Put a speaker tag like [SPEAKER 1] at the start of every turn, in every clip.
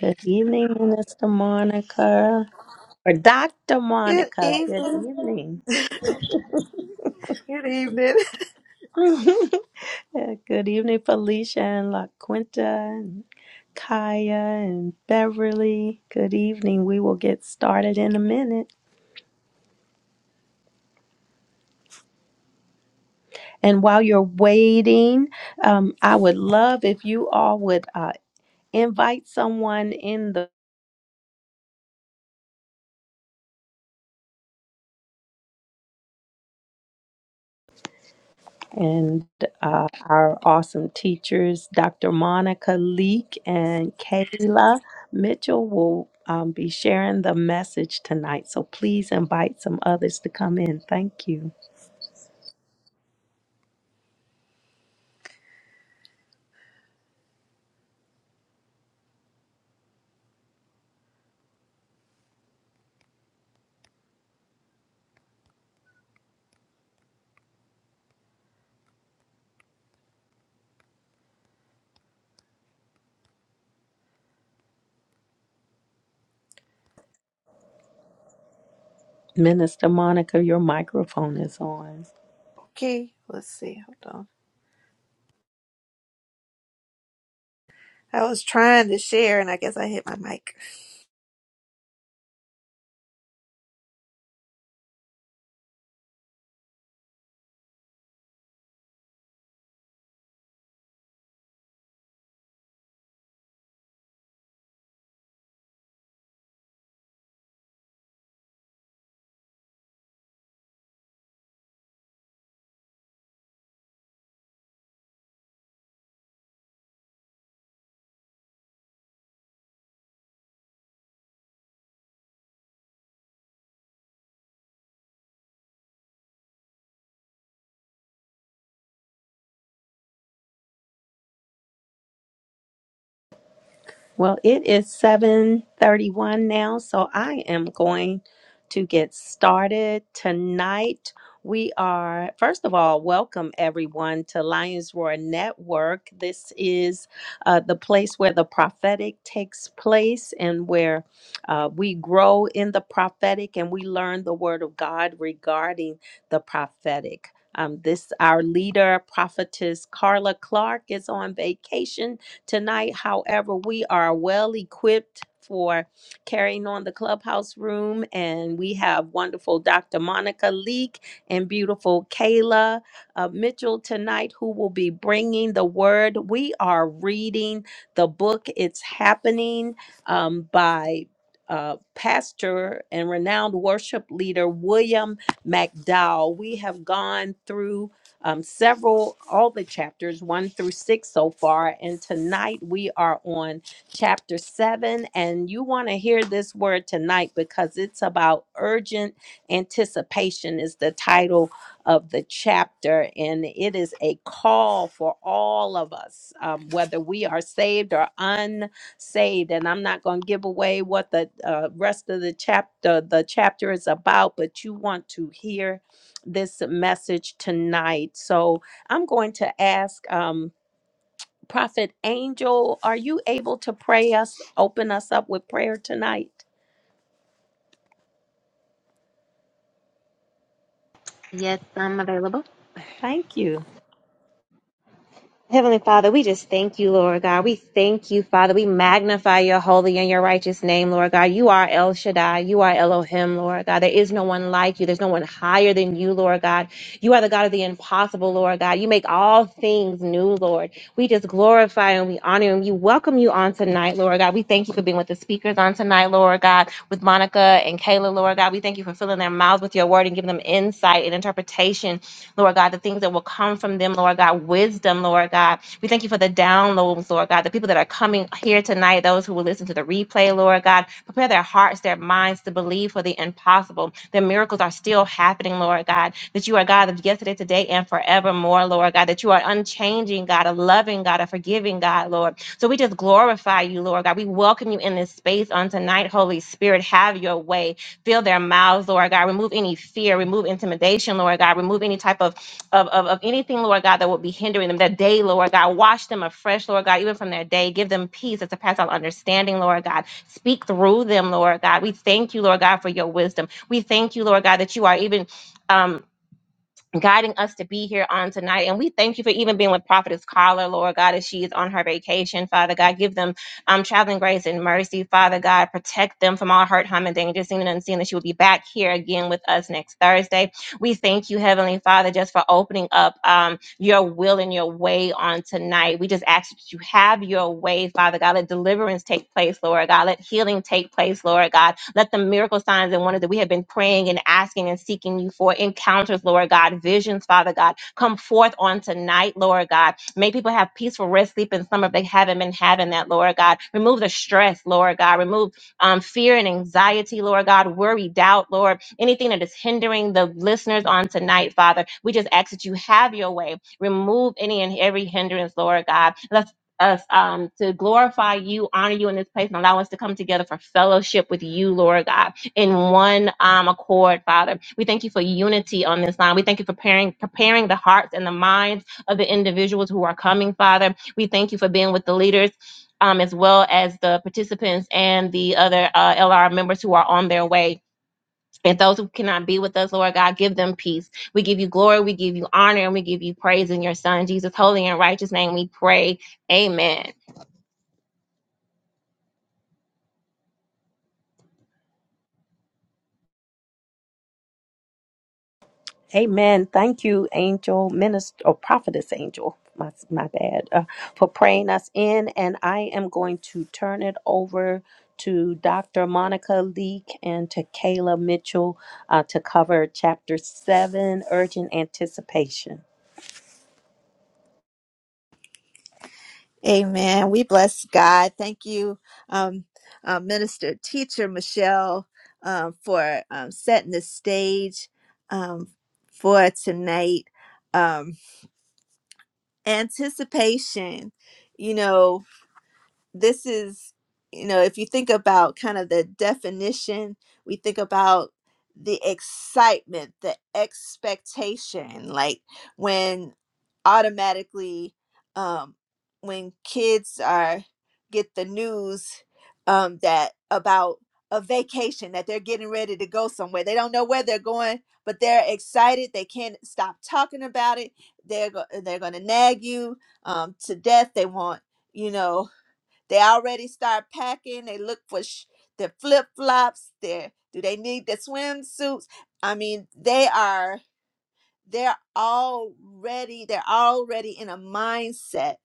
[SPEAKER 1] Good evening, Mr. Monica. Or Dr.
[SPEAKER 2] Good
[SPEAKER 1] Monica. Good
[SPEAKER 2] evening.
[SPEAKER 1] evening.
[SPEAKER 2] Good evening.
[SPEAKER 1] Yeah, Good evening, Felicia and La Quinta and Kaya and Beverly. Good evening. We will get started in a minute. And while you're waiting, um, I would love if you all would uh, invite someone in the and uh, our awesome teachers, Dr. Monica Leek and Kayla Mitchell, will um, be sharing the message tonight. So please invite some others to come in. Thank you. Minister Monica, your microphone is on.
[SPEAKER 2] Okay, let's see. Hold on. I was trying to share and I guess I hit my mic.
[SPEAKER 1] Well, it is 7:31 now, so I am going to get started tonight. We are first of all, welcome everyone to Lions Roar Network. This is uh, the place where the prophetic takes place and where uh, we grow in the prophetic and we learn the word of God regarding the prophetic. Um, this our leader prophetess Carla Clark is on vacation tonight. However, we are well equipped for carrying on the clubhouse room, and we have wonderful Dr. Monica Leek and beautiful Kayla uh, Mitchell tonight who will be bringing the word. We are reading the book, It's Happening um, by uh, pastor and renowned worship leader William McDowell. We have gone through um, several, all the chapters, one through six so far. And tonight we are on chapter seven. And you want to hear this word tonight because it's about urgent anticipation, is the title of the chapter. And it is a call for all of us, um, whether we are saved or unsaved. And I'm not going to give away what the uh, rest of the chapter, the chapter is about, but you want to hear this message tonight. So I'm going to ask um, Prophet Angel, are you able to pray us, open us up with prayer tonight?
[SPEAKER 3] Yes, I'm available.
[SPEAKER 1] Thank you.
[SPEAKER 3] Heavenly Father, we just thank you, Lord God. We thank you, Father. We magnify your holy and your righteous name, Lord God. You are El Shaddai. You are Elohim, Lord God. There is no one like you. There's no one higher than you, Lord God. You are the God of the impossible, Lord God. You make all things new, Lord. We just glorify and we honor and we welcome you on tonight, Lord God. We thank you for being with the speakers on tonight, Lord God, with Monica and Kayla, Lord God. We thank you for filling their mouths with your word and giving them insight and interpretation Lord God, the things that will come from them, Lord God, wisdom, Lord God. We thank you for the downloads, Lord God, the people that are coming here tonight, those who will listen to the replay, Lord God. Prepare their hearts, their minds to believe for the impossible. The miracles are still happening, Lord God, that you are God of yesterday, today, and forevermore, Lord God, that you are unchanging, God, a loving God, a forgiving God, Lord. So we just glorify you, Lord God. We welcome you in this space on tonight, Holy Spirit. Have your way fill their mouths, Lord God. Remove any fear, remove intimidation, Lord God. Remove any type of, of, of, of anything, Lord God, that would be hindering them. That day, Lord God, wash them afresh, Lord God, even from their day. Give them peace that surpasses all understanding, Lord God. Speak through them, Lord God. We thank you, Lord God, for your wisdom. We thank you, Lord God, that you are even. um guiding us to be here on tonight. And we thank you for even being with Prophetess Carla, Lord God, as she is on her vacation. Father God, give them um, traveling grace and mercy. Father God, protect them from all hurt, harm, and danger, seen and unseen, that she will be back here again with us next Thursday. We thank you, Heavenly Father, just for opening up. um, your will and your way on tonight. We just ask that you have your way, Father God. Let deliverance take place, Lord God. Let healing take place, Lord God. Let the miracle signs and wonders that we have been praying and asking and seeking you for encounters, Lord God, visions, Father God, come forth on tonight, Lord God. Make people have peaceful rest, sleep, and summer if they haven't been having that, Lord God. Remove the stress, Lord God. Remove um, fear and anxiety, Lord God, worry, doubt, Lord, anything that is hindering the listeners on tonight, Father. We just ask that you have your way Remove any and every hindrance, Lord God. Let's us um to glorify you, honor you in this place, and allow us to come together for fellowship with you, Lord God, in one um accord, Father. We thank you for unity on this line. We thank you for preparing preparing the hearts and the minds of the individuals who are coming, Father. We thank you for being with the leaders. Um, as well as the participants and the other uh, LR members who are on their way. And those who cannot be with us, Lord God, give them peace. We give you glory, we give you honor, and we give you praise in your Son, Jesus' holy and righteous name. We pray. Amen.
[SPEAKER 1] Amen. Thank you, Angel, Minister, or Prophetess Angel, my, my bad, uh, for praying us in. And I am going to turn it over to Dr. Monica Leek and to Kayla Mitchell uh, to cover chapter seven, urgent anticipation.
[SPEAKER 2] Amen. We bless God. Thank you, um, uh, Minister Teacher Michelle, um, for um, setting the stage um, for tonight. Um, anticipation. You know, this is you know if you think about kind of the definition we think about the excitement the expectation like when automatically um when kids are get the news um that about a vacation that they're getting ready to go somewhere they don't know where they're going but they're excited they can't stop talking about it they're go- they're going to nag you um to death they want you know they already start packing. They look for sh- their flip flops. Their do they need the swimsuits? I mean, they are they're already they're already in a mindset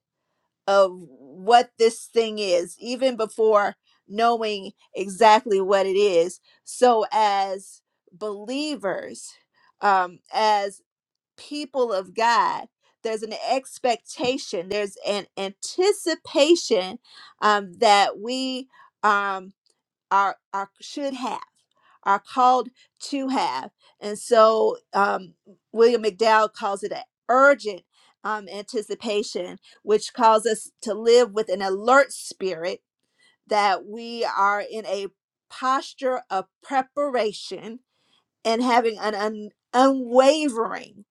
[SPEAKER 2] of what this thing is, even before knowing exactly what it is. So as believers, um, as people of God, there's an expectation, there's an anticipation um, that we um, are, are should have, are called to have. And so um, William McDowell calls it an urgent um, anticipation, which calls us to live with an alert spirit that we are in a posture of preparation and having an un- unwavering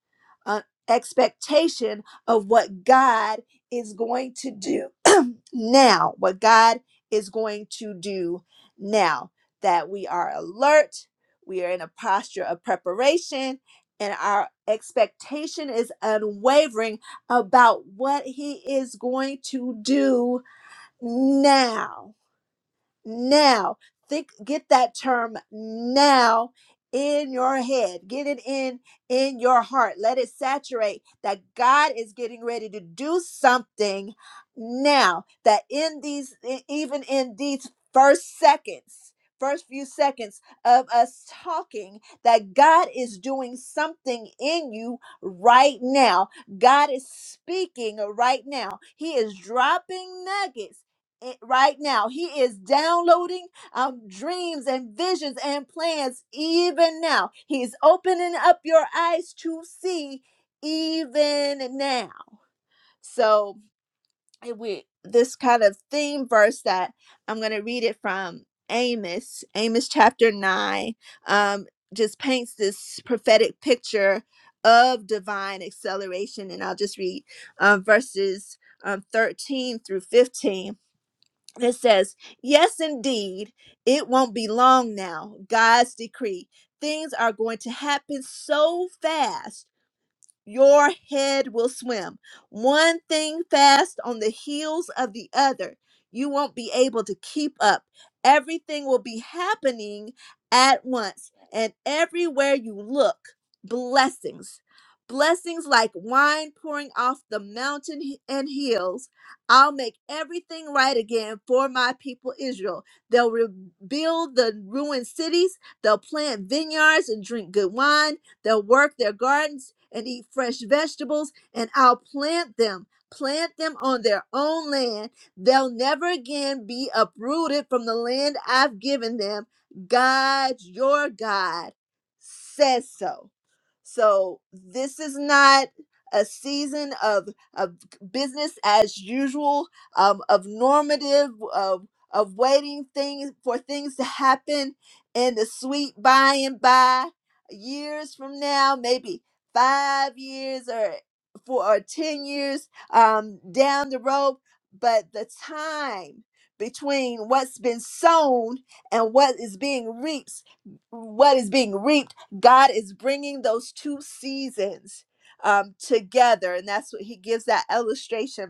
[SPEAKER 2] uh, expectation of what God is going to do now, what God is going to do now, that we are alert, we are in a posture of preparation, and our expectation is unwavering about what He is going to do now now. Think get that term now in your head. Get it in in your heart. Let it saturate that God is getting ready to do something now. That in these e- even in these first seconds First few seconds of us talking that God is doing something in you right now. God is speaking right now. He is dropping nuggets it- right now. He is downloading um, dreams and visions and plans even now. He's opening up your eyes to see even now. So it- we this kind of theme verse that I'm going to read it from Amos, Amos chapter 9, um, just paints this prophetic picture of divine acceleration. And I'll just read um, verses um, 13 through 15 it says, Yes, indeed, it won't be long now. God's decree. Things are going to happen so fast your head will swim. One thing fast on the heels of the other. You won't be able to keep up. Everything will be happening at once. And everywhere you look, blessings. Blessings like wine pouring off the mountain he- and hills. I'll make everything right again for my people Israel. They'll rebuild the ruined cities. They'll plant vineyards and drink good wine. They'll work their gardens and eat fresh vegetables, and I'll plant them, plant them on their own land. They'll never again be uprooted from the land I've given them. God, your God, says so. So this is not a season of, of business as usual, um, of normative, of, of waiting things for things to happen in the sweet by and by years from now, maybe five years or four or ten years um, down the road, but the time between what's been sown and what is being reaped, what is being reaped, God is bringing those two seasons um, together, and that's what He gives that illustration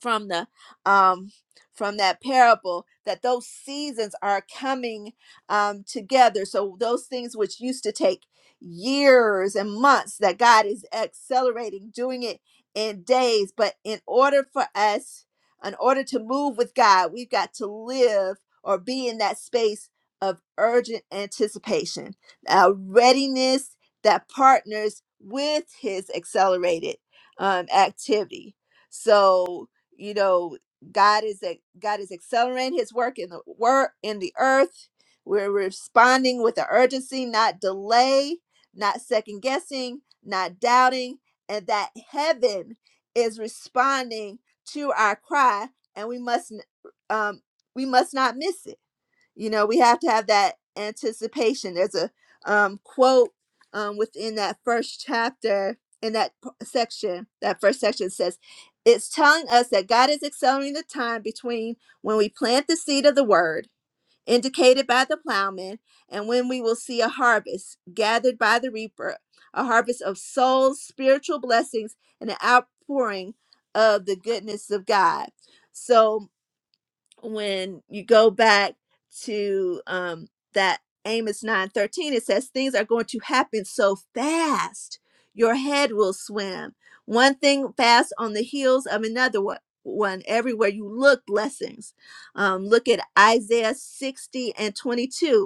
[SPEAKER 2] from the um from that parable that those seasons are coming um together so those things which used to take years and months that god is accelerating doing it in days but in order for us in order to move with god we've got to live or be in that space of urgent anticipation a readiness that partners with his accelerated um, activity so you know god is a god is accelerating his work in the work in the earth we're responding with an urgency not delay not second guessing not doubting and that heaven is responding to our cry and we must n- um we must not miss it you know we have to have that anticipation there's a um, quote um, within that first chapter in that p- section that first section says it's telling us that god is accelerating the time between when we plant the seed of the word indicated by the plowman and when we will see a harvest gathered by the reaper a harvest of souls spiritual blessings and an outpouring of the goodness of god so when you go back to um, that Amos nine thirteen, it says things are going to happen so fast, your head will swim. One thing fast on the heels of another one. One everywhere you look, blessings. Um, look at Isaiah 60 and 22.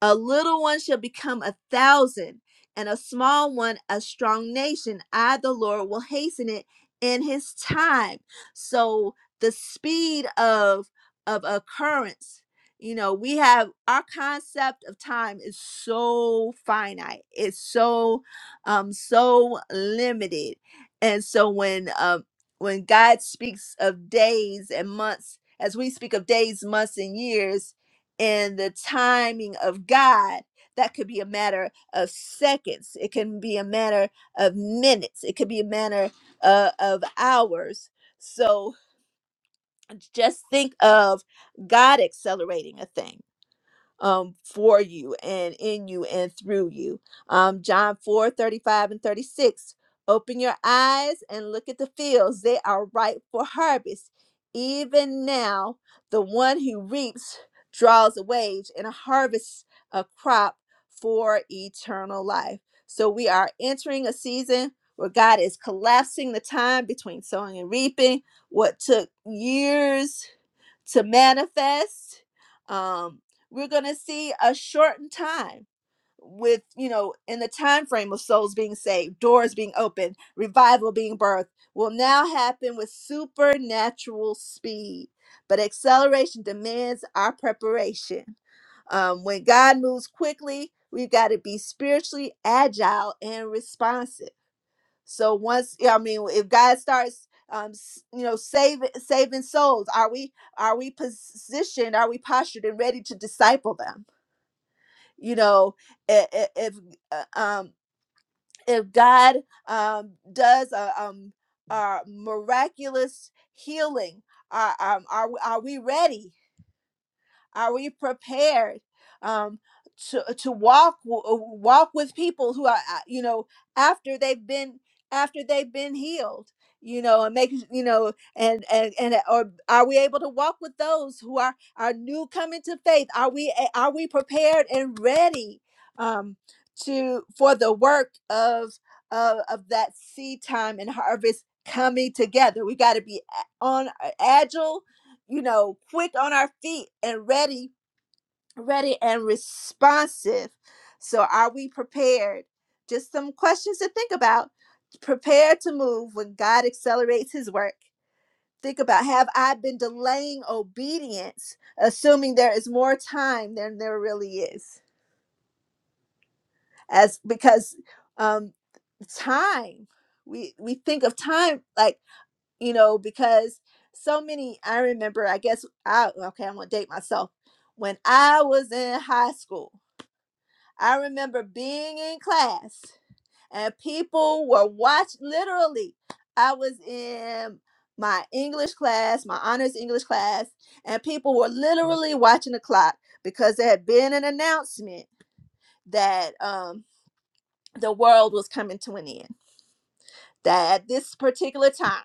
[SPEAKER 2] A little one shall become a thousand, and a small one a strong nation. I, the Lord, will hasten it in his time. So the speed of of occurrence, you know, we have our concept of time is so finite. It's so um so limited. And so when um when God speaks of days and months, as we speak of days, months, and years, in the timing of God, that could be a matter of seconds. It can be a matter of minutes. It could be a matter uh, of hours. So just think of God accelerating a thing um, for you and in you and through you. Um, John 4 35 and 36. Open your eyes and look at the fields, they are ripe for harvest. Even now, the one who reaps draws a wage and harvests a crop for eternal life. So we are entering a season where God is collapsing the time between sowing and reaping. What took years to manifest. Um, we're going to see a shortened time with you know in the time frame of souls being saved doors being opened revival being birthed will now happen with supernatural speed but acceleration demands our preparation um, when God moves quickly, we've got to be spiritually agile and responsive. So once yeah, I mean, if God starts, um, s- you know, saving saving souls, are we are we positioned? Are we postured and ready to disciple them? You know, i- i- if uh, um if God um does a um a miraculous healing, are um are we- are we ready? Are we prepared um, to uh, to walk walk with people who are uh, you know after they've been after they've been healed, you know, and make you know and and and uh, or are we able to walk with those who are are new coming to faith? Are we are we prepared and ready um, to for the work of of, of that seed time and harvest coming together? We got to be a- on uh, agile you know, quick on our feet and ready, ready and responsive. So, are we prepared? Just some questions to think about. Prepare to move when God accelerates his work. Think about have I been delaying obedience, assuming there is more time than there really is? As because um, time, we we think of time like you know, because so many, I remember, I guess, I, okay, I'm gonna date myself. When I was in high school, I remember being in class and people were watch literally. I was in my English class, my honors English class, and people were literally watching the clock because there had been an announcement that um, the world was coming to an end. That at this particular time,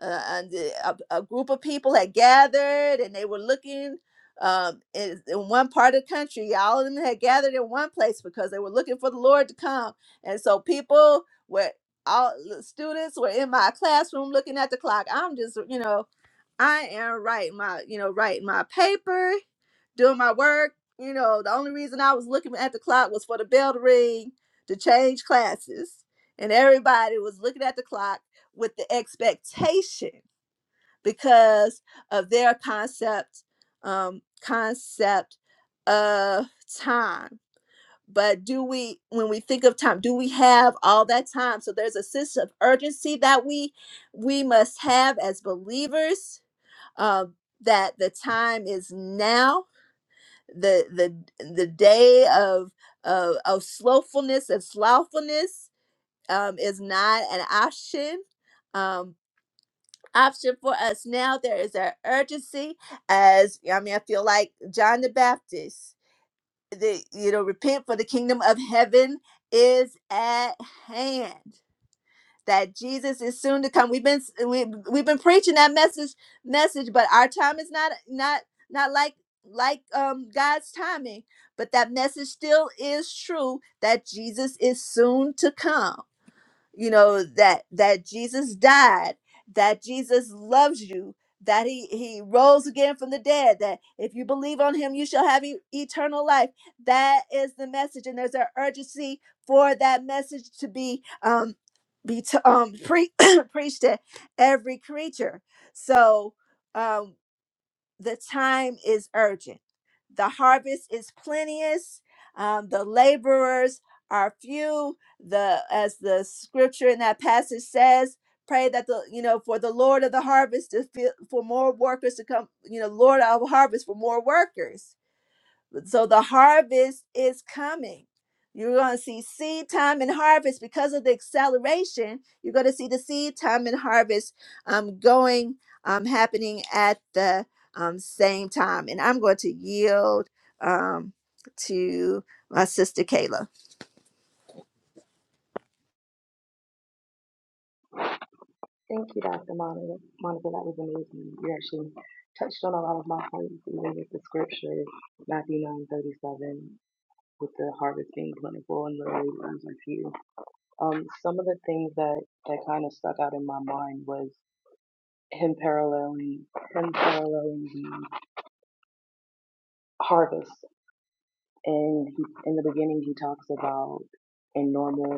[SPEAKER 2] uh, and the- a, a group of people had gathered and they were looking um, in, in one part of the country. All of them had gathered in one place because they were looking for the Lord to come. And so people were all the students were in my classroom looking at the clock. I'm just, you know, I am writing my, you know, writing my paper, doing my work. You know, the only reason I was looking at the clock was for the bell to ring to change classes. And everybody was looking at the clock with the expectation because of their concept, um, concept of time. But do we, when we think of time, do we have all that time? So there's a sense of urgency that we we must have as believers uh, that the time is now. The the the day of of, of slowfulness and slothfulness um, is not an option. Um, option for us now. There is an urgency. As I mean, I feel like John the Baptist. The you know, repent for the kingdom of heaven is at hand that Jesus is soon to come. We've been we, we've been preaching that message message, but our time is not not not like like um God's timing. But that message still is true that Jesus is soon to come you know that that jesus died that jesus loves you that he he rose again from the dead that if you believe on him you shall have e- eternal life that is the message and there's an urgency for that message to be um be t- um pre- preached to every creature so um, the time is urgent. The harvest is plenteous. Um, the laborers are few. The as the scripture in that passage says, pray that the you know for the Lord of the harvest to feel, for more workers to come. You know, Lord of harvest for more workers so the harvest is coming. You're going to see seed time and harvest because of the acceleration. You're going to see the seed time and harvest um, going, um, happening at the um, same time. And I'm going to yield um, to my sister Kayla.
[SPEAKER 4] Thank you, Dr. Monica. Monica, that was amazing. You actually touched on a lot of my points, even with the scripture, Matthew nine thirty seven, with the harvest being plentiful and the laborers are few. Um, some of the things that, that kind of stuck out in my mind was him paralleling him paralleling the harvest. And he, in the beginning, he talks about in normal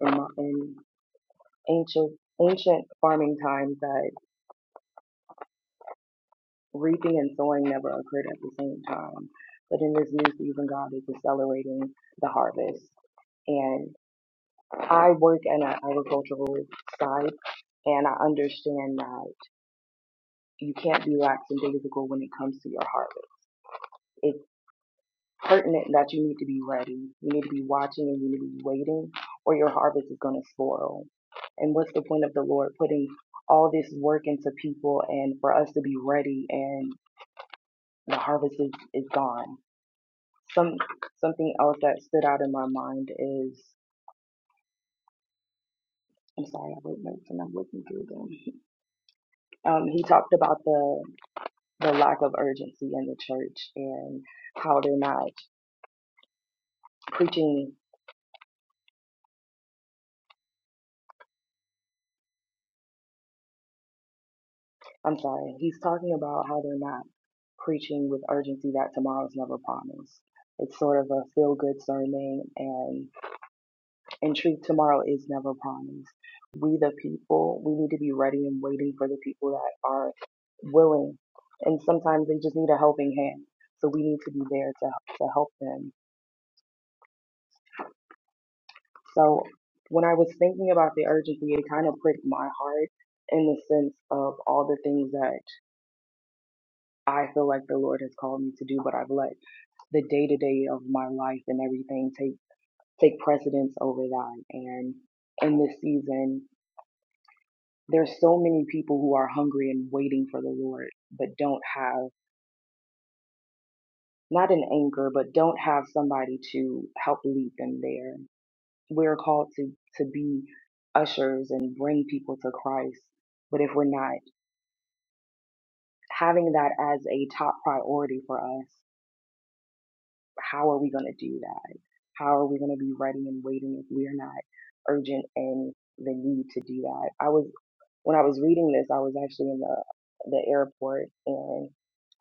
[SPEAKER 4] in, mo- in ancient ancient farming times that reaping and sowing never occurred at the same time. But in this new season, God is accelerating the harvest. And I work in an agricultural side, and I understand that you can't be lax and difficult when it comes to your harvest. It's pertinent that you need to be ready. You need to be watching and you need to be waiting, or your harvest is going to spoil. And what's the point of the Lord putting all this work into people and for us to be ready and the harvest is, is gone? Some something else that stood out in my mind is I'm sorry, I wrote notes and I'm looking through them. Um, he talked about the the lack of urgency in the church and how they're not preaching. I'm sorry, he's talking about how they're not preaching with urgency that tomorrow's never promised. It's sort of a feel good sermon, and. In truth, tomorrow is never promised. We, the people, we need to be ready and waiting for the people that are willing. And sometimes they just need a helping hand. So we need to be there to, to help them. So when I was thinking about the urgency, it kind of pricked my heart in the sense of all the things that I feel like the Lord has called me to do, but I've let the day to day of my life and everything take take precedence over that. And in this season, There's so many people who are hungry and waiting for the Lord, but don't have not an anchor, but don't have somebody to help lead them there. We're called to to be ushers and bring people to Christ, but if we're not having that as a top priority for us, how are we going to do that? How are we going to be ready and waiting if we're not urgent in the need to do that? I was When I was reading this, I was actually in the the airport and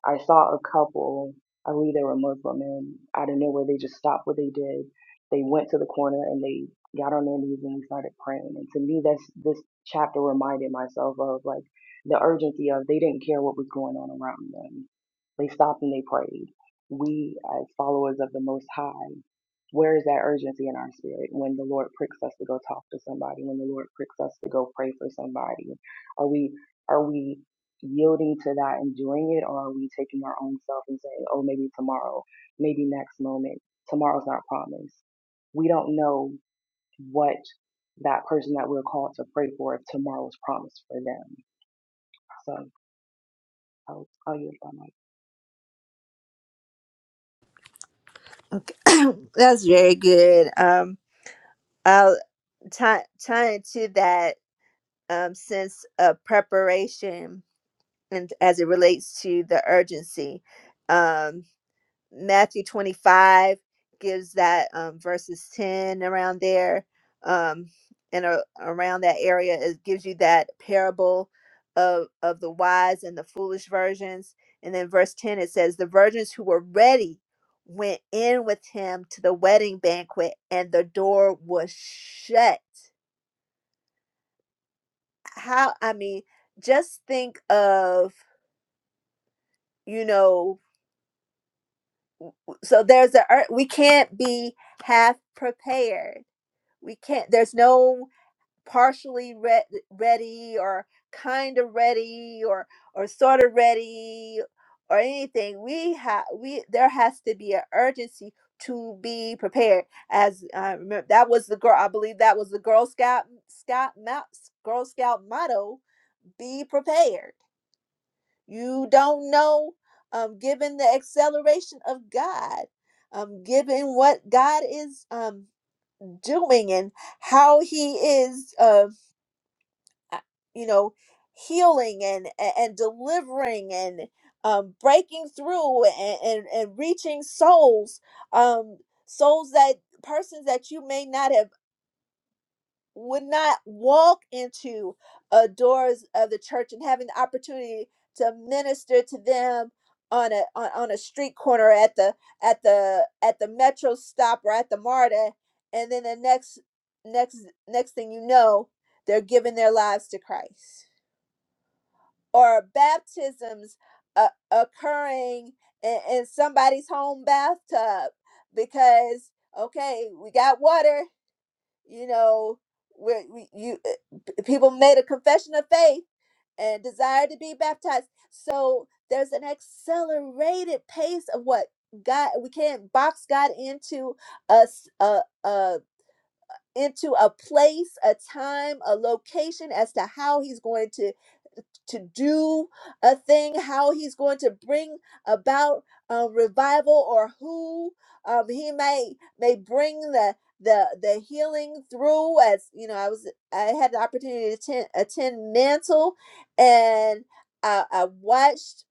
[SPEAKER 4] I saw a couple. I believe they were Muslim, and out of nowhere, they just stopped what they did. They went to the corner and they got on their knees and we started praying. And to me, that's this chapter reminded myself of like the urgency of they didn't care what was going on around them. They stopped and they prayed. We, as followers of the Most High, where is that urgency in our spirit when the Lord pricks us to go talk to somebody, when the Lord pricks us to go pray for somebody? Are we are we yielding to that and doing it or are we taking our own self and saying, Oh, maybe tomorrow, maybe next moment. Tomorrow's not promised. We don't know what that person that we're called to pray for if tomorrow's promised for them. So I'll I'll use my mic.
[SPEAKER 2] Okay. That's very good. Um, I'll tie, tie into that um, sense of preparation and as it relates to the urgency. Um, Matthew 25 gives that um, verses 10 around there um, and a around that area. It gives you that parable of, of the wise and the foolish virgins. And then verse 10, it says, The virgins who were ready went in with him to the wedding banquet, and the door was shut. How, I mean, just think of, you know, so there's a, we can't be half prepared we can't there's no partially re- ready or kind of ready or or sort of ready or anything we have we there has to be an urgency to be prepared as i remember that was the girl i believe that was the girl scout scout mou- girl scout motto be prepared you don't know um given the acceleration of god um given what god is um doing and how he is uh uh, you know healing and and and delivering and um breaking through and and, and reaching souls um souls that persons that you may not have would not walk into uh, doors of the church and having the opportunity to minister to them on a on, on a street corner at the at the at the metro stop or at the marta and then the next next next thing you know they're giving their lives to christ or baptisms uh, occurring in, in somebody's home bathtub because okay we got water you know, where we, you uh, p- people made a confession of faith and desired to be baptized. So there's an accelerated pace of what God. We can't box God into us uh uh into a place, a time, a location as to how He's going to to do a thing, how he's going to bring about a revival, or who um, he may may bring the the the healing through. As you know, I was I had the opportunity to attend, attend Mantle, and I, I watched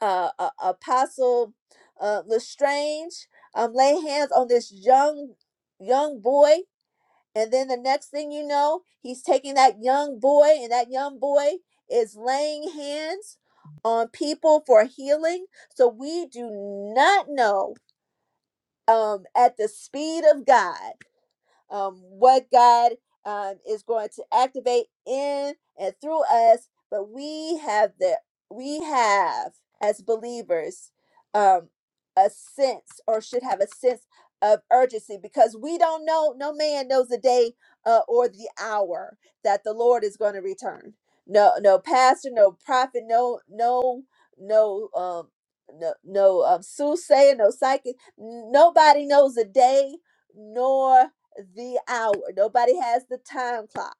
[SPEAKER 2] uh, uh, Apostle uh, Lestrange um, lay hands on this young young boy and then the next thing you know, he's taking that young boy, and that young boy is laying hands on people for healing. So we do not know um, at the speed of God um, what God um, is going to activate in and through us. But we have the we have as believers um, a sense, or should have a sense of urgency, because we don't know. No man knows the day uh, or the hour that the Lord is going to return. No, no pastor, no prophet, no, no, no, um, no, no um, soothsayer, no psychic. Nobody knows the day, nor the hour. Nobody has the time clock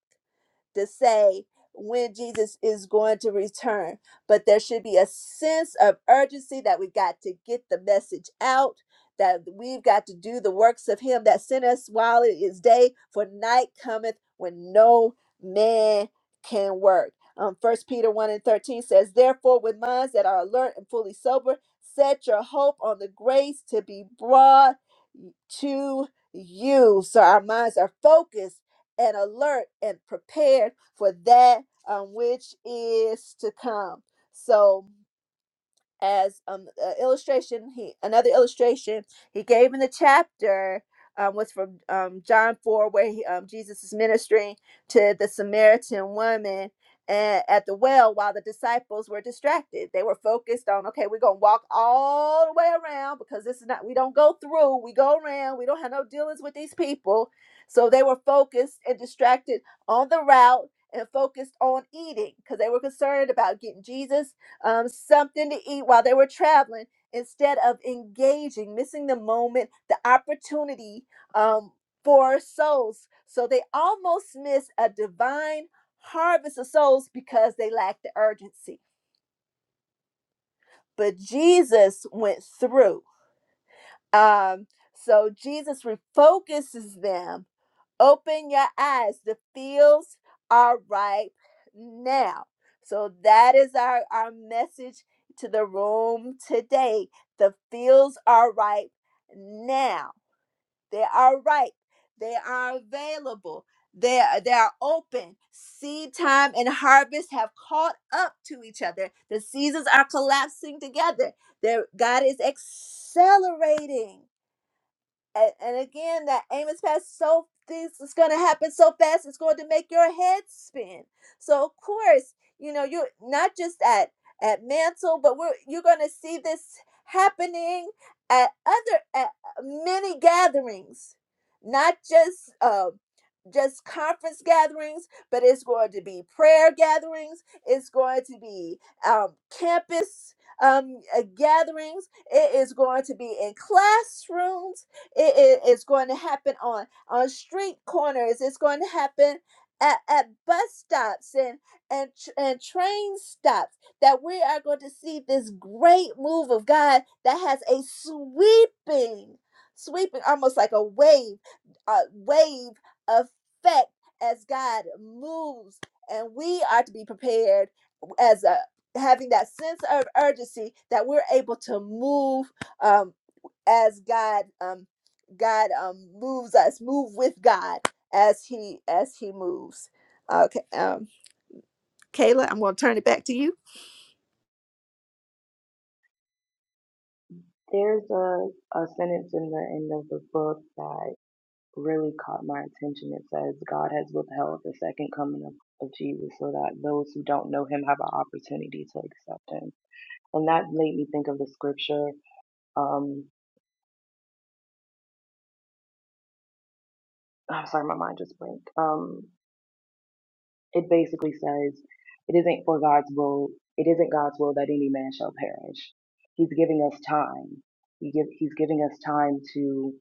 [SPEAKER 2] to say when Jesus is going to return, but there should be a sense of urgency that we've got to get the message out, that we've got to do the works of Him that sent us while it is day, for night cometh when no man can work. Um, 1 Peter 1 and 13 says, Therefore, with minds that are alert and fully sober, set your hope on the grace to be brought to you. So our minds are focused and alert and prepared for that um, which is to come. So, as um uh, illustration he another illustration he gave in the chapter um, was from um, John 4 where he, um, Jesus is ministering to the Samaritan woman a- at the well while the disciples were distracted they were focused on okay we're gonna walk all the way around because this is not we don't go through we go around we don't have no dealings with these people so they were focused and distracted on the route and focused on eating because they were concerned about getting Jesus um, something to eat while they were traveling instead of engaging, missing the moment, the opportunity um, for souls. So they almost miss a divine harvest of souls because they lacked the urgency. But Jesus went through. Um, so Jesus refocuses them Open your eyes. The fields are ripe now. So that is our, our message to the room today. The fields are ripe now. They are ripe. They are available. They are, they are open. Seed time and harvest have caught up to each other. The seasons are collapsing together. There, God is accelerating and, and again that aim is fast so this is going to happen so fast it's going to make your head spin so of course you know you're not just at at mantle but we're you're going to see this happening at other at uh, many gatherings not just um just conference gatherings, but it's going to be prayer gatherings. It's going to be um, campus um, uh, gatherings. It is going to be in classrooms it is going to happen on on street corners. It's going to happen at, at bus stops and and and train stops. That we are going to see this great move of God that has a sweeping, sweeping, almost like a wave, a wave effect as God moves, and we are to be prepared as a having that sense of urgency that we're able to move um, as God um God um moves us, move with God as He as He moves. Okay, um, Kayla, I'm going to turn it back to you.
[SPEAKER 4] There's a, a sentence in the end of the book that really caught my attention. It says, God has withheld the second coming of, of Jesus so that those who don't know him have an opportunity to accept him. And that made me think of the scripture. Um, I'm sorry, my mind just blinked. Um, it basically says, it isn't for God's will, it isn't God's will that any man shall perish. He's giving us time. He give, he's giving us time to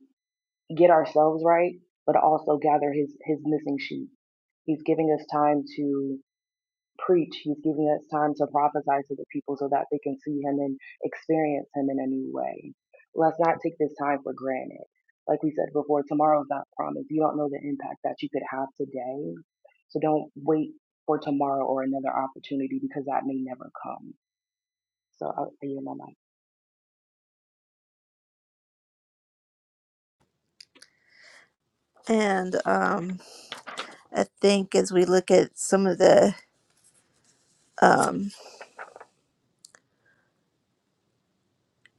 [SPEAKER 4] get ourselves right, but also gather his, his missing sheep. He's giving us time to preach. He's giving us time to prophesy to the people so that they can see him and experience him in a new way. Let's not take this time for granted. Like we said before, tomorrow's not promised. You don't know the impact that you could have today. So don't wait for tomorrow or another opportunity because that may never come. So I, I yield my mic.
[SPEAKER 2] And um, I think as we look at some of the um,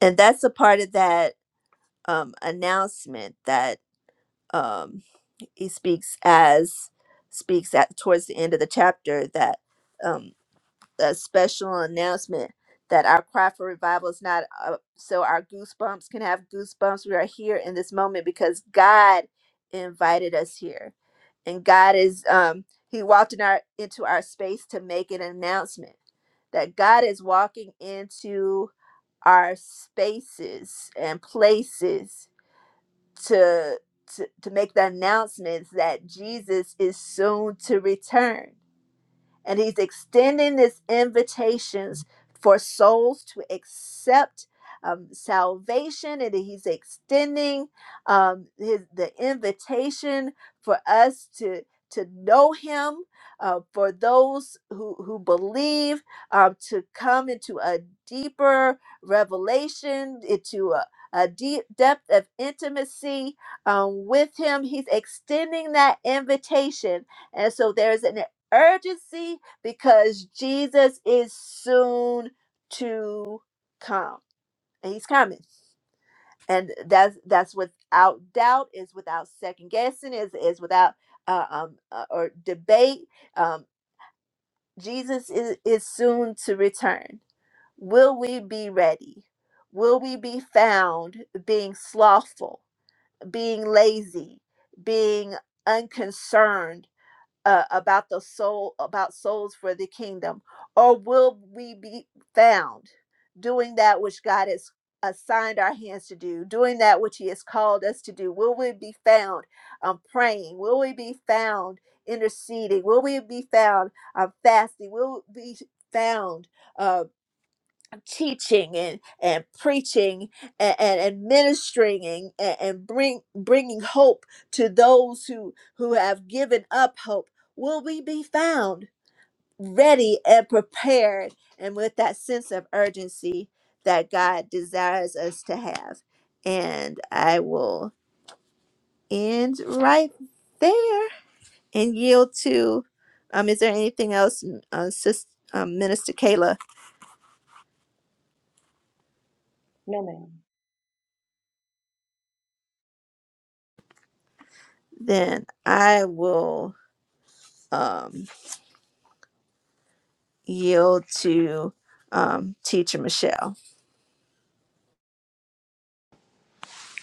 [SPEAKER 2] and that's a part of that um, announcement that um, he speaks as speaks at towards the end of the chapter that um, a special announcement that our cry for revival is not uh, so our goosebumps can have goosebumps. We are here in this moment because God invited us here, and God is um, He walked in our into our space to make an announcement that God is walking into our spaces and places to to, to make the announcements that Jesus is soon to return and he's extending his invitations for souls to accept um, salvation and he's extending um, his, the invitation for us to to know him uh, for those who who believe um, to come into a deeper revelation into a, a deep depth of intimacy um, with him he's extending that invitation and so there's an urgency because Jesus is soon to come. And he's coming. And that's that's without doubt, is without second guessing, is is without uh, um uh, or debate. Um, Jesus is, is soon to return. Will we be ready? Will we be found being slothful, being lazy, being unconcerned uh, about the soul about souls for the kingdom or will we be found doing that which god has assigned our hands to do doing that which he has called us to do will we be found um, praying will we be found interceding will we be found um, fasting will we be found uh, teaching and, and preaching and, and, and ministering and, and and bring, bringing hope to those who, who have given up hope, will we be found ready and prepared and with that sense of urgency that God desires us to have? And I will end right there and yield to. Um, is there anything else, uh, Sis, um, Minister Kayla?
[SPEAKER 4] No, ma'am.
[SPEAKER 2] Then I will. Um, yield to um, Teacher Michelle.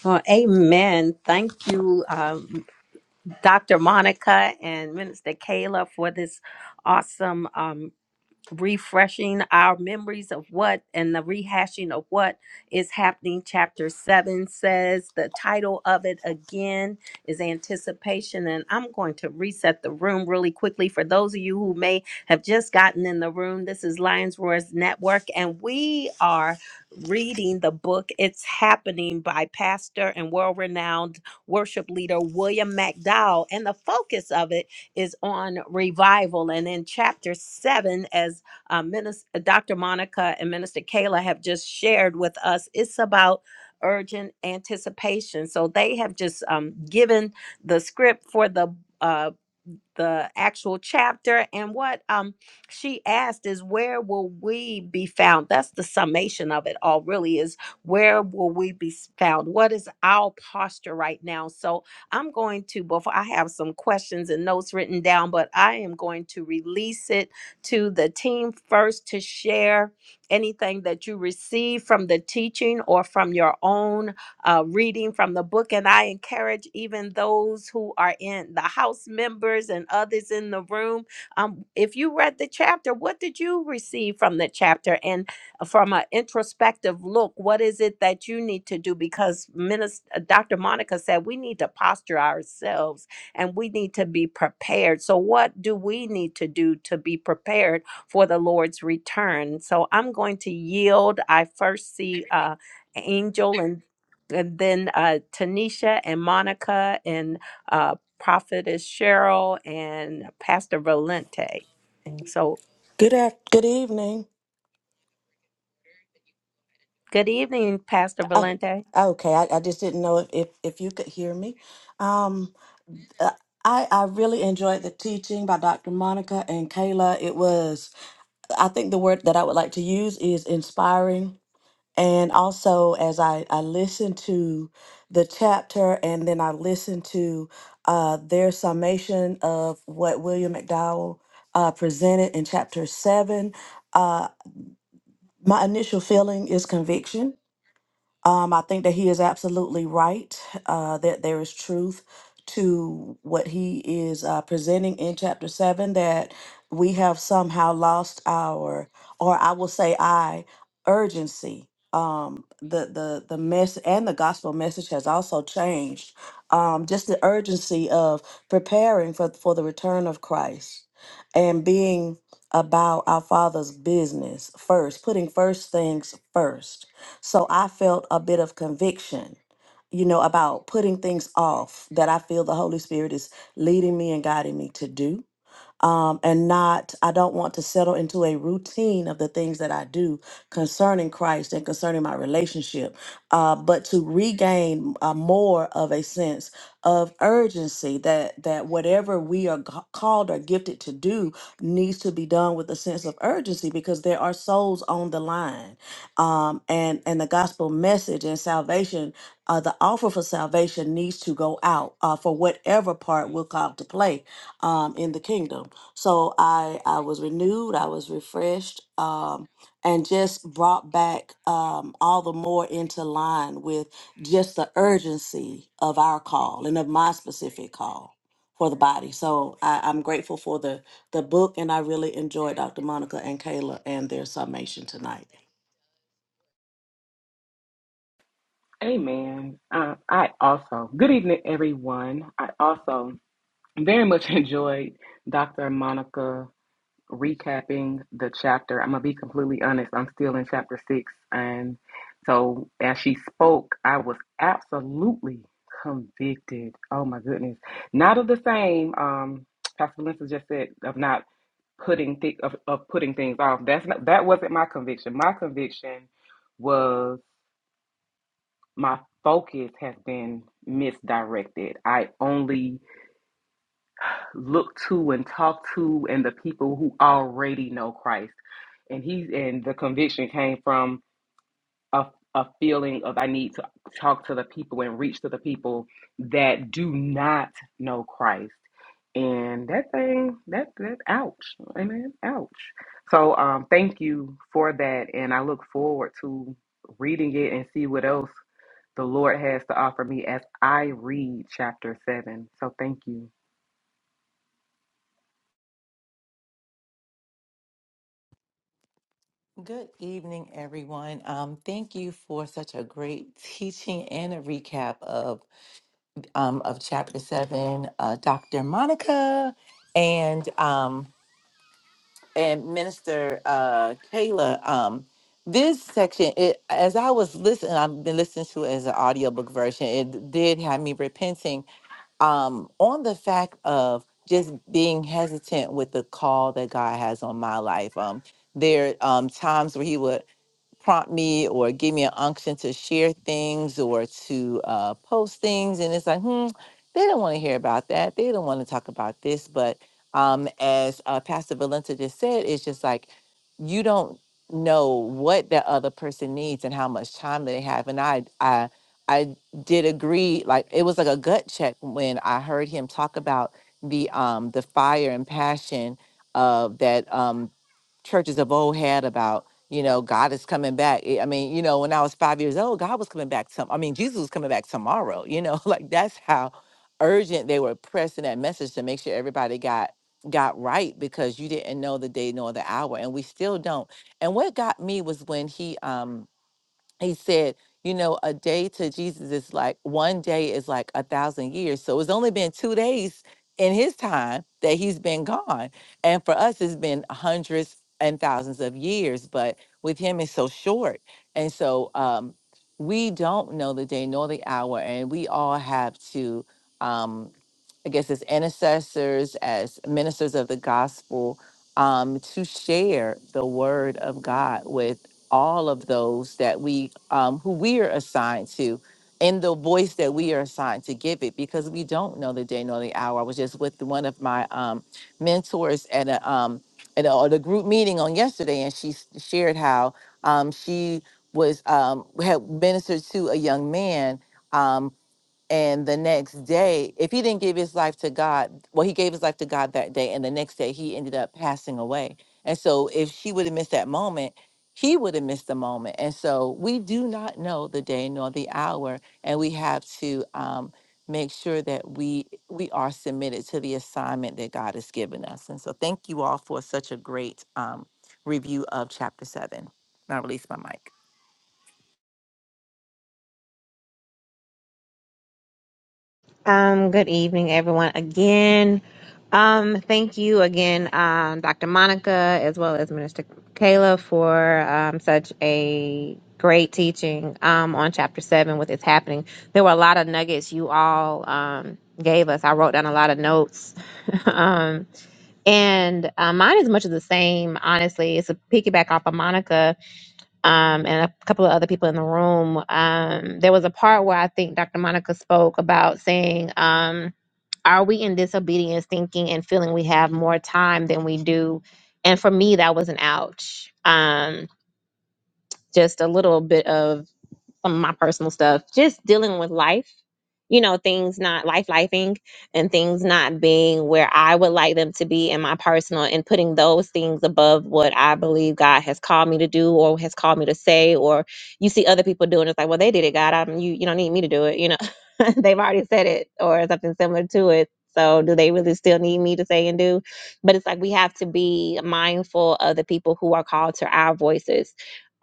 [SPEAKER 1] Well, amen. Thank you, um, Dr. Monica and Minister Kayla, for this awesome. um, refreshing our memories of what and the rehashing of what is happening. Chapter 7 says the title of it again is Anticipation. And I'm going to reset the room really quickly for those of you who may have just gotten in the room. This is Lions Roars Network, and we are reading the book It's Happening by pastor and world renowned worship leader William McDowell. And the focus of it is on revival. And in chapter 7, as uh, Minis- Dr. Monica and Minister Kayla have just shared with us. It's about urgent anticipation. So they have just um, given the script for the. uh, the actual chapter and what um she asked is where will we be found that's the summation of it all really is where will we be s- found what is our posture right now so i'm going to before i have some questions and notes written down but i am going to release it to the team first to share anything that you receive from the teaching or from your own uh, reading from the book. And I encourage even those who are in the house members and others in the room. Um, if you read the chapter, what did you receive from the chapter? And uh, from an introspective look, what is it that you need to do? Because Minister, Dr. Monica said we need to posture ourselves and we need to be prepared. So, what do we need to do to be prepared for the Lord's return? So, I'm going to yield. I first see uh, Angel, and and then uh, Tanisha and Monica and uh, Prophetess Cheryl and Pastor Valente. So
[SPEAKER 5] Good af- good evening.
[SPEAKER 1] good evening, Pastor
[SPEAKER 5] Oh,
[SPEAKER 1] Valente.
[SPEAKER 5] okay, I, I just didn't know if, if, if you could hear me. Um, uh, I I really enjoyed the teaching by Dr. Monica and Kayla. It was I think the word that I would like to use is inspiring. And also, as I I listened to the chapter and then I listened to uh, their summation of what William McDowell uh, presented in chapter seven, uh, my initial feeling is conviction Um, I think that he is absolutely right, uh, that there is truth to what he is uh, presenting in chapter 7, that we have somehow lost our, or I will say, I, urgency. Um, the the the mess and the gospel message has also changed. Um, just the urgency of preparing for for the return of Christ and being about our Father's business first, putting first things first so I felt a bit of conviction, you know, about putting things off that I feel the Holy Spirit is leading me and guiding me to do um, and not, I don't want to settle into a routine of the things that I do concerning Christ and concerning my relationship, uh, but to regain uh, more of a sense of urgency that that whatever we are ca- called or gifted to do needs to be done with a sense of urgency because there are souls on the line, um, and and the gospel message and salvation. Uh, the offer for salvation needs to go out uh, for whatever part we're called to play um, in the kingdom. So I I was renewed, I was refreshed, um, and just brought back um, all the more into line with just the urgency of our call and of my specific call for the body. So I, I'm grateful for the the book, and I really enjoyed Dr. Monica and Kayla and their summation tonight.
[SPEAKER 6] Amen. Uh, I also, good evening, everyone. I also very much enjoyed Dr. Monica recapping the chapter. I'm going to be completely honest, I'm still in chapter six. And so as she spoke, I was absolutely convicted. Oh, my goodness. Not of the same, um, Pastor Melissa just said, of not putting thi- of, of putting things off. That's not, that wasn't my conviction. My conviction was my focus has been misdirected. I only look to and talk to and the people who already know Christ. And he's and the conviction came from a a feeling of I need to talk to the people and reach to the people that do not know Christ. And that thing, that that ouch. Amen. Ouch. So um thank you for that and I look forward to reading it and see what else the Lord has to offer me as I read chapter 7. So thank you.
[SPEAKER 7] Good evening, everyone. Um, thank you for such a great teaching and a recap of um, of chapter seven, uh, Doctor Monica and um, and Minister uh, Kayla. Um, this section, it, as I was listening, I've been listening to it as an audiobook version. It did have me repenting um, on the fact of just being hesitant with the call that God has on my life. Um, there um, times where He would prompt me or give me an unction to share things or to uh, post things. And it's like, hmm, they don't want to hear about that. They don't want to talk about this. But um, as uh, Pastor Valenta just said, it's just like you don't know what that other person needs and how much time they have. And I, I, I did agree. Like it was like a gut check when I heard him talk about the um the fire and passion of that um churches of old had about you know god is coming back i I mean you know when i was five years old god was coming back some i mean jesus was coming back tomorrow you know like that's how urgent they were pressing that message to make sure everybody got got right because you didn't know the day nor the hour and we still don't and what got me was when he um he said, you know, a day to Jesus is like one day is like a thousand years. So it's only been two days in his time that he's been gone. And for us, it's been hundreds and thousands of years, but with him, it's so short. And so um, we don't know the day nor the hour, and we all have to. Um, I guess, as intercessors, as ministers of the gospel, um, to share the word of God with all of those that we, um, who we are assigned to, in the voice that we are assigned to give it, because we don't know the day nor the hour. I was just with one of my um, mentors at a um, at a, at a group meeting on yesterday, and she s- shared how um, she was um, had ministered to a young man. Um, and the next day, if he didn't give his life to God, well, he gave his life to God that day. And the next day, he ended up passing away. And so, if she would have missed that moment, he would have missed the moment. And so, we do not know the day nor the hour. And we have to um, make sure that we we are submitted to the assignment that God has given us. And so, thank you all for such a great um, review of chapter seven. And I release my mic.
[SPEAKER 3] Um, good evening, everyone. Again, um, thank you again, um, Dr. Monica, as well as Minister Kayla, for um, such a great teaching um, on Chapter Seven. With it's happening, there were a lot of nuggets you all um, gave us. I wrote down a lot of notes. um, And uh, mine is much of the same, honestly. It's a piggyback off of Monica um, and a couple of other people in the room. Um, there was a part where I think Dr. Monica spoke about saying, um, Are we in disobedience thinking and feeling we have more time than we do? And for me, that was an ouch. Um, just a little bit of some of my personal stuff, just dealing with life, you know, things not life lifing and things not being where I would like them to be in my personal and putting those things above what I believe God has called me to do or has called me to say, or you see other people doing it, it's like, well, they did it, God. I'm you you don't need me to do it, you know. They've already said it or something similar to it. So do they really still need me to say and do? But it's like we have to be mindful of the people who are called to our voices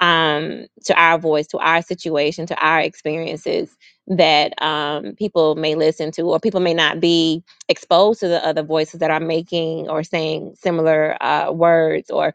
[SPEAKER 3] um, to our voice, to our situation, to our experiences that um, people may listen to, or people may not be exposed to the other voices that are making or saying similar uh, words, or,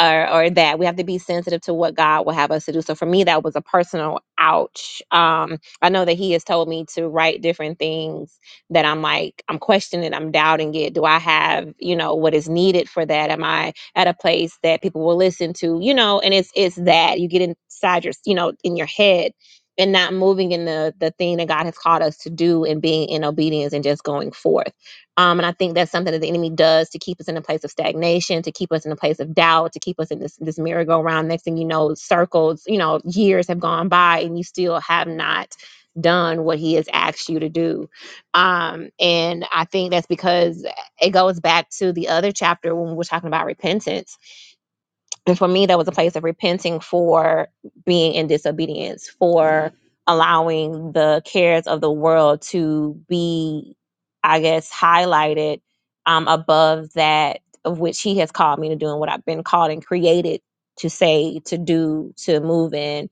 [SPEAKER 3] or or that we have to be sensitive to what God will have us to do. So for me, that was a personal ouch. Um, I know that He has told me to write different things that I'm like I'm questioning, I'm doubting it. Do I have you know what is needed for that? Am I at a place that people will listen to, you know, and it's it's that you get inside your, you know, in your head and not moving in the the thing that God has called us to do and being in obedience and just going forth. Um, and I think that's something that the enemy does to keep us in a place of stagnation, to keep us in a place of doubt, to keep us in this this merry-go-round. Next thing you know, circles, you know, years have gone by and you still have not done what he has asked you to do. Um, and I think that's because it goes back to the other chapter when we were talking about repentance. And for me, that was a place of repenting for being in disobedience, for allowing the cares of the world to be, I guess, highlighted um, above that of which He has called me to do and what I've been called and created to say, to do, to move in,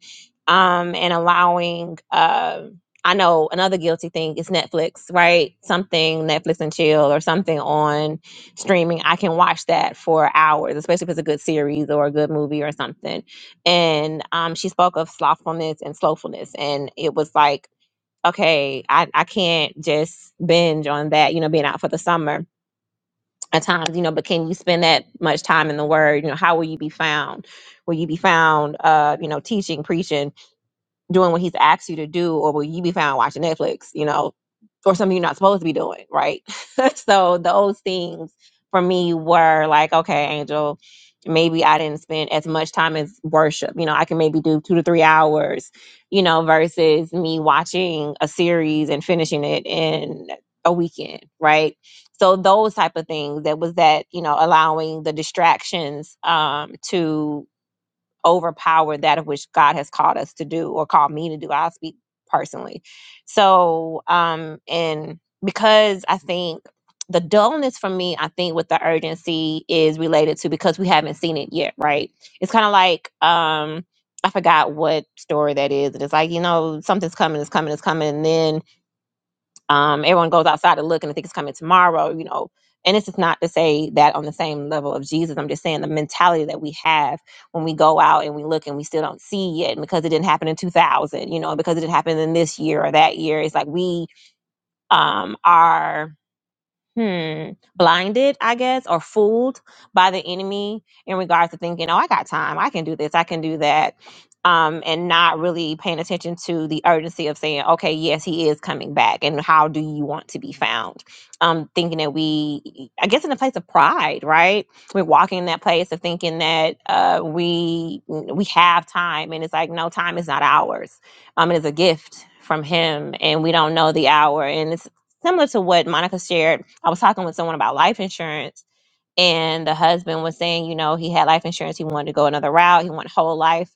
[SPEAKER 3] um, and allowing. um I know another guilty thing is Netflix, right? Something Netflix and chill or something on streaming, I can watch that for hours, especially if it's a good series or a good movie or something. And um, she spoke of slothfulness and slowfulness, and it was like, okay, I, I can't just binge on that, you know, being out for the summer at times, you know, but can you spend that much time in the Word? You know, how will you be found? Will you be found, uh, you know, teaching, preaching? doing what he's asked you to do, or will you be found watching Netflix, you know, or something you're not supposed to be doing, right? so those things for me were like, okay, Angel, maybe I didn't spend as much time as worship. You know, I can maybe do two to three hours, you know, versus me watching a series and finishing it in a weekend, right? So those type of things. That was that, you know, allowing the distractions um to overpower that of which God has called us to do or called me to do. I'll speak personally. So, um, and because I think the dullness for me, I think with the urgency is related to because we haven't seen it yet, right? It's kind of like, um, I forgot what story that is. And it's like, you know, something's coming, it's coming, it's coming. and then um, everyone goes outside to look and they think it's coming tomorrow, you know. And this is not to say that on the same level of Jesus. I'm just saying the mentality that we have when we go out and we look and we still don't see it and because it didn't happen in 2000, you know, because it didn't happen in this year or that year. It's like we um, are hmm, blinded, I guess, or fooled by the enemy in regards to thinking, oh, I got time, I can do this, I can do that, um, and not really paying attention to the urgency of saying, okay, yes, he is coming back, and how do you want to be found? Um, thinking that we, I guess, in a place of pride, right? We're walking in that place of thinking that uh, we we have time, and it's like, no, time is not ours. Um, it is a gift from him, and we don't know the hour, and it's similar to what Monica shared I was talking with someone about life insurance, and the husband was saying, you know, he had life insurance. He wanted to go another route. He wanted whole life,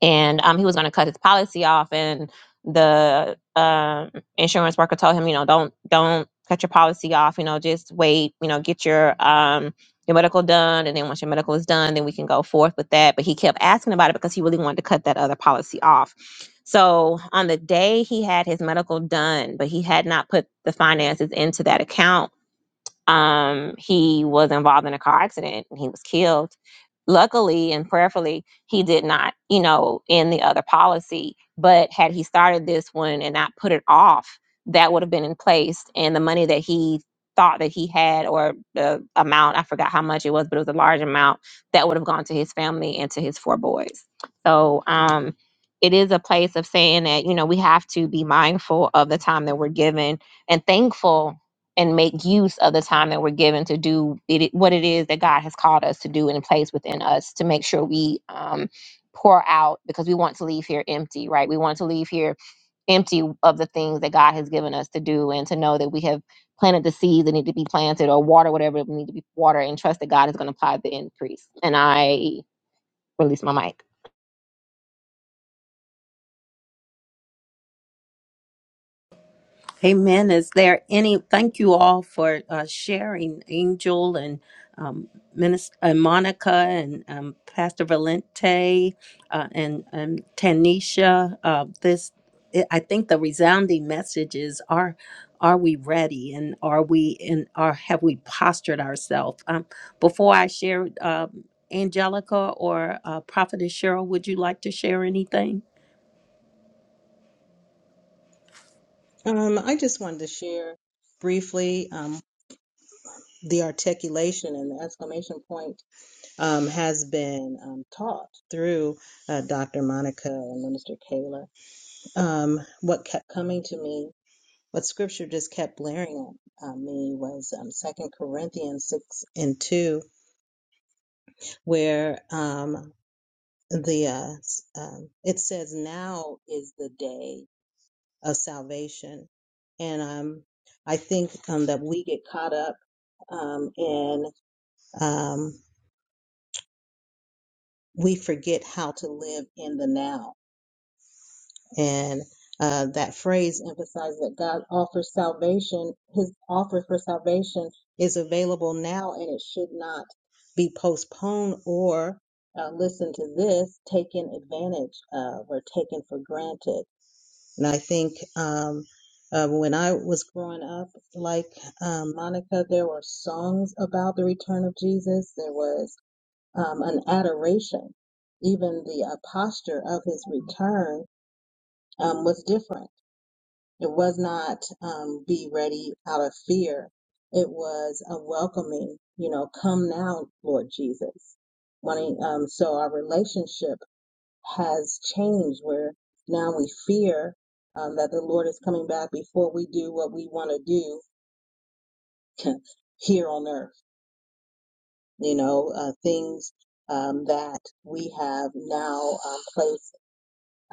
[SPEAKER 3] and um, he was going to cut his policy off. And the um, insurance worker told him, you know, don't don't cut your policy off. You know, just wait. You know, get your um your medical done, and then once your medical is done, then we can go forth with that. But he kept asking about it because he really wanted to cut that other policy off. So on the day he had his medical done, but he had not put the finances into that account um, he was involved in a car accident and he was killed. Luckily and prayerfully, he did not, you know, end the other policy. But had he started this one and not put it off, that would have been in place. And the money that he thought that he had, or the amount, I forgot how much it was, but it was a large amount, that would have gone to his family and to his four boys. So um, it is a place of saying that, you know, we have to be mindful of the time that we're given and thankful and make use of the time that we're given to do it, what it is that God has called us to do and place within us to make sure we um, pour out because we want to leave here empty, right? We want to leave here empty of the things that God has given us to do and to know that we have planted the seeds that need to be planted or water whatever need to be watered and trust that God is going to apply the increase. And I release my mic.
[SPEAKER 1] Amen. Is there any? Thank you all for uh, sharing, Angel and um, Minister uh, Monica and um, Pastor Valente uh, and and Tanisha. Uh, this, it, I think, the resounding message is: Are are we ready? And are we in? Are have we postured ourselves? Um, before I share, um, Angelica or uh, Prophetess Cheryl, would you like to share anything?
[SPEAKER 8] Um, I just wanted to share briefly um, the articulation and the exclamation point um, has been um, taught through uh, Dr. Monica and Minister Kayla. Um, what kept coming to me, what scripture just kept blaring at uh, me was um, 2 Corinthians 6 and 2, where um, the uh, s- um, it says, Now is the day. of salvation. And um, I think um, that we get caught up um, and um, we forget how to live in the now. And uh, that phrase emphasizes that God offers salvation, His offer for salvation is available now and it should not be postponed or uh, listen to this, taken advantage of or taken for granted. And I think um, uh, when I was growing up, like um, Monica, there were songs about the return of Jesus. There was um, an adoration. Even the uh, posture of his return um, was different. It was not um, be ready out of fear. It was a welcoming, you know, come now, Lord Jesus. Wanting, um, so our relationship has changed where now we fear um, that the Lord is coming back before we do what we want to do here on earth. You know, uh, things um, that we have now um, placed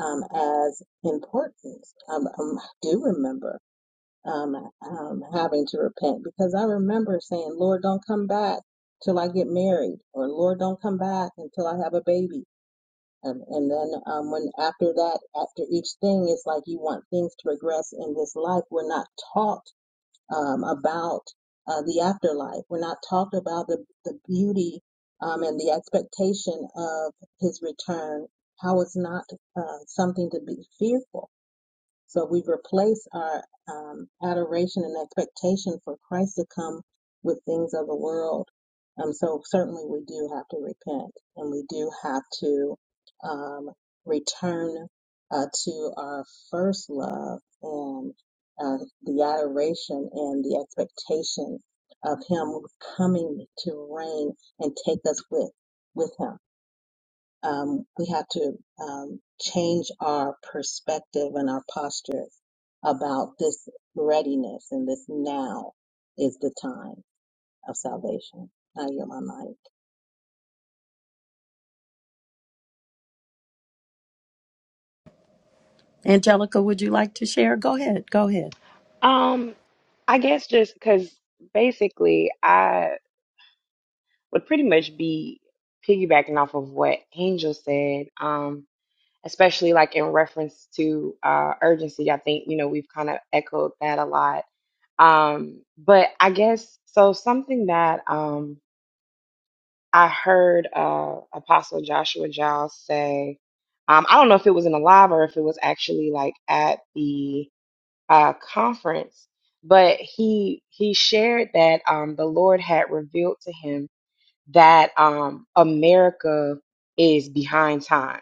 [SPEAKER 8] um, as important. Um, um, I do remember um, um, having to repent because I remember saying, Lord, don't come back till I get married, or Lord, don't come back until I have a baby Um, and then um, when after that, after each thing, it's like you want things to progress in this life. We're not taught um, about uh, the afterlife. We're not taught about the the beauty um, and the expectation of His return. How it's not uh, something to be fearful so we have replaced our um, adoration and expectation for Christ to come with things of the world. Um, so certainly we do have to repent and we do have to um, return uh, to our first love and uh, the adoration and the expectation of Him coming to reign and take us with with Him um, we have to um, change our perspective and our posture about this readiness and this now is the time of salvation. I yield my mic.
[SPEAKER 1] Angelica, would you like to share? Go ahead. Go ahead.
[SPEAKER 9] Um, I guess just because basically I would pretty much be piggybacking off of what Angel said, um, especially like in reference to uh, urgency. I think, you know, we've kind of echoed that a lot. Um, but I guess so something that um, I heard uh, Apostle Joshua Giles say, um, I don't know if it was in a live or if it was actually like at the uh, conference, but he he shared that um, the Lord had revealed to him that um, America is behind time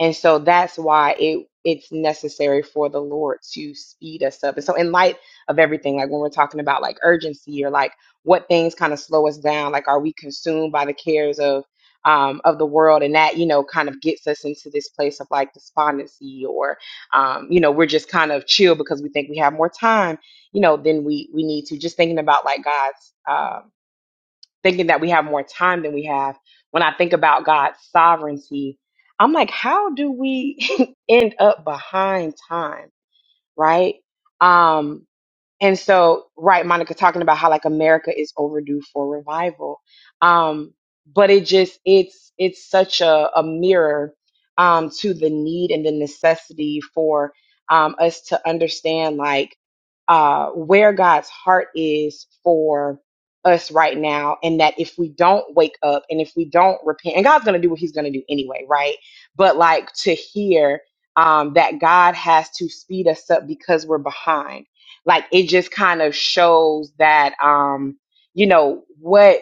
[SPEAKER 9] and so that's why it it's necessary for the Lord to speed us up. And so in light of everything, like when we're talking about like urgency or like what things kind of slow us down, like are we consumed by the cares of um of the world and that, you know, kind of gets us into this place of like despondency or um, you know, we're just kind of chill because we think we have more time, you know, than we we need to. Just thinking about like God's um thinking that we have more time than we have. When I think about God's sovereignty, I'm like, how do we end up behind time, right? Um, and so, right, Monica talking about how like America is overdue for revival. Um, but it just it's it's such a, a mirror um to the need and the necessity for um us to understand like uh where God's heart is for us right now and that if we don't wake up and if we don't repent and God's gonna do what he's gonna do anyway, right? But like to hear um that God has to speed us up because we're behind like it just kind of shows that um, you know, what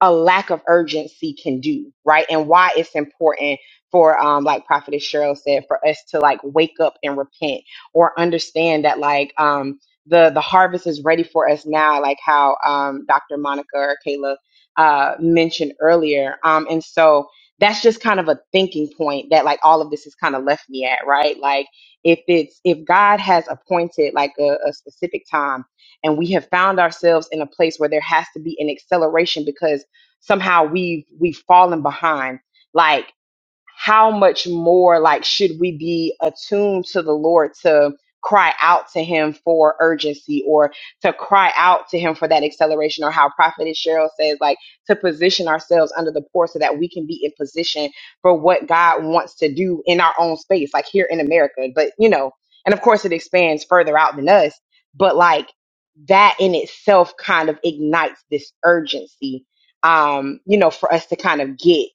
[SPEAKER 9] a lack of urgency can do, right? And why it's important for, um, like Prophetess Cheryl said, for us to like wake up and repent or understand that like, um, the, the harvest is ready for us now, like how, um, Dr. Monica or Kayla, uh, mentioned earlier. Um, and so that's just kind of a thinking point that like all of this has kind of left me at, right? Like if it's, if God has appointed like a, a specific time and we have found ourselves in a place where there has to be an acceleration because somehow we've we've fallen behind like how much more like should we be attuned to the Lord to cry out to him for urgency or to cry out to him for that acceleration or how prophetess cheryl says like to position ourselves under the poor so that we can be in position for what god wants to do in our own space like here in america but you know and of course it expands further out than us but like that in itself kind of ignites this urgency um you know for us to kind of get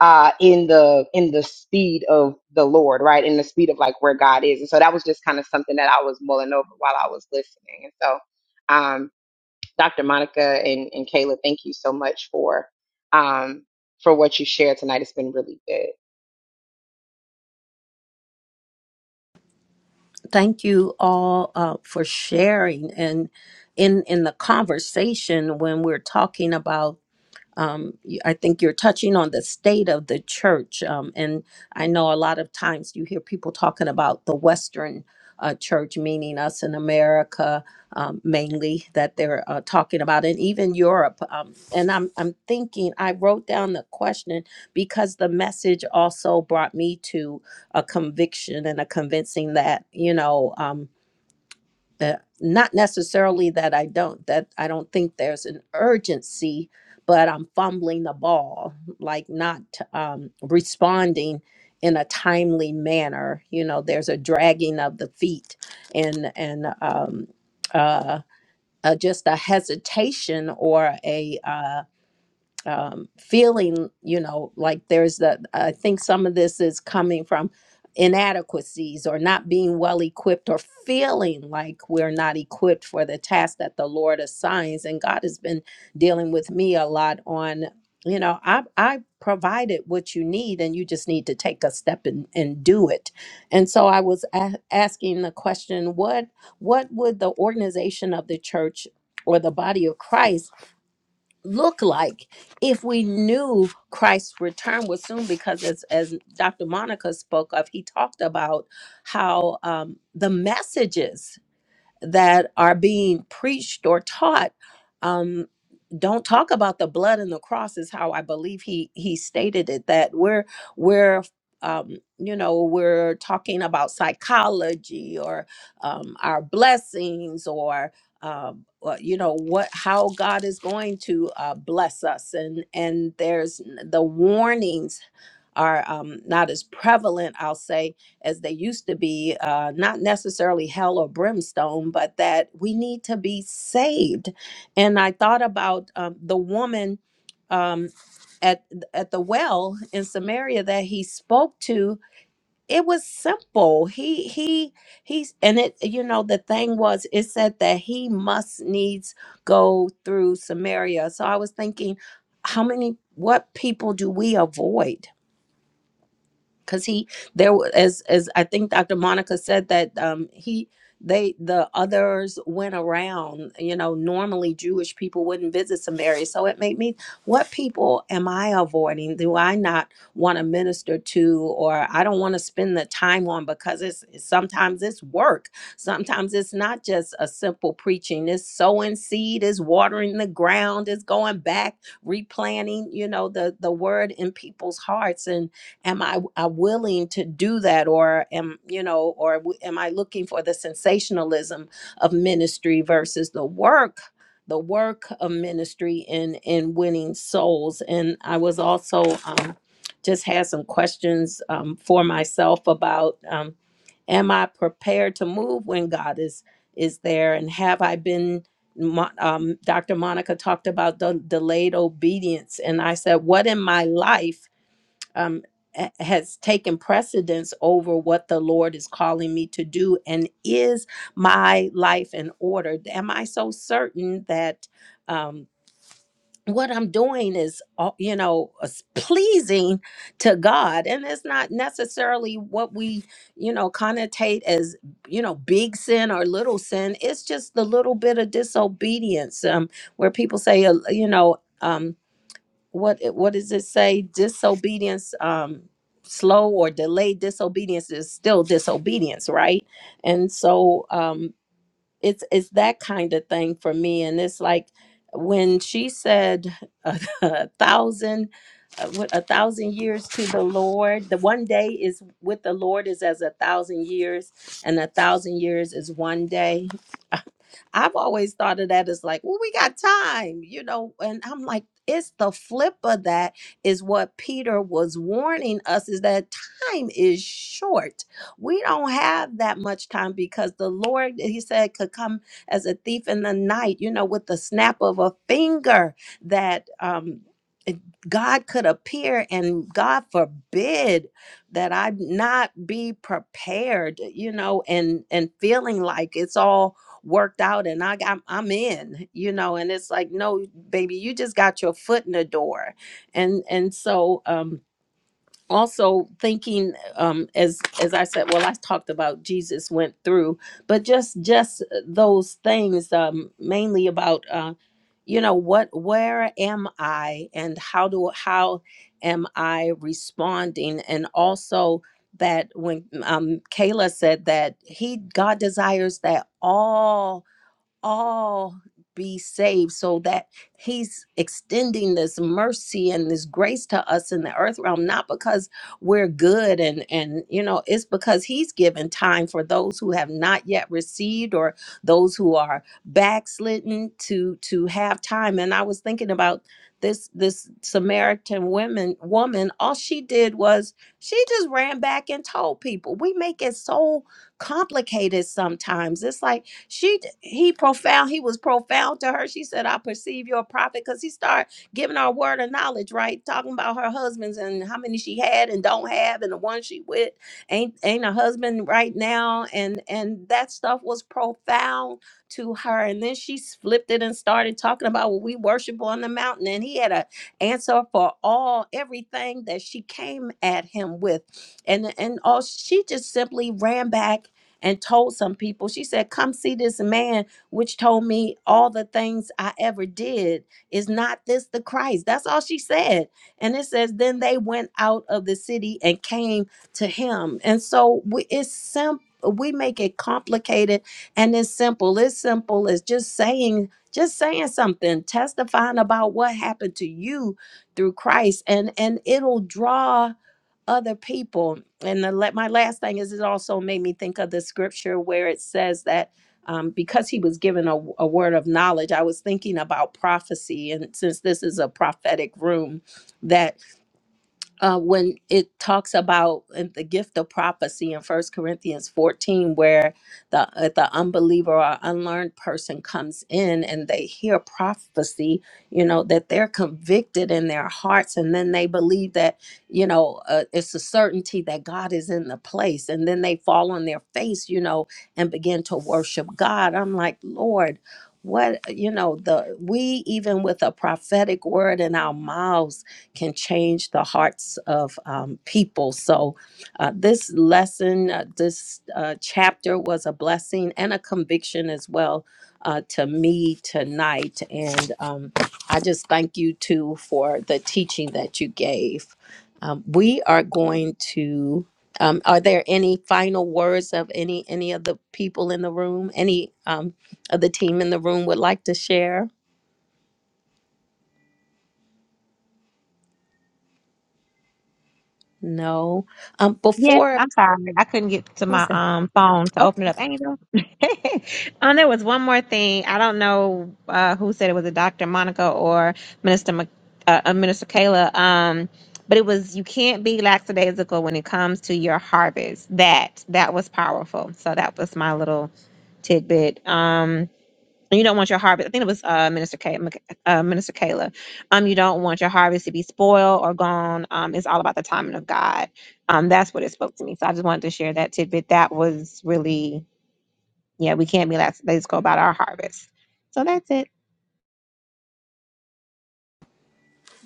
[SPEAKER 9] uh in the in the speed of the lord right in the speed of like where god is and so that was just kind of something that i was mulling over while i was listening and so um dr monica and and kayla thank you so much for um for what you shared tonight it's been really good
[SPEAKER 1] thank you all uh, for sharing and in in the conversation when we're talking about um, you- I think you're touching on the state of the church. Um, and I know a lot of times you hear people talking about the Western uh, church, meaning us in America um, mainly, that they're uh, talking about, and even Europe. Um, and I'm, I'm thinking, I wrote down the question because the message also brought me to a conviction and a convincing that, you know. Um, uh, not necessarily that I don't that I don't think there's an urgency, but I'm fumbling the ball, like not um, responding in a timely manner. You know, there's a dragging of the feet and and um, uh, uh, just a hesitation or a. uh, um, feeling, you know, like there's the, I think some of this is coming from inadequacies or not being well equipped or feeling like we're not equipped for the task that the Lord assigns. And God has been dealing with me a lot on, you know, I, I provided what you need and you just need to take a step and, and do it. And so I was a- asking the question, what, what would the organization of the church or the body of Christ look like if we knew Christ's return was soon? Because as, as Dr. Monica spoke of, he talked about how um, the messages that are being preached or taught um, don't talk about the blood and the cross is how I believe he he stated it that we're we're um, you know we're talking about psychology or um, our blessings or um, what- you know what how God is going to uh, bless us and and there's the warnings are um, not as prevalent I'll say as they used to be, uh, not necessarily hell or brimstone, but that we need to be saved. And I thought about um, the woman um, at at the well in Samaria that he spoke to. It was simple. He he he's and it you know the thing was it said that he must needs go through Samaria. So I was thinking, how many what people do we avoid? because he there wa- as as I think Dr. Monica said that um he they the others went around you know normally Jewish people wouldn't visit Samaria so it made me what people am I avoiding do I not want to minister to or I don't want to spend the time on because it's sometimes it's work sometimes it's not just a simple preaching it's sowing seed is watering the ground is going back replanting you know the the word in people's hearts and am i uh, willing to do that or am you know or w- am i looking for the sensationalism of ministry versus the work the work of ministry in in winning souls and i was also um just had some questions um, for myself about um, am i prepared to move when god is is there and have i been Mo- um, dr monica talked about the delayed obedience and i said what in my life um, a- has taken precedence over what the Lord is calling me to do? And is my life in order? Am I so certain that um, what I'm doing is, uh, you know, is pleasing to God? And it's not necessarily what we, you know, connotate as, you know, big sin or little sin. It's just the little bit of disobedience um, where people say, uh, you know, um, what it- what does it say disobedience um slow or delayed disobedience is still disobedience right and so um it's it's that kind of thing for me and it's like when she said a, thousand uh, what a thousand years to the lord the one day is with the lord is as a thousand years and a thousand years is one day I've always thought of that as like, well, we got time, you know, and I'm like, it's the flip of that is what Peter was warning us is that time is short. We don't have that much time because the Lord, he said, could come as a thief in the night, you know, with the snap of a finger that um it- God could appear and God forbid that I not be prepared, you know, and and feeling like it's all worked out and I got I'm in, you know, and it's like, no, baby, you just got your foot in the door. And and so um also thinking um as as I said, well, I talked about Jesus went through, but just just uh, those things um mainly about uh you know what where am I and how do how am I responding and also that when um Kayla said that he God desires that all all be saved so that he's extending this mercy and this grace to us in the earth realm not because we're good and and you know it's because he's given time for those who have not yet received or those who are backslidden to to have time and i was thinking about this this samaritan woman woman all she did was she just ran back and told people we make it so complicated sometimes it's like she he profound, he was profound to her. She said, I perceive you're a prophet because he started giving her a word of knowledge, right? Talking about her husbands and how many she had and don't have, and the one she with ain't ain't a husband right now. And and that stuff was profound to her. And then she flipped it and started talking about what we worship on the mountain. And he had a answer for all everything that she came at him with. And and all she just simply ran back and told some people, she said, Come see this man, which told me all the things I ever did. Is not this the Christ? That's all she said. And it says, Then they went out of the city and came to him. And so we, it's simple. We make it complicated and it's simple. It's simple. as just saying, just saying something, testifying about what happened to you through Christ. And and it'll draw other people. And the, let my last thing is it also made me think of the scripture where it says that um, because he was given a, a word of knowledge, I was thinking about prophecy. And since this is a prophetic room, that uh, when it talks about in the gift of prophecy in First Corinthians 14, where the uh, the unbeliever or unlearned person comes in and they hear prophecy, you know, that they're convicted in their hearts, and then they believe that, you know, uh, it's a certainty that God is in the place, and then they fall on their face, you know, and begin to worship God. I'm like, Lord. What you know, the we even with a prophetic word in our mouths, can change the hearts of um, people. So, uh, this lesson, uh, this uh, chapter was a blessing and a conviction as well uh, to me tonight. And um, I just thank you too for the teaching that you gave. Um, we are going to. Um, are there any final words of any any of the people in the room? Any um, of the team in the room would like to share? No. Um,
[SPEAKER 3] Yes,
[SPEAKER 1] before
[SPEAKER 3] I'm sorry. I couldn't get to my
[SPEAKER 1] who's that?
[SPEAKER 3] um phone to
[SPEAKER 1] Oh.
[SPEAKER 3] open it up. Angel. um, there was one more thing. I don't know uh, who said it was a Dr. Monica or Minister Mc- uh, uh, Minister Kayla. Um, but it was you can't be lackadaisical when it comes to your harvest. That that was powerful. So that was my little tidbit. Um, you don't want your harvest. I think it was uh, Minister Kay, uh, Minister Kayla. Um, you don't want your harvest to be spoiled or gone. Um, it's all about the timing of God. Um, that's what it spoke to me. So I just wanted to share that tidbit. That was really, yeah, we can't be last. Let's go about our harvest. So that's it.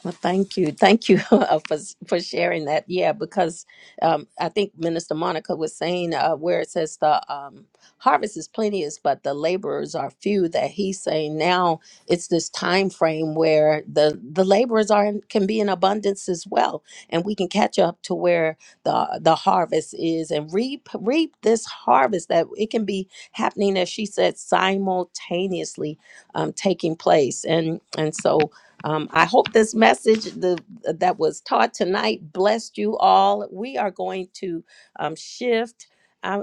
[SPEAKER 1] Well, thank you, thank you for for sharing that. Yeah, because um, I think Minister Monica was saying uh, where it says the um, harvest is plenteous, but the laborers are few. That he's saying now it's this time frame where the the laborers are in, can be in abundance as well, and we can catch up to where the the harvest is and reap reap this harvest that it can be happening as she said simultaneously um, taking place, and and so. Um, I hope this message the, uh, that was taught tonight blessed you all. We are going to um, shift. Uh,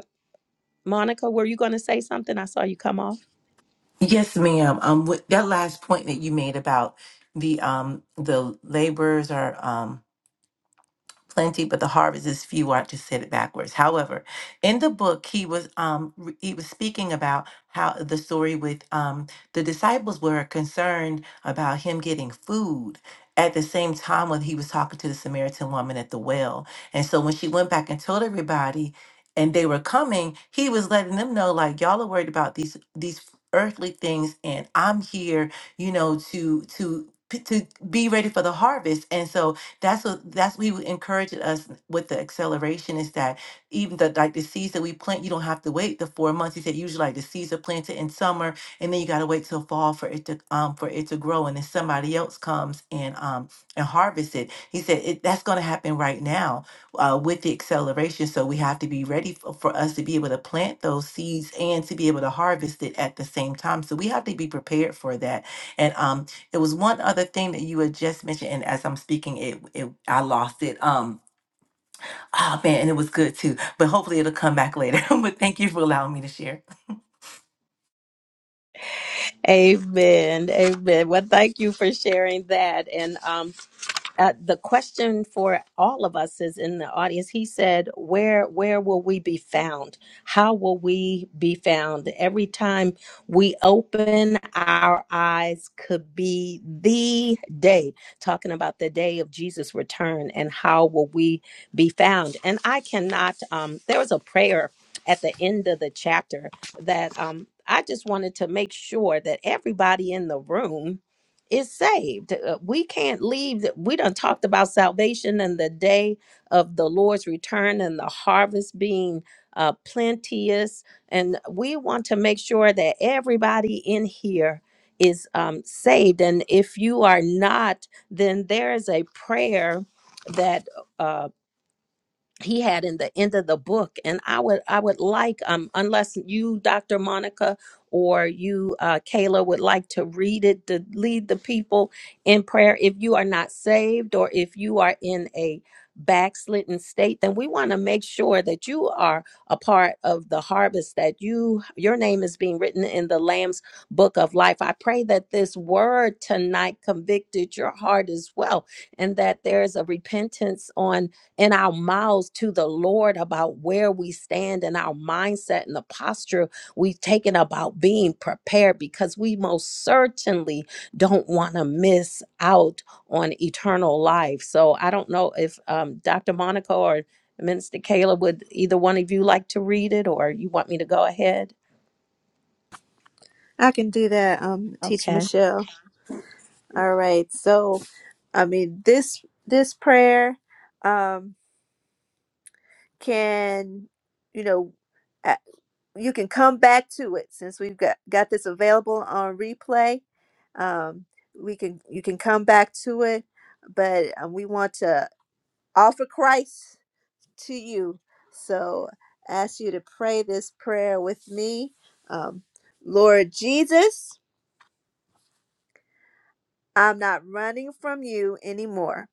[SPEAKER 1] Monica, were you going to say something? I saw you come off.
[SPEAKER 7] Yes, ma'am. Um, with that last point that you made about the um the laborers are um plenty, but the harvest is few. I just said it backwards. However, in the book, he was um re- he was speaking about how the story with um the disciples were concerned about him getting food at the same time when he was talking to the Samaritan woman at the well. And so when she went back and told everybody and they were coming, he was letting them know like y'all are worried about these these earthly things and I'm here, you know, to to p- to be ready for the harvest. And so that's what that's what he encouraged us with the acceleration is that even the like the seeds that we plant, you don't have to wait the four months. He said usually like the seeds are planted in summer and then you gotta wait till fall for it to um for it to grow and then somebody else comes and um and harvest it. He said it, that's gonna happen right now uh, with the acceleration. So we have to be ready for, for us to be able to plant those seeds and to be able to harvest it at the same time. So we have to be prepared for that. And um it was one other thing that you had just mentioned, and as I'm speaking, it, it I lost it. Um, oh man, and it was good too. But hopefully, it'll come back later. but thank you for allowing me to share.
[SPEAKER 1] Amen. Amen. Well, thank you for sharing that. And um, uh, the question for all of us is in the audience. He said, "Where where will we be found? How will we be found? Every time we open our eyes, could be the day. Talking about the day of Jesus' return, and how will we be found? And I cannot. Um, there was a prayer at the end of the chapter that um, I just wanted to make sure that everybody in the room is saved. Uh, we can't leave. th- We done talked about salvation and the day of the Lord's return and the harvest being uh, plenteous. And we want to make sure that everybody in here is um, saved. And if you are not, then there is a prayer that. uh, he had in the end of the book and i would i would like um unless you dr monica or you uh kayla would like to read it to lead the people in prayer if you are not saved or if you are in a backslidden state then we want to make sure that you are a part of the harvest that you your name is being written in the lamb's book of life i pray that this word tonight convicted your heart as well and that there's a repentance on in our mouths to the Lord about where we stand and our mindset and the posture we've taken about being prepared because we most certainly don't want to miss out on eternal life. So I don't know if um, Dr. Monica or Minister Kayla would either one of you like to read it or you want me to go ahead?
[SPEAKER 2] I can do that, um, Teacher
[SPEAKER 1] Okay.
[SPEAKER 2] Michelle. All right. So, I mean, this this prayer um, can, you know, a- you can come back to it since we've got got this available on replay. Um, we can you can come back to it, but um, we want to offer Christ to you. So ask you to pray this prayer with me. Um, Lord Jesus, I'm not running from you anymore.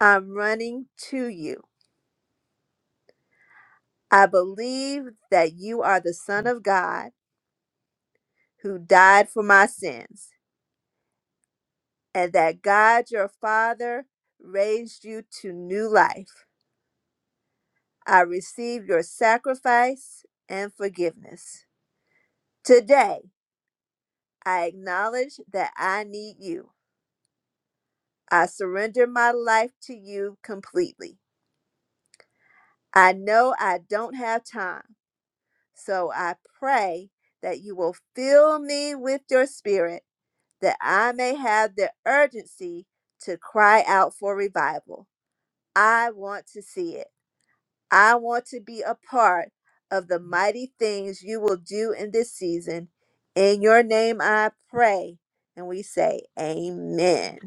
[SPEAKER 2] I'm running to you. I believe that you are the Son of God who died for my sins, and that God your Father raised you to new life. I receive your sacrifice and forgiveness. Today, I acknowledge that I need you. I surrender my life to you completely. I know I don't have time, so I pray that you will fill me with your spirit that I may have the urgency to cry out for revival. I want to see it. I want to be a part of the mighty things you will do in this season. In your name I pray. And we say, Amen.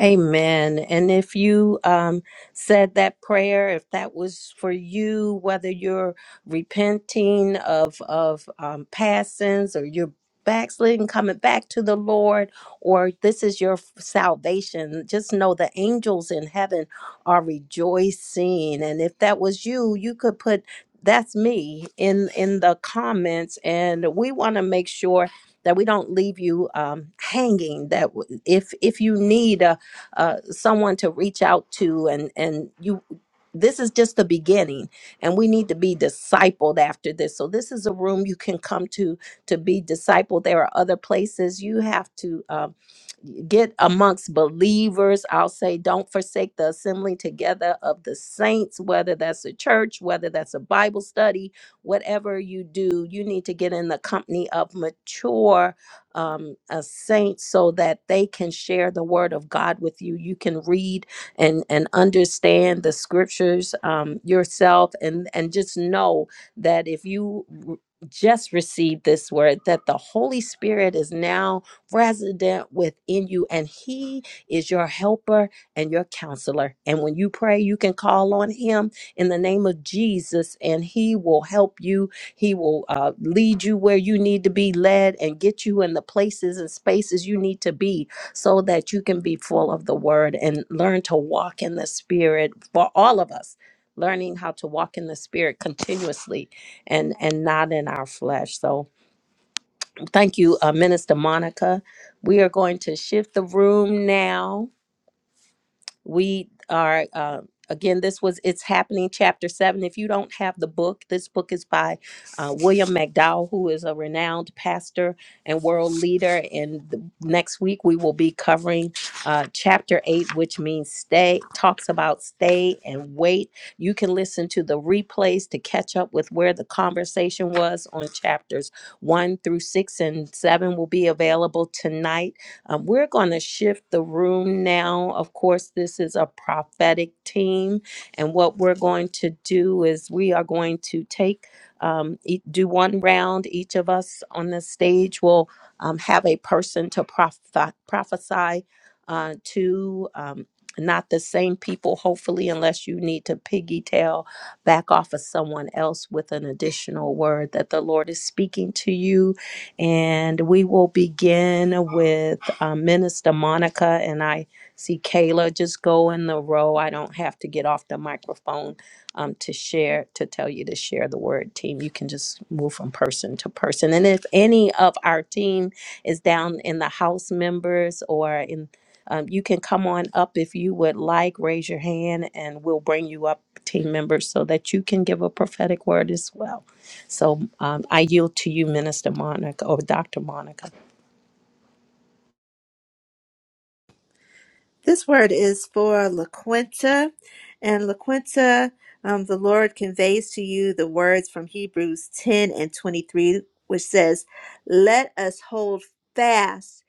[SPEAKER 1] Amen. And if you um, said that prayer, if that was for you, whether you're repenting of of um, past sins or you're backsliding, coming back to the Lord, or this is your f- salvation, just know the angels in heaven are rejoicing. And if that was you, you could put that's me in in the comments, and we want to make sure that we don't leave you um, hanging. That w- if if you need uh, uh, someone to reach out to, and and you. This is just the beginning, and we need to be discipled after this. So this is a room you can come to to be discipled. There are other places you have to um, get amongst believers. I'll say, don't forsake the assembling together of the saints, whether that's a church, whether that's a Bible study, whatever you do, you need to get in the company of mature um, a saint so that they can share the word of God with you. You can read and and understand the scriptures um, yourself, and and just know that if you r- just receive this word, that the Holy Spirit is now resident within you, and He is your helper and your counselor. And when you pray, you can call on Him in the name of Jesus, and He will help you he will uh, lead you where you need to be led and get you in the places and spaces you need to be so that you can be full of the word and learn to walk in the spirit for all of us learning how to walk in the spirit continuously and and not in our flesh so thank you uh, minister monica we are going to shift the room now we are uh, again this was it's happening chapter seven if you don't have the book this book is by uh, william mcdowell who is a renowned pastor and world leader and the, next week we will be covering uh, chapter eight which means stay talks about stay and wait you can listen to the replays to catch up with where the conversation was on chapters one through six and seven will be available tonight um, we're going to shift the room now. Of course, this is a prophetic team. And what we're going to do is we are going to take, um, e- do one round. Each of us on the stage will um, have a person to proph- prophesy uh, to. Um, not the same people, hopefully, unless you need to piggytail back off of someone else with an additional word that the Lord is speaking to you and we will begin with uh, Minister Monica. And I see Kayla just go in the row. I don't have to get off the microphone um, to share, to tell you to share the word team. You can just move from person to person. And if any of our team is down in the house members or in um, you can come on up if you would like. Raise your hand, and we'll bring you up team members so that you can give a prophetic word as well. So um, I yield to you, Minister Monica or Dr. Monica.
[SPEAKER 2] This word is for LaQuinta. And LaQuinta, um, the Lord conveys to you the words from Hebrews 10 and 23, which says, Let us hold fast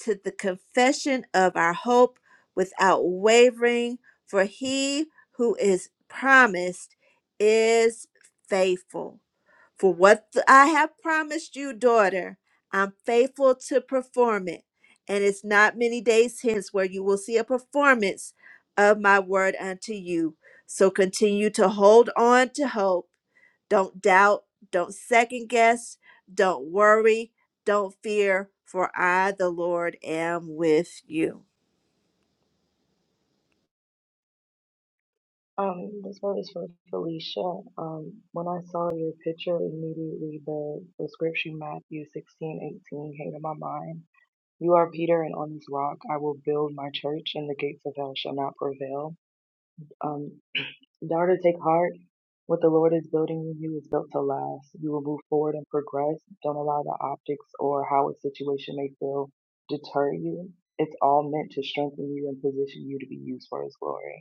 [SPEAKER 2] to the confession of our hope without wavering, for he who is promised is faithful. For what th- I have promised you, daughter, I'm faithful to perform it. And it's not many days hence where you will see a performance of my word unto you. So continue to hold on to hope. Don't doubt. Don't second guess. Don't worry. Don't fear. For I, the Lord, am with you.
[SPEAKER 4] Um, this one is from Felicia. Um, when I saw your picture, immediately the, the scripture Matthew sixteen eighteen came to my mind. You are Peter, and on this rock I will build my church, and the gates of hell shall not prevail. Um, daughter, take heart. What the Lord is building in you is built to last. You will move forward and progress. Don't allow the optics or how a situation may feel deter you. It's all meant to strengthen you and position you to be used for His glory.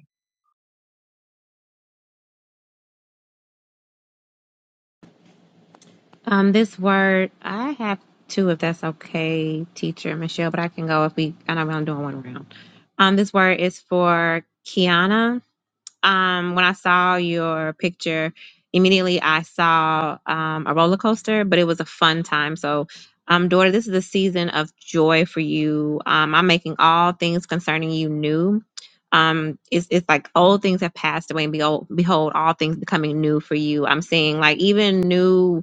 [SPEAKER 3] Um, this word, I have two, if that's okay, teacher Michelle, but I can go if we, I know I'm doing one round. Um, this word is for Kiana. Um, when I saw your picture, immediately I saw um, a roller coaster, but it was a fun time. So, um, daughter, this is a season of joy for you. Um, I'm making all things concerning you new. Um, it's, it's like old things have passed away, and behold, behold, all things becoming new for you. I'm seeing like even new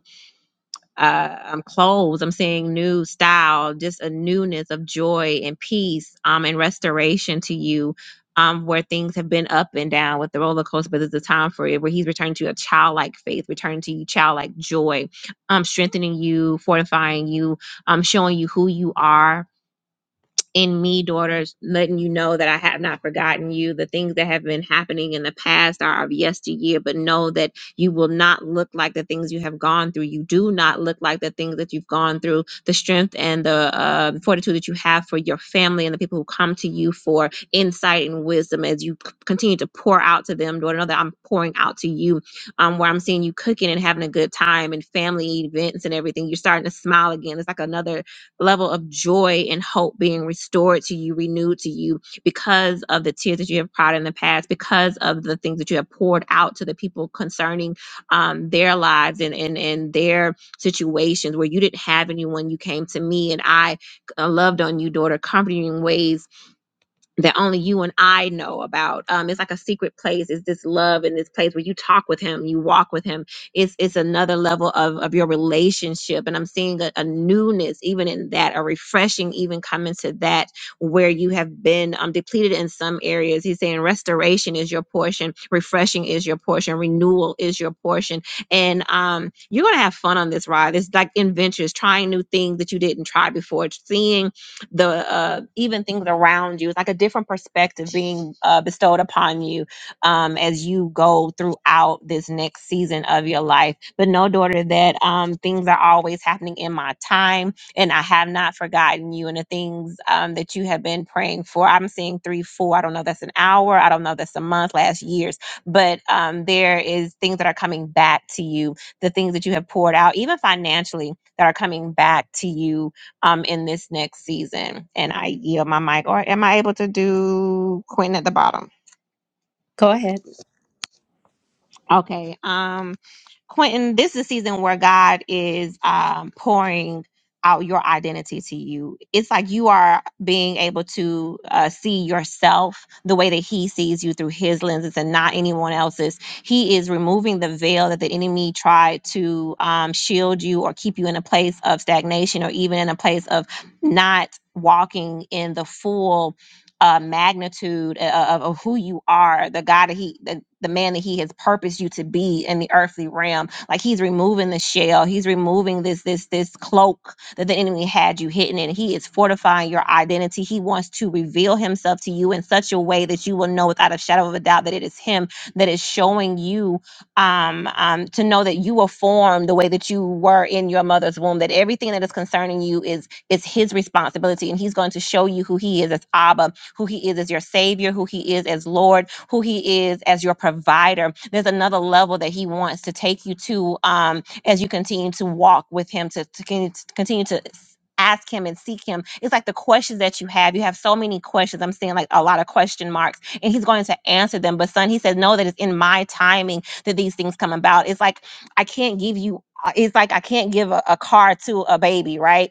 [SPEAKER 3] uh, um, clothes. I'm seeing new style, just a newness of joy and peace um, and restoration to you. Um, where things have been up and down with the roller coaster, but there's a time for it where he's returning to a childlike faith, returning to you childlike joy, um, strengthening you, fortifying you, um, showing you who you are, in me, daughters, letting you know that I have not forgotten you. The things that have been happening in the past are of yesteryear, but know that you will not look like the things you have gone through. You do not look like the things that you've gone through. The strength and the uh, fortitude that you have for your family and the people who come to you for insight and wisdom as you c- continue to pour out to them, daughter. Know that I'm pouring out to you, um, where I'm seeing you cooking and having a good time and family events and everything. You're starting to smile again. It's like another level of joy and hope being restored to you, renewed to you because of the tears that you have cried in the past, because of the things that you have poured out to the people concerning um, their lives and, and, and their situations where you didn't have anyone. You came to me and I uh, loved on you, daughter, comforting you in ways that only you and I know about. Um, it's like a secret place. It's this love and this place where you talk with him, you walk with him. It's it's another level of of your relationship. And I'm seeing a, a newness even in that, a refreshing even coming to that where you have been um, depleted in some areas. He's saying restoration is your portion, refreshing is your portion, renewal is your portion, and um, you're gonna have fun on this ride. It's like adventures, trying new things that you didn't try before, seeing the uh, even things around you. It's like a different perspective being uh, bestowed upon you um, as you go throughout this next season of your life. But no, daughter, that um, things are always happening in my time, and I have not forgotten you and the things um, that you have been praying for. I'm seeing three, four. I don't know. That's an hour. I don't know. That's a month, last years. But um, there is things that are coming back to you. The things that you have poured out, even financially, that are coming back to you um, in this next season. And I yield my mic. Or am I able to do Quinn at the bottom?
[SPEAKER 1] Go ahead.
[SPEAKER 3] Okay. Um, Quentin, this is a season where God is um, pouring out your identity to you. It's like you are being able to uh, see yourself the way that He sees you through His lenses and not anyone else's. He is removing the veil that the enemy tried to um, shield you or keep you in a place of stagnation or even in a place of not walking in the full uh, magnitude uh, of, of who you are, the God that He, the, the man that He has purposed you to be in the earthly realm. Like He's removing the shell, He's removing this this this cloak that the enemy had you hidden in. He is fortifying your identity. He wants to reveal Himself to you in such a way that you will know without a shadow of a doubt that it is Him that is showing you um, um, to know that you were formed the way that you were in your mother's womb. That everything that is concerning you is is His responsibility, and He's going to show you who He is as Abba who He is as your Savior, who He is as Lord, who He is as your provider. There's another level that He wants to take you to um, as you continue to walk with Him, to, to con- to continue to s- ask him and seek him it's like the questions that you have you have so many questions i'm seeing like a lot of question marks and he's going to answer them but son he says no that it's in my timing that these things come about it's like i can't give you uh, it's like i can't give a, a car to a baby right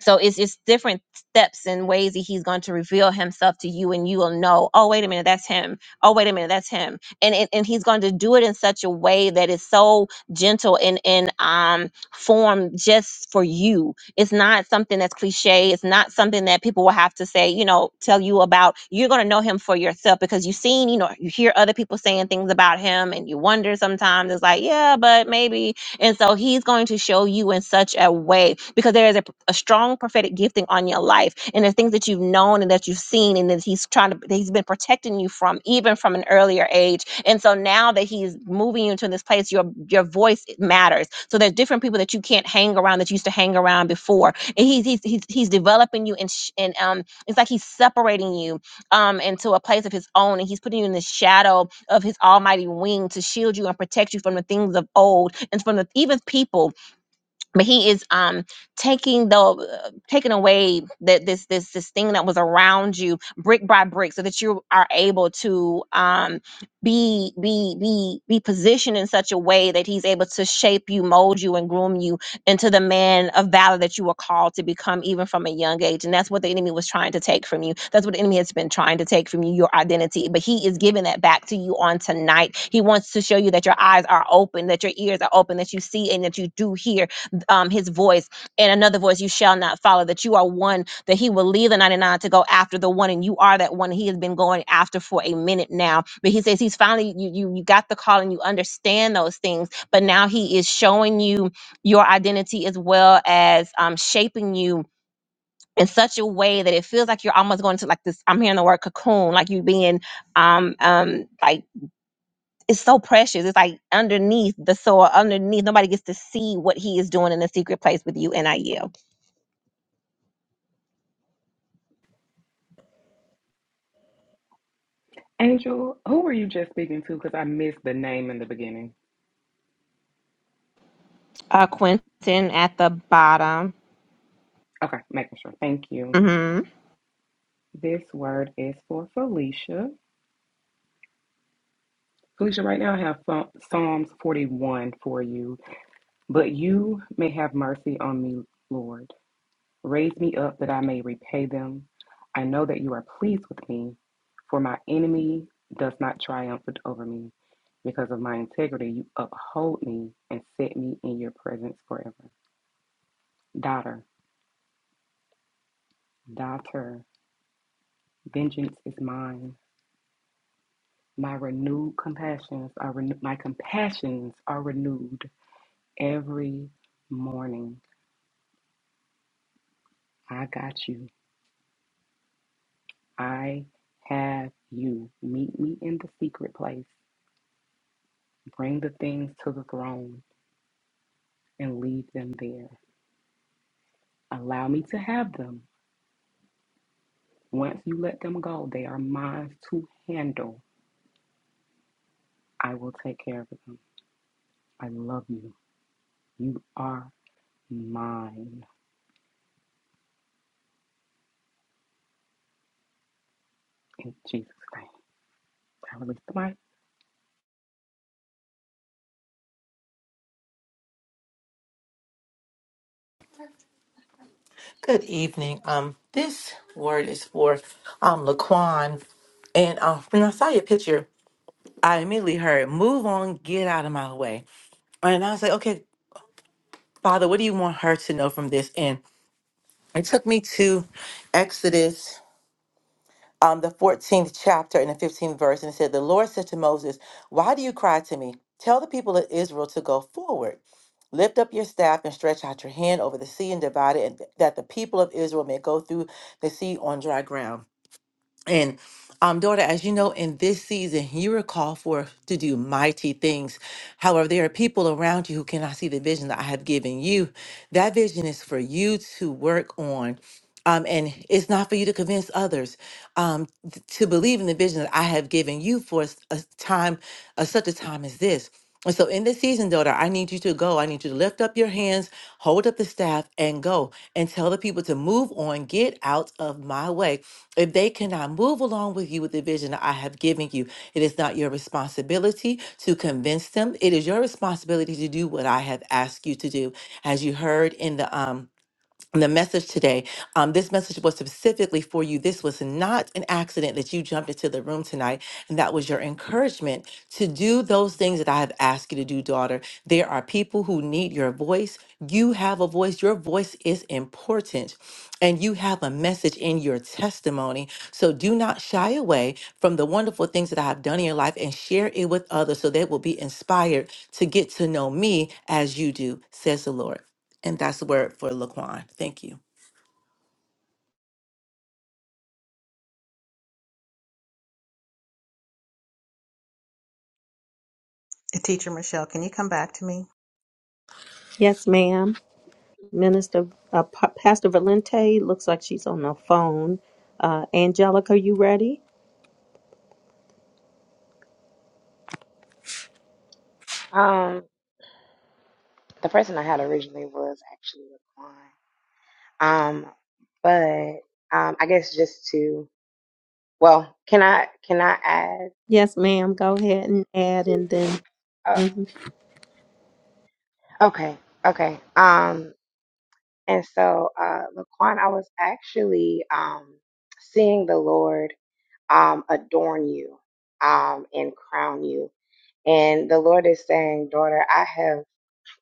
[SPEAKER 3] so it's it's different steps and ways that he's going to reveal himself to you, and you will know. Oh, wait a minute, that's him. Oh, wait a minute, that's him. And and, and he's going to do it in such a way that is so gentle and in um form just for you. It's not something that's cliche. It's not something that people will have to say. You know, tell you about. You're going to know him for yourself because you've seen. You know, you hear other people saying things about him, and you wonder sometimes. It's like, yeah, but maybe and so he's going to show you in such a way because there is a, a strong prophetic gifting on your life and the things that you've known and that you've seen and that he's trying to that he's been protecting you from even from an earlier age. And so now that he's moving you into this place, your your voice matters. So there's different people that you can't hang around that you used to hang around before. And he's he's he's, he's developing you and sh- and um it's like he's separating you um into a place of his own and he's putting you in the shadow of his almighty wing to shield you and protect you from the things of old and from the even people but he is um taking the uh, taking away that this this this thing that was around you brick by brick so that you are able to um be be be be positioned in such a way that he's able to shape you mold you and groom you into the man of valor that you were called to become even from a young age and that's what the enemy was trying to take from you that's what the enemy has been trying to take from you your identity but he is giving that back to you on tonight he wants to show you that your eyes are open that your ears are open that you see and that you do hear um, his voice and another voice you shall not follow that you are one that he will leave the 99 to go after the one and you are that one he has been going after for a minute now but he says he's finally you you, you got the call and you understand those things but now he is showing you your identity as well as um, shaping you in such a way that it feels like you're almost going to like this i'm hearing the word cocoon like you being um um like it's so precious. It's like underneath the soil, underneath. Nobody gets to see what he is doing in the secret place with you and I yield.
[SPEAKER 6] Angel, who were you just speaking to? Because I missed the name in the beginning.
[SPEAKER 3] Uh Quentin at the bottom.
[SPEAKER 6] Okay, making sure. Thank you.
[SPEAKER 3] hmm
[SPEAKER 6] This word is for Felicia. Felicia, right now I have Ph- Psalms 41 for you. But you may have mercy on me, Lord. Raise me up that I may repay them. I know that you are pleased with me, for my enemy does not triumph over me. Because of my integrity, you uphold me and set me in your presence forever. Daughter, daughter, vengeance is mine. My renewed compassions are renew- my compassions are renewed every morning. I got you. I have you. Meet me in the secret place. Bring the things to the throne. and leave them there. Allow me to have them. Once you let them go, they are mine to handle. I will take care of them. I love you. You are mine. In Jesus' name. I release the mic.
[SPEAKER 7] Good evening. Um, this word is for um Laquan, and uh, when I saw your picture, I immediately heard "Move on, get out of my way," and I was like, "Okay, Father, what do you want her to know from this?" And it took me to Exodus. um, the 14th chapter and the 15th verse, and it said, The Lord said to Moses, Why do you cry to me? Tell the people of Israel to go forward. Lift up your staff and stretch out your hand over the sea and divide it, and that the people of Israel may go through the sea on dry ground. And um, daughter, as you know, in this season, you are called for to do mighty things. However, there are people around you who cannot see the vision that I have given you. That vision is for you to work on. Um, and it's not for you to convince others um, th- to believe in the vision that I have given you for s- a time, a, such a time as this. And so, in this season, daughter, I need you to go. I need you to lift up your hands, hold up the staff, and go and tell the people to move on, get out of my way if they cannot move along with you with the vision that I have given you, it is not your responsibility to convince them. It is your responsibility to do what I have asked you to do. As you heard in the um the message today. Um, this message was specifically for you. This was not an accident that you jumped into the room tonight. And that was your encouragement to do those things that I have asked you to do, daughter. There are people who need your voice. You have a voice. Your voice is important. And you have a message in your testimony. So do not shy away from the wonderful things that I have done in your life and share it with others so they will be inspired to get to know me as you do, says the Lord. And that's the word for Laquan. Thank you.
[SPEAKER 8] Teacher Michelle, can you come back to me?
[SPEAKER 1] Yes, ma'am. Minister, uh, Pa- Pastor Valente looks like she's on the phone. Uh, Angelica, you ready?
[SPEAKER 9] um the person i had originally was actually laquan um but um i guess just to well can i can i add
[SPEAKER 1] Yes, ma'am. Go ahead and add, and then
[SPEAKER 9] oh,
[SPEAKER 1] mhm.
[SPEAKER 9] okay okay um And so, uh, Laquan, I was actually um, seeing the Lord um, adorn you um, and crown you. And the Lord is saying, daughter, I have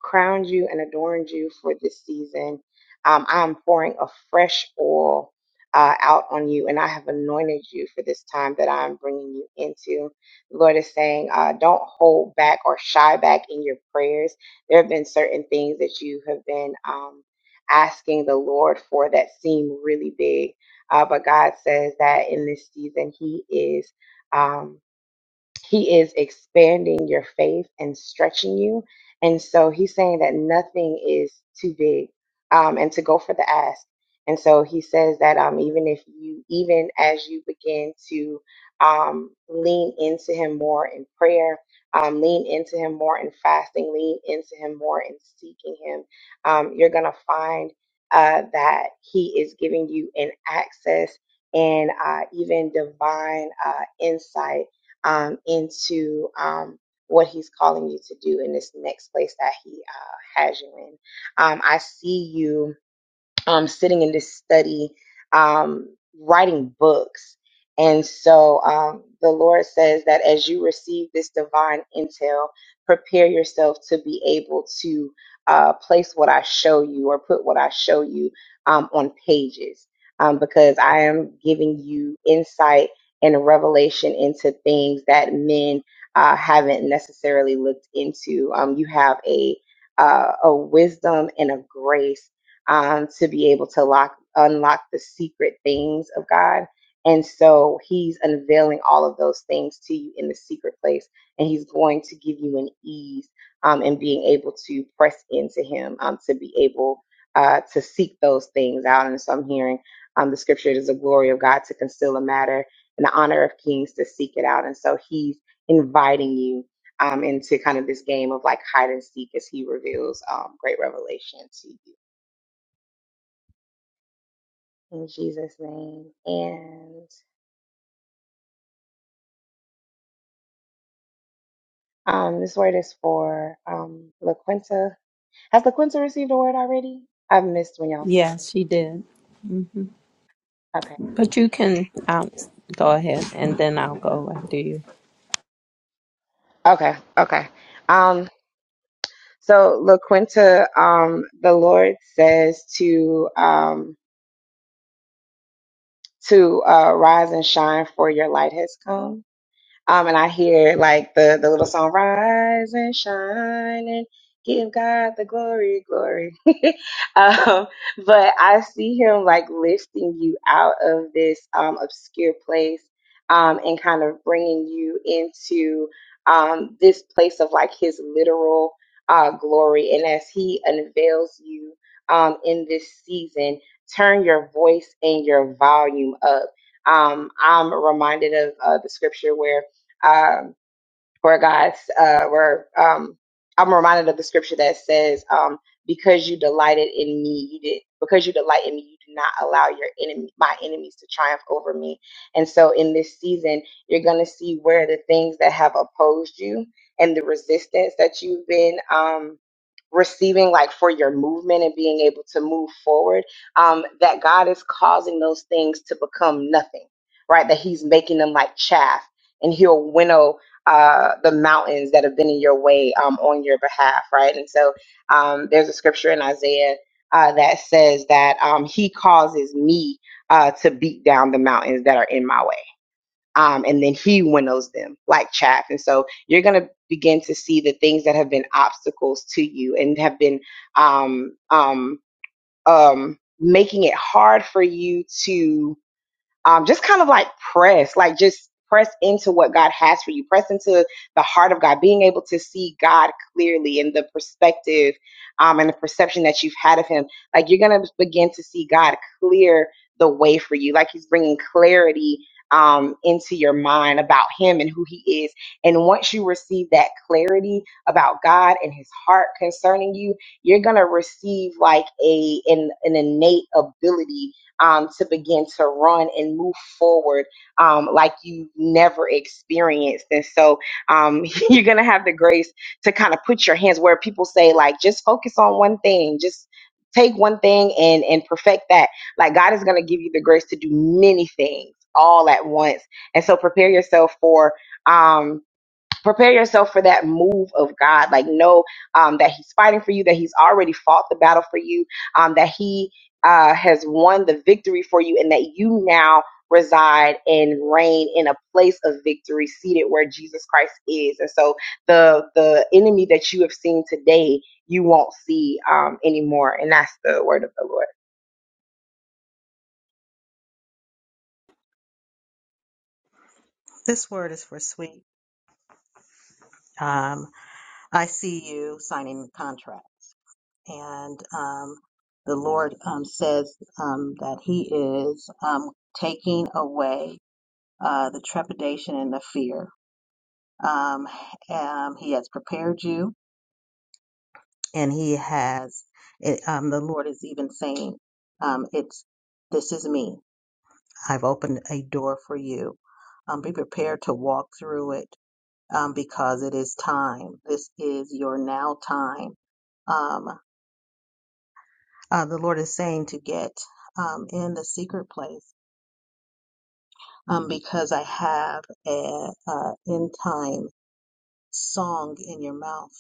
[SPEAKER 9] crowned you and adorned you for this season. Um, I am pouring a fresh oil uh, out on you, and I have anointed you for this time that I am bringing you into. The Lord is saying, uh, don't hold back or shy back in your prayers. There have been certain things that you have been um, asking the Lord for that seem really big, uh, but God says that in this season, He is. Um, he is expanding your faith and stretching you. And so he's saying that nothing is too big um, and to go for the ask. And so he says that um, even if you, even as you begin to um, lean into him more in prayer, um, lean into him more in fasting, lean into him more in seeking him, um, you're going to find uh, that he is giving you an access and uh, even divine uh, insight um, into um, what he's calling you to do in this next place that he uh, has you in. Um, I see you um, sitting in this study, um, writing books. And so um, the Lord says that as you receive this divine intel, prepare yourself to be able to uh, place what I show you or put what I show you um, on pages, um, because I am giving you insight and revelation into things that men uh, haven't necessarily looked into. Um, you have a uh, a wisdom and a grace um, to be able to lock unlock the secret things of God. And so he's unveiling all of those things to you in the secret place, and he's going to give you an ease um, in being able to press into him um, to be able uh, to seek those things out. And so I'm hearing um, the scripture it is the glory of God to conceal a matter and the honor of kings to seek it out. And so he's inviting you um, into kind of this game of like hide and seek as he reveals um, great revelation to you in Jesus' name. And um, this word is for um, LaQuinta. Has LaQuinta received a word already? I've missed when y'all started.
[SPEAKER 1] yes, she did. hmm
[SPEAKER 9] Okay.
[SPEAKER 1] But you can um, go ahead, and then I'll go after you.
[SPEAKER 9] Okay. Okay. Um, so LaQuinta, um, the Lord says to um, to uh, rise and shine, for your light has come Um, and I hear like the, the little song, Rise and Shine and Give God the Glory, Glory. um, but I see him like lifting you out of this um, obscure place um, and kind of bringing you into um, this place of like his literal uh, glory. And as he unveils you um, in this season, turn your voice and your volume up um, I'm reminded of uh, the scripture where um, where God's uh, where um, I'm reminded of the scripture that says, um, "Because you delighted in me, you did. Because you delight in me, you do not allow your enemy, my enemies, to triumph over me." And so, in this season, you're going to see where the things that have opposed you and the resistance that you've been um, receiving, like for your movement and being able to move forward, um, that God is causing those things to become nothing, right? That He's making them like chaff, and He'll winnow uh, the mountains that have been in your way um, on your behalf, right? And so um, there's a scripture in Isaiah uh, that says that um, He causes me uh, to beat down the mountains that are in my way, um, and then He winnows them like chaff. And so you're going to begin to see the things that have been obstacles to you and have been um, um, um, making it hard for you to um, just kind of like press, like just press into what God has for you, press into the heart of God, being able to see God clearly in the perspective um, and the perception that you've had of Him. Like you're going to begin to see God clear the way for you, like He's bringing clarity. Um, into your mind about him and who he is. And once you receive that clarity about God and his heart concerning you, you're going to receive like a, an, an innate ability um, to begin to run and move forward um, like you never experienced. And so um, you're going to have the grace to kind of put your hands where people say, like, just focus on one thing, just take one thing and and perfect that like god is going to give you the grace to do many things all at once and so prepare yourself for um prepare yourself for that move of God. Like know um, that He's fighting for you, that He's already fought the battle for you, um, that He uh, has won the victory for you, and that you now reside and reign in a place of victory, seated where Jesus Christ is. And so the the enemy that you have seen today, you won't see um, anymore. And that's the word of the Lord.
[SPEAKER 8] This word is for sweet. Um, I see you signing the contract, and um, the Lord um, says um, that He is um, taking away uh, the trepidation and the fear Um, um, he has prepared you, and he has. It, um, the Lord is even saying, um, "It's this is me. I've opened a door for you. Um, be prepared to walk through it um, because it is time. This is your now time." Um, uh, the Lord is saying to get um, in the secret place um, because I have a, a end time song in your mouth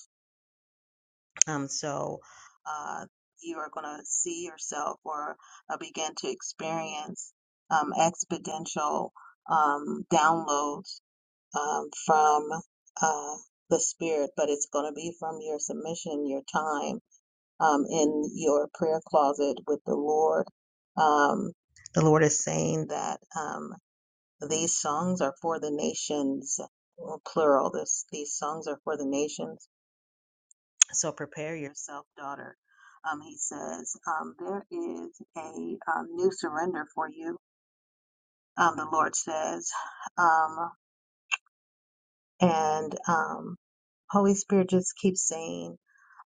[SPEAKER 8] Um, so uh, you are going to see yourself or uh, begin to experience um, exponential um, downloads um, from uh, the Spirit, but it's going to be from your submission, your time um, in your prayer closet with the Lord. Um, the Lord is saying that um, these songs are for the nations, plural. This, these songs are for the nations so prepare yourself, daughter. Um, he says, um, there is a um, new surrender for you, um, the Lord says. Um, and um, Holy Spirit just keeps saying,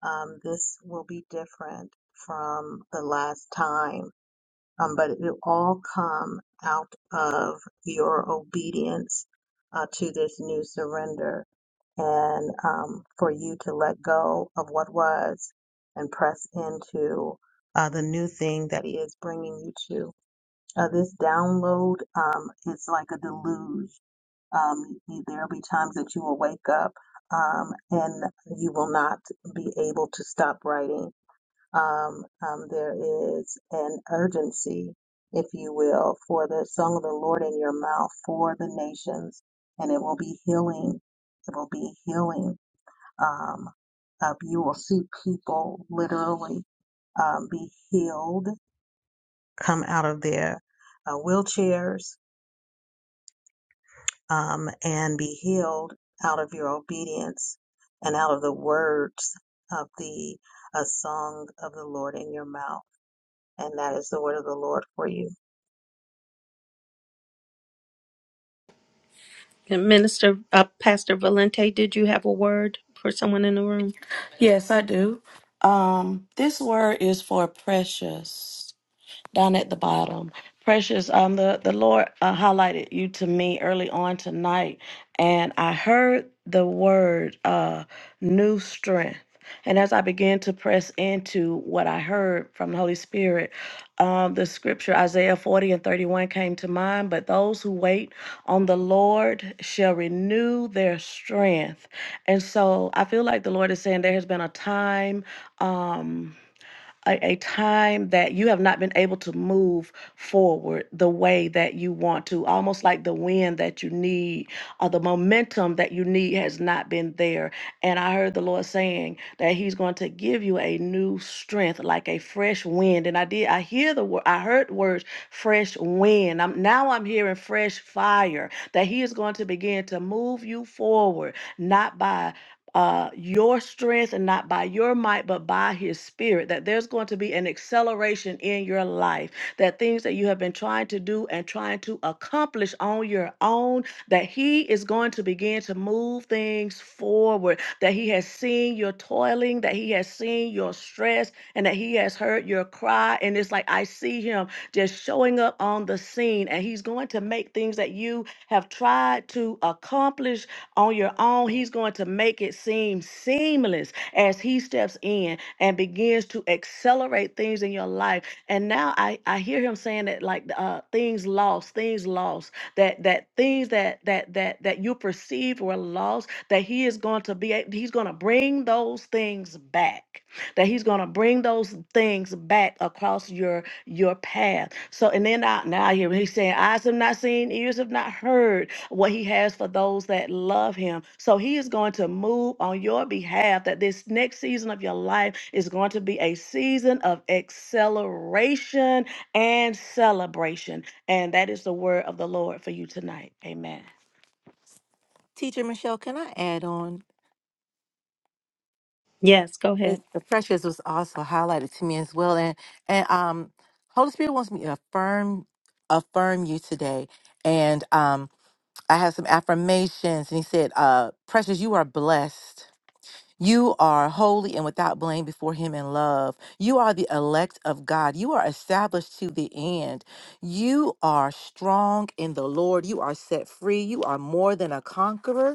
[SPEAKER 8] um, this will be different from the last time um, but it will all come out of your obedience uh, to this new surrender and um, for you to let go of what was and press into uh, the new thing that he is bringing you to. Uh, this download um, is like a deluge. Um, there'll be times that you will wake up um, and you will not be able to stop writing um, um, there is an urgency, if you will, for the song of the Lord in your mouth for the nations, and it will be healing. It will be healing. Um, uh, you will see people literally um, be healed, come out of their uh, wheelchairs, um, and be healed out of your obedience and out of the words of the uh, song of the Lord in your mouth. And that is the word of the Lord for you.
[SPEAKER 1] And Minister uh, Pastor Valente, did you have a word for someone in the room?
[SPEAKER 5] Yes, I do. Um, this word is for precious. down at the bottom. Precious, um, the, the Lord uh, highlighted you to me early on tonight, and I heard the word uh, new strength. And as I began to press into what I heard from the Holy Spirit, um, the scripture Isaiah 40 and 31 came to mind. But those who wait on the Lord shall renew their strength. And so I feel like the Lord is saying there has been a time. Um, a, a time that you have not been able to move forward the way that you want to, almost like the wind that you need or the momentum that you need has not been there. And I heard the Lord saying that He's going to give you a new strength, like a fresh wind. And I did, I hear the word, I heard words, fresh wind. I'm, now I'm hearing fresh fire, that He is going to begin to move you forward, not by uh, your strength and not by your might, but by his spirit, that there's going to be an acceleration in your life, that things that you have been trying to do and trying to accomplish on your own, that he is going to begin to move things forward, that he has seen your toiling, that he has seen your stress, and that he has heard your cry. And it's like, I see him just showing up on the scene, and he's going to make things that you have tried to accomplish on your own. He's going to make it seem seamless as He steps in and begins to accelerate things in your life. And now I, I hear Him saying that like uh, things lost, things lost, that that things that that that that you perceived were lost, that He is going to be a- He's going to bring those things back. That He's going to bring those things back across your your path. So, and then out now I hear he's saying, Eyes have not seen, ears have not heard what he has for those that love him. So, he is going to move on your behalf that this next season of your life is going to be a season of acceleration and celebration. And that is the word of the Lord for you tonight. Amen.
[SPEAKER 7] Teacher Michelle, can I add on?
[SPEAKER 1] Yes, go ahead.
[SPEAKER 7] It, the precious was also highlighted to me as well. And and um Holy Spirit wants me to affirm affirm you today. And um I have some affirmations and he said, uh, precious, you are blessed. You are holy and without blame before him in love. You are the elect of God. You are established to the end. You are strong in the Lord. You are set free. You are more than a conqueror.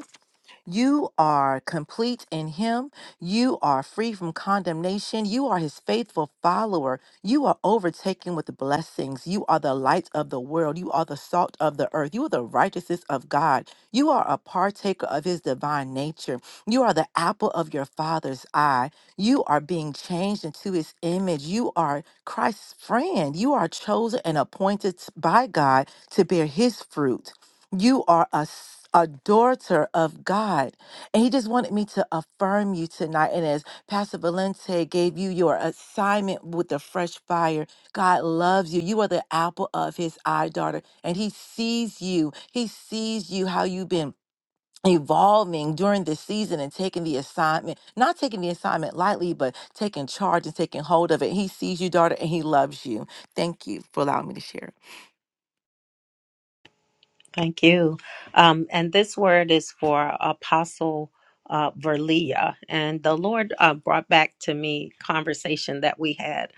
[SPEAKER 7] You are complete in Him. You are free from condemnation. You are His faithful follower. You are overtaken with blessings. You are the light of the world. You are the salt of the earth. You are the righteousness of God. You are a partaker of His divine nature. You are the apple of your Father's eye. You are being changed into His image. You are Christ's friend. You are chosen and appointed by God to bear His fruit. You are a, s- a daughter of God. And he just wanted me to affirm you tonight. And as Pastor Valente gave you your assignment with the fresh fire, God loves you. You are the apple of his eye, daughter. And he sees you. He sees you how you've been evolving during this season and taking the assignment, not taking the assignment lightly, but taking charge and taking hold of it. He sees you, daughter, and he loves you. Thank you for allowing me to share.
[SPEAKER 1] Thank you. Um, and this word is for Apostle uh, Verlia. And the Lord uh, brought back to me conversation that we had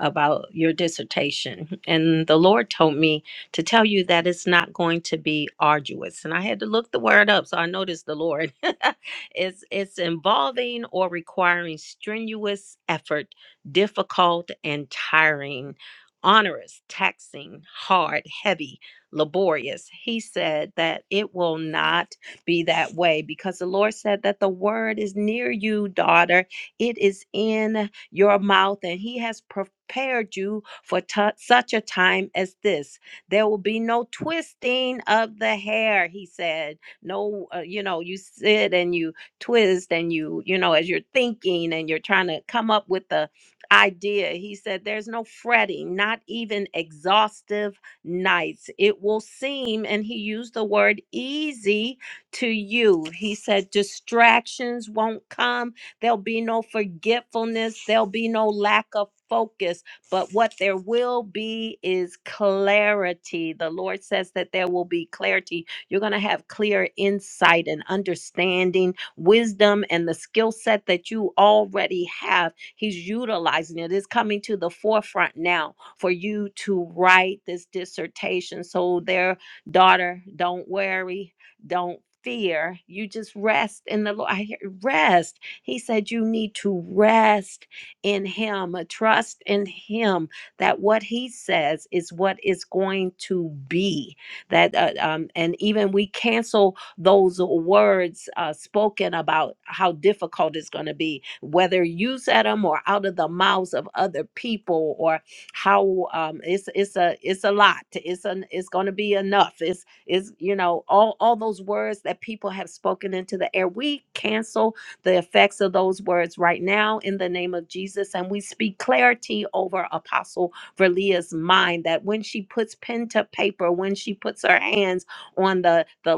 [SPEAKER 1] about your dissertation. And the Lord told me to tell you that it's not going to be arduous. And I had to look the word up, so I noticed the Lord. it's it's involving or requiring strenuous effort, difficult and tiring, onerous, taxing, hard, heavy laborious. He said that it will not be that way because the Lord said that the word is near you, daughter. It is in your mouth, and He has prepared you for tu- such a time as this. There will be no twisting of the hair, He said. No, uh, you know, you sit and you twist, and you, you know, as you're thinking and you're trying to come up with the idea. He said, There's no fretting, not even exhaustive nights. It will seem, and he used the word easy to you. He said, distractions won't come. There'll be no forgetfulness. There'll be no lack of focus. But what there will be is clarity. The Lord says that there will be clarity. You're going to have clear insight and understanding, wisdom, and the skill set that you already have He's utilizing it. It's coming to the forefront now for you to write this dissertation. So, their daughter, don't worry, don't fear. You just rest in the Lord. I hear rest. He said you need to rest in Him, uh, trust in Him that what He says is what is going to be. That uh, um, and even we cancel those words uh, spoken about how difficult it's going to be, whether you said them or out of the mouths of other people, or how um, it's it's a it's a lot. It's an it's going to be enough. It's is you know all all those words that people have spoken into the air. We cancel the effects of those words right now in the name of Jesus, and we speak clarity over Apostle Verlia's mind that when she puts pen to paper, when she puts her hands on the the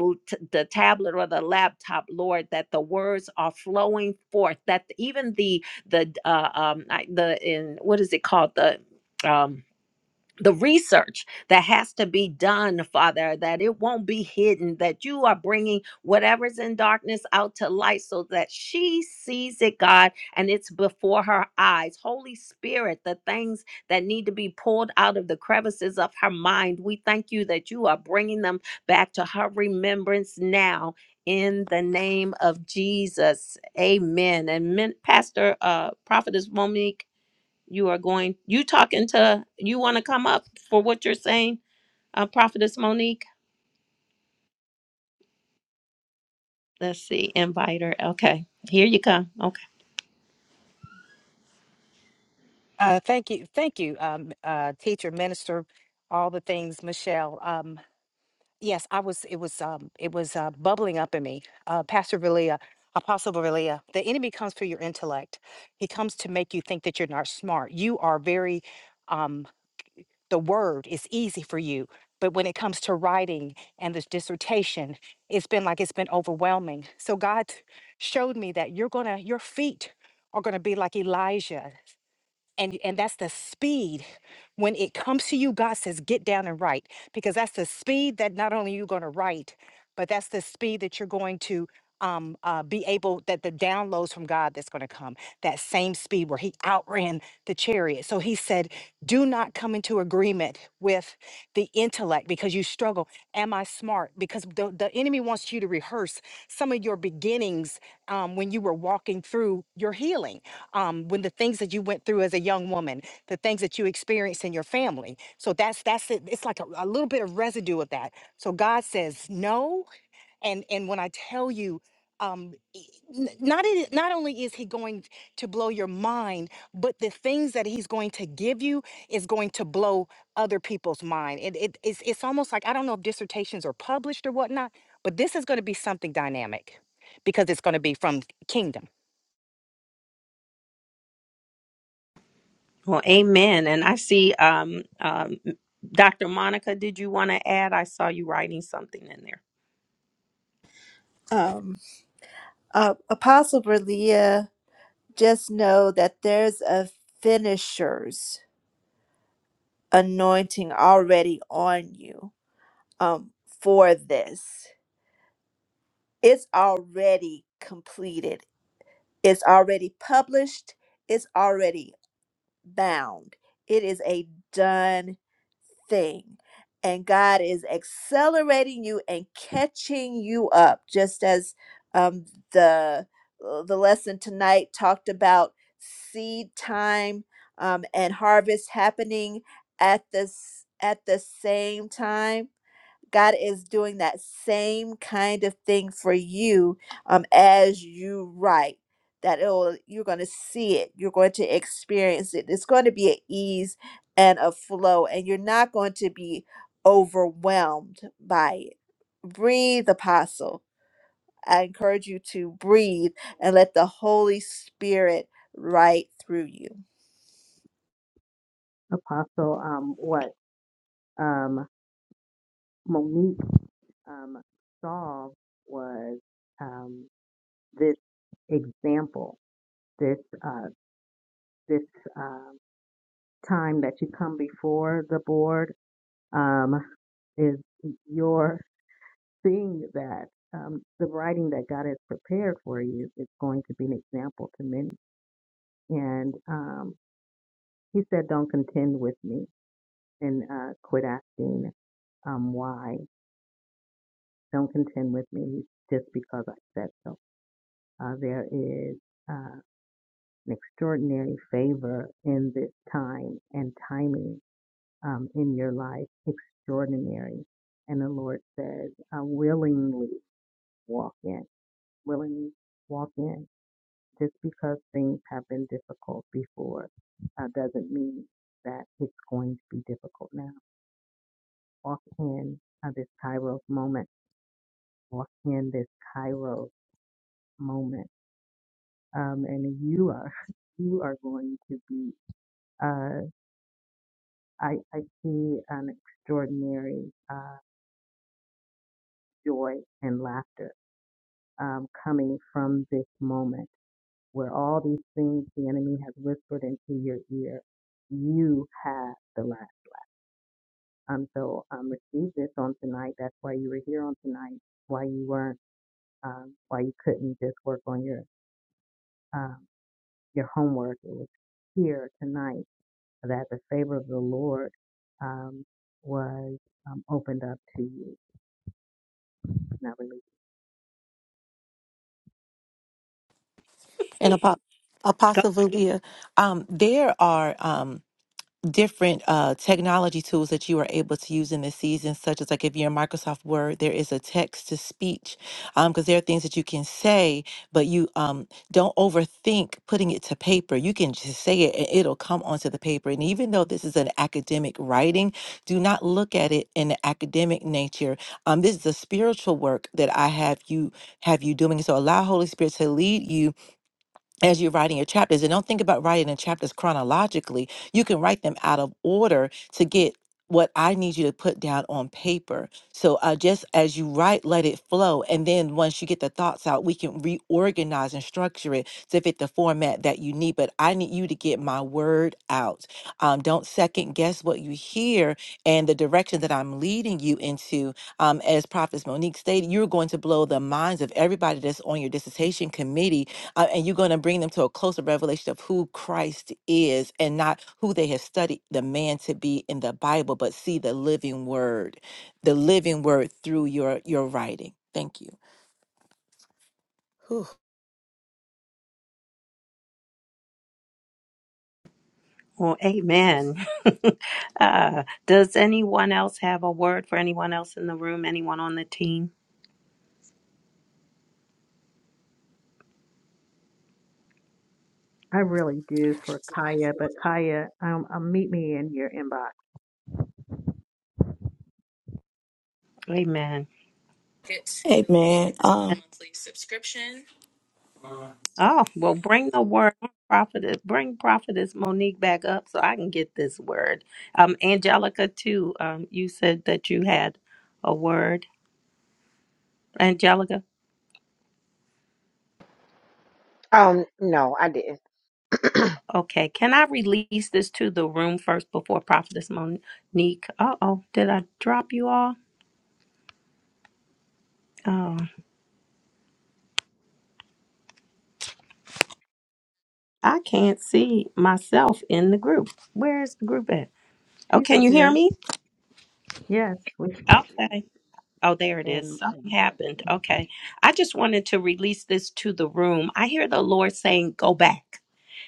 [SPEAKER 1] the tablet or the laptop, Lord, that the words are flowing forth. That even the the uh, um I- the in what is it called the um the research that has to be done, Father, that it won't be hidden, that you are bringing whatever's in darkness out to light so that she sees it, God, and it's before her eyes. Holy Spirit, the things that need to be pulled out of the crevices of her mind, we thank you that you are bringing them back to her remembrance now. In the name of Jesus, amen. And min- Pastor, uh, Prophetess Monique, you are going, you talking to, you want to come up for what you're saying, uh, Prophetess Monique? Let's see, invite her. Okay, here you come. Okay.
[SPEAKER 10] Uh, thank you, thank you, um, uh, teacher, minister, all the things, Michelle. Um, yes, I was. It was. Um, it was uh, bubbling up in me, uh, Pastor Valia, Apostle Valia. The enemy comes through your intellect. He comes to make you think that you're not smart. You are very. Um, the word is easy for you, but when it comes to writing and this dissertation, it's been like it's been overwhelming. So God showed me that you're gonna. Your feet are gonna be like Elijah and and that's the speed when it comes to you god says get down and write because that's the speed that not only you're going to write but that's the speed that you're going to um, uh, be able that the downloads from god that's going to come that same speed where he outran the chariot so he said do not come into agreement with the intellect because you struggle am i smart because the, the enemy wants you to rehearse some of your beginnings um, when you were walking through your healing um, when the things that you went through as a young woman, the things that you experienced in your family. So that's that's it. It's like a, a little bit of residue of that. So God says no, and and when I tell you, um, e- n- not it, not only is He going to blow your mind, but the things that He's going to give you is going to blow other people's mind. It, it it's it's almost like I don't know if dissertations are published or whatnot, but this is going to be something dynamic because it's going to be from kingdom.
[SPEAKER 1] Well, amen. And I see um, um, Dr. Monica, did you want to add? I saw you writing something in there.
[SPEAKER 2] Um, uh, Apostle Berlia, just know that there's a finishers anointing already on you um, for this. It's already completed, it's already published, it's already bound. It is a done thing. And God is accelerating you and catching you up, just as um, the uh, the lesson tonight talked about seed time um, and harvest happening at this at the same time God is doing that same kind of thing for you um, as you write. That it'll, you're going to see it, you're going to experience it. It's going to be an ease and a flow, and you're not going to be overwhelmed by it. Breathe, Apostle. I encourage you to breathe and let the Holy Spirit write through you.
[SPEAKER 8] Apostle, um, what um, Monique um, saw was um, this example, this uh, this um time that you come before the board um, is your seeing that um, the writing that God has prepared for you is going to be an example to many. And um, He said, "Don't contend with me," and uh, quit asking um, why. Don't contend with me just because I said so. Uh, there is uh, an extraordinary favor in this time and timing um, in your life, extraordinary. And the Lord says, uh, willingly walk in, willingly walk in. Just because things have been difficult before uh, doesn't mean that it's going to be difficult now. Walk in uh, this Kairos moment. Walk in this Kairos moment um, and you are you are going to be. Uh, I I see an extraordinary uh, joy and laughter um, coming from this moment where all these things the enemy has whispered into your ear, you have the laugh. Um, so um, receive this on tonight. That's why you were here on tonight. Why you weren't. Um, why you couldn't just work on your um, your homework. It was here tonight that the favor of the Lord um, was um, opened up to you. Not really.
[SPEAKER 7] and Apo-
[SPEAKER 1] Go.
[SPEAKER 7] Apostle Valia, um, there are um, different uh, technology tools that you are able to use in this season, such as like if you're in Microsoft Word, there is a text to speech, because there are things that you can say, but you um, don't overthink putting it to paper. You can just say it and it'll come onto the paper. And even though this is an academic writing, do not look at it in the academic nature. Um, this is a spiritual work that I have you have you doing. So allow Holy Spirit to lead you as you're writing your chapters and don't think about writing the chapters chronologically you can write them out of order to get what i need you to put down on paper so uh, just as you write let it flow and then once you get the thoughts out we can reorganize and structure it to fit the format that you need but i need you to get my word out um, don't second guess what you hear and the direction that i'm leading you into um, as prophets monique stated you're going to blow the minds of everybody that's on your dissertation committee uh, and you're going to bring them to a closer revelation of who Christ is and not who they have studied the man to be in the Bible, but see the living word, the living word through your your writing. Thank you. Whew.
[SPEAKER 1] Well, amen. uh, does anyone else have a word for anyone else in the room? Anyone on the team?
[SPEAKER 8] I really do for Kaya, but Kaya, um, um, meet me in your inbox.
[SPEAKER 1] Amen.
[SPEAKER 5] Hey man, um,
[SPEAKER 1] Oh, well, bring the word, prophetess. Bring prophetess Monique back up so I can get this word. Um, Angelica, too. Um, you said that you had a word, Angelica.
[SPEAKER 9] Um, no, I didn't.
[SPEAKER 1] Okay, can I release this to the room first before prophetess Monique? Uh oh, did I drop you all? Oh, I can't see myself in the group. Where's the group at? Oh,
[SPEAKER 8] She's
[SPEAKER 1] can you hear
[SPEAKER 8] here.
[SPEAKER 1] me?
[SPEAKER 8] Yes, we can
[SPEAKER 1] Okay.
[SPEAKER 8] hear
[SPEAKER 1] Oh, there it
[SPEAKER 8] you.
[SPEAKER 1] is. Something happened. Okay. I just wanted to release this to the room. I hear the Lord saying, go back.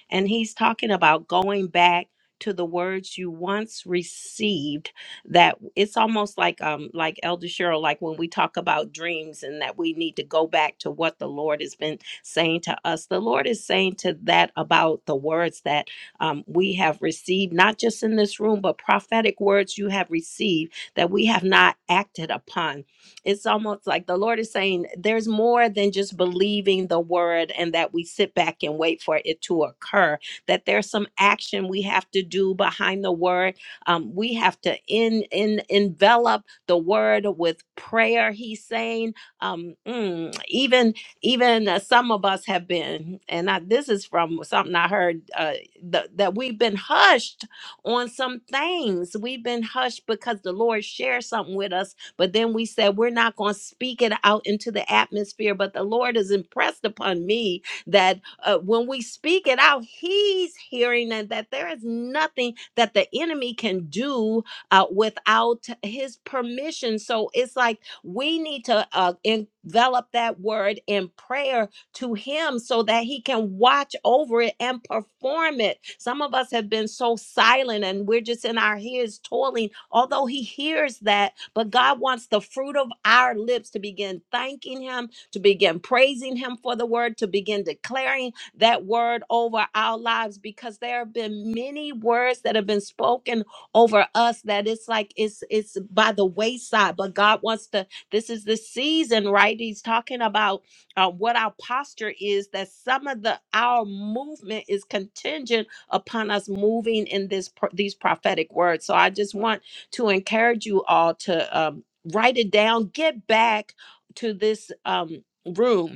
[SPEAKER 1] And he's talking about going back to the words you once received that it's almost like um like elder cheryl like when we talk about dreams and that we need to go back to what the lord has been saying to us the lord is saying to that about the words that um, we have received not just in this room but prophetic words you have received that we have not acted upon it's almost like the Lord is saying there's more than just believing the word and that we sit back and wait for it to occur, that there's some action we have to do behind the word. Um, we have to in, in envelop the word with prayer. He's saying, um, mm, even even uh, some of us have been, and I, this is from something I heard uh, th- that we've been hushed on some things. We've been hushed because the Lord shares something with us but then we said, we're not going to speak it out into the atmosphere. But the Lord has impressed upon me that uh, when we speak it out, He's hearing and that there is nothing that the enemy can do uh, without His permission. So it's like we need to uh, envelop that word in prayer to him so that he can watch over it and perform it. Some of us have been so silent and we're just in our ears toiling, although he hears that. But God wants the fruit of our lips to begin thanking him, to begin praising him for the word, to begin declaring that word over our lives because there have been many words that have been spoken over us that it's like it's it's by the wayside but god wants to this is the season right he's talking about uh, what our posture is that some of the our movement is contingent upon us moving in this pro- these prophetic words so i just want to encourage you all to um, write it down get back to this um, room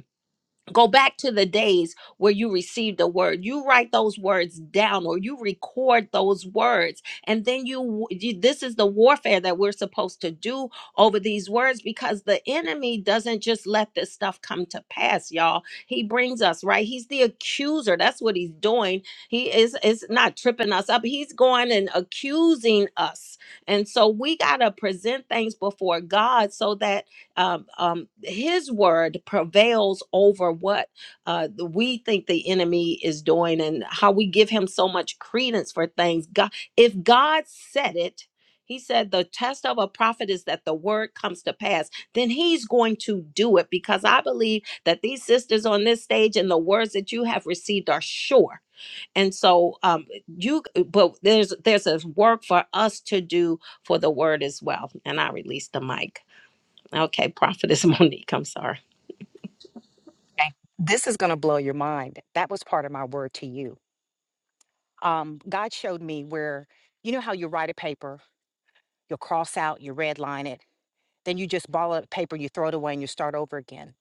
[SPEAKER 1] Go back to the days where you received a word. You write those words down or you record those words. And then you, you this is the warfare that we're supposed to do over these words because the enemy doesn't just let this stuff come to pass, y'all. He brings us, right? He's the accuser. That's what he's doing. He is is not tripping us up. He's going and accusing us. And so we got to present things before God so that um, um, his word prevails over what uh, the- we think the enemy is doing and how we give him so much credence for things. God, if God said it, he said the test of a prophet is that the word comes to pass, then he's going to do it because I believe that these sisters on this stage and the words that you have received are sure. And so um you but there's there's a work for us to do for the word as well. And I release the mic. Okay, Prophetess Monique, I'm sorry.
[SPEAKER 10] Okay. This is going to blow your mind. That was part of my word to you. Um, God showed me where, you know, how you write a paper, you'll cross out, you red line it, then you just ball up paper, you throw it away, and you start over again.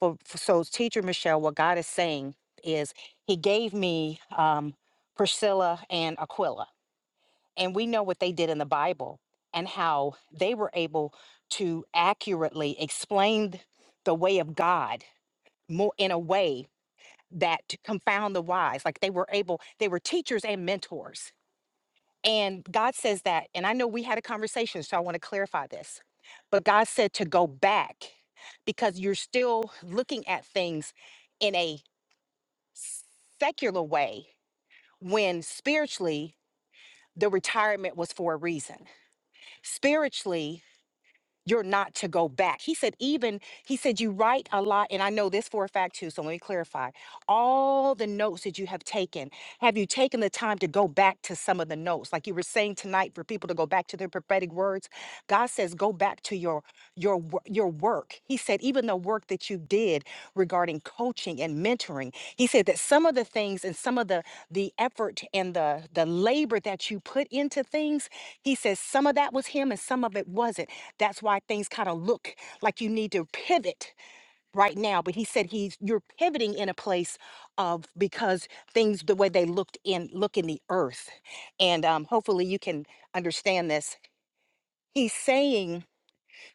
[SPEAKER 10] For, for, so, teacher Michelle, what God is saying is He gave me um, Priscilla and Aquila. And we know what they did in the Bible and how they were able to accurately explain the way of God more in a way that to confound the wise. Like they were able, they were teachers and mentors. And God says that. And I know we had a conversation, so I want to clarify this. But God said to go back because you're still looking at things in a secular way when spiritually the retirement was for a reason. Spiritually, you're not to go back. He said, even, he said, you write a lot. And I know this for a fact too. So let me clarify all the notes that you have taken. Have you taken the time to go back to some of the notes? Like you were saying tonight for people to go back to their prophetic words. God says, go back to your, your, wo- your work. He said, even the work that you did regarding coaching and mentoring, he said that some of the things and some of the, the effort and the, the labor that you put into things, he says some of that was him and some of it wasn't that's why things kind of look like you need to pivot right now. But he said he's you're pivoting in a place of because things the way they looked in look in the earth, and um, hopefully you can understand this. He's saying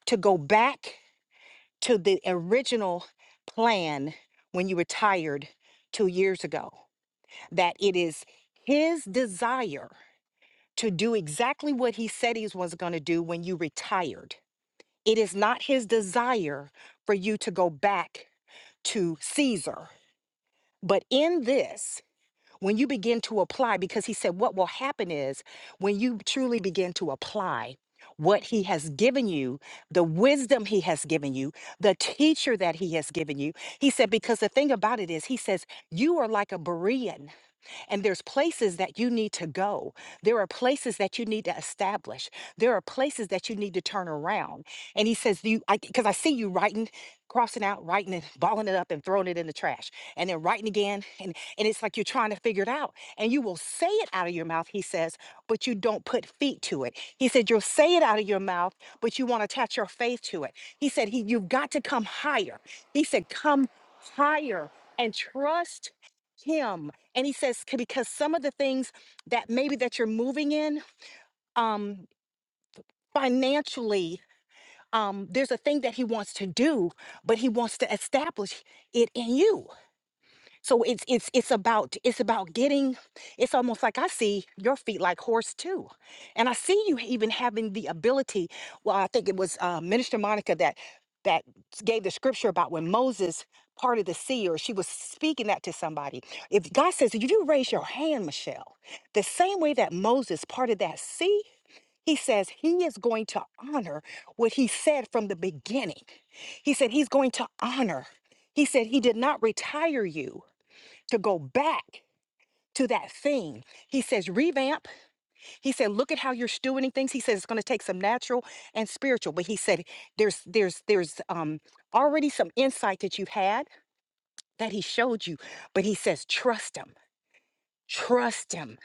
[SPEAKER 10] to go back to the original plan when you retired two years ago. That it is his desire to do exactly what he said he was going to do when you retired It is not his desire for you to go back to Caesar. But in this, when you begin to apply, because he said what will happen is when you truly begin to apply what he has given you, the wisdom he has given you, the teacher that he has given you, he said, because the thing about it is, he says, you are like a Berean. And there's places that you need to go. There are places that you need to establish. There are places that you need to turn around. And he says, "Do you, I, because I see you writing, crossing out, writing and balling it up and throwing it in the trash and then writing again. And, and it's like you're trying to figure it out and you will say it out of your mouth, he says, but you don't put feet to it. He said, you'll say it out of your mouth, but you want to attach your faith to it. He said, he, you've got to come higher. He said, come higher and trust him and he says "C- because some of the things that maybe that you're moving in um financially um there's a thing that he wants to do but he wants to establish it in you so it's it's it's about it's about getting it's almost like I see your feet like horse too. And I see you even having the ability. Well, I think it was uh, Minister Monica that that gave the scripture about when Moses parted the sea or she was speaking that to somebody. If God says, if you raise your hand, Michelle, the same way that Moses parted that sea, he says he is going to honor what he said from the beginning. He said he's going to honor. He said he did not retire you to go back to that thing. He says, revamp. He said, look at how you're stewarding things. He says it's going to take some natural and spiritual. But he said, there's there's there's um already some insight that you've had that he showed you. But he says, trust him. Trust him,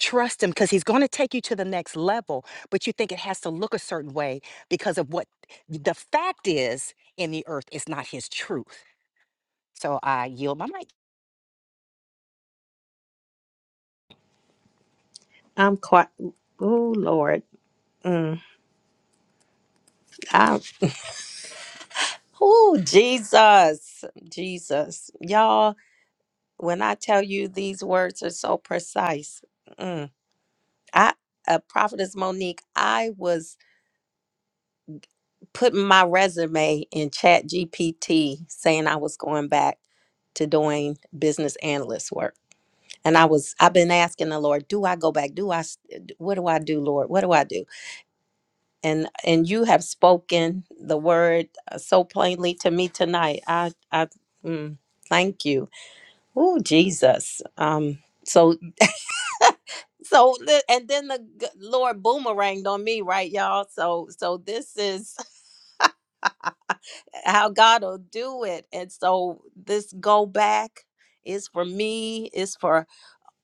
[SPEAKER 10] trust him, because he's going to take you to the next level. But you think it has to look a certain way because of what the fact is in the earth is not his truth. So I yield my mic.
[SPEAKER 1] I'm quite. Oh Lord, mm, I. Oh Jesus, Jesus, y'all. When I tell you these words are so precise, mm, I, uh, prophetess Monique, I was putting my resume in chat gpt saying i was going back to doing business analyst work and i was i've been asking the lord do i go back do i s- uh, d- what do i do lord what do i do and and you have spoken the word uh, so plainly to me tonight i i mm, thank you oh jesus um so so the- and then the g- lord boomeranged on me right y'all so so this is how God will do it. And so this go back is for me, is for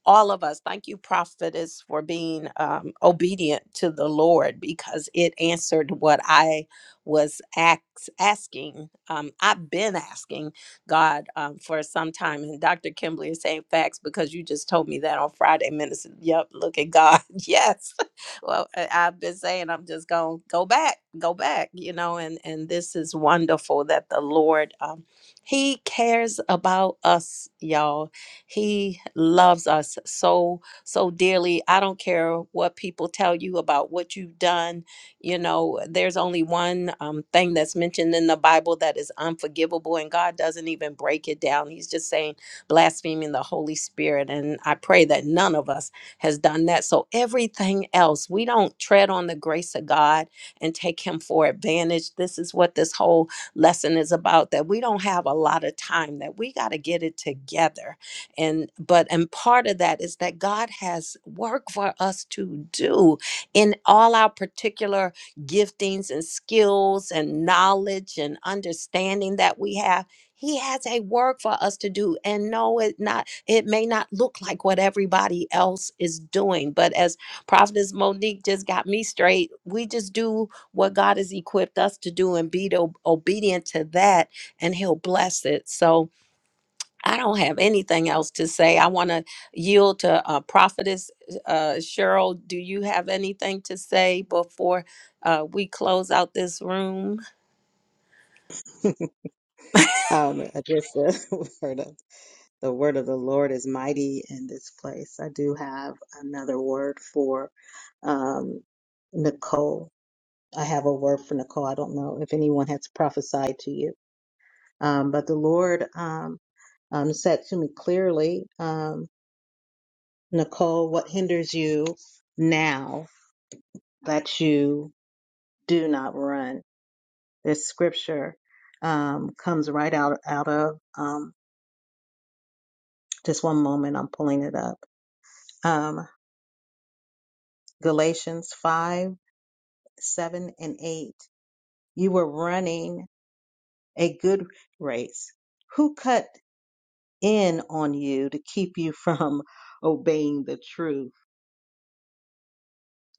[SPEAKER 1] all of us. Thank you, prophetess, for being um, obedient to the Lord because it answered what I was ax- asking. Um, I've been asking God um, for some time, and Dr. Kimberly is saying facts because you just told me that on Friday, Minister. Yep, look at God. yes. Well, I- I've been saying I'm just gonna go back, go back, you know, and and this is wonderful that the Lord. Um, he cares about us, y'all he loves us so, so dearly. I don't care what people tell you about what you've done. You know, there's only one um, thing that's mentioned in the Bible that is unforgivable, and God doesn't even break it down. He's just saying blaspheming the Holy Spirit. And I pray that none of us has done that. So everything else, we don't tread on the grace of God and take Him for advantage. This is what this whole lesson is about that we don't have a lot of time, that we got to get it together and but and part of that is that god has work for us to do in all our particular giftings and skills and knowledge and understanding that we have he has a work for us to do and no it not it may not look like what everybody else is doing but as prophetess monique just got me straight we just do what god has equipped us to do and be to- obedient to that and he'll bless it so I don't have anything else to say. I want to yield to uh, Prophetess uh, Cheryl. Do you have anything to say before uh, we close out this room?
[SPEAKER 8] And um, just uh, the word of the word of the Lord is mighty in this place. I do have another word for um, Nicole. I have a word for Nicole. I don't know if anyone has prophesied to you, um, but the Lord. Um, um, said to me clearly, um, Nicole, what hinders you now that you do not run? This scripture um, comes right out out of um, just one moment. I'm pulling it up. Um, Galatians five, seven, and eight. You were running a good race. Who cut in on you to keep you from obeying the truth?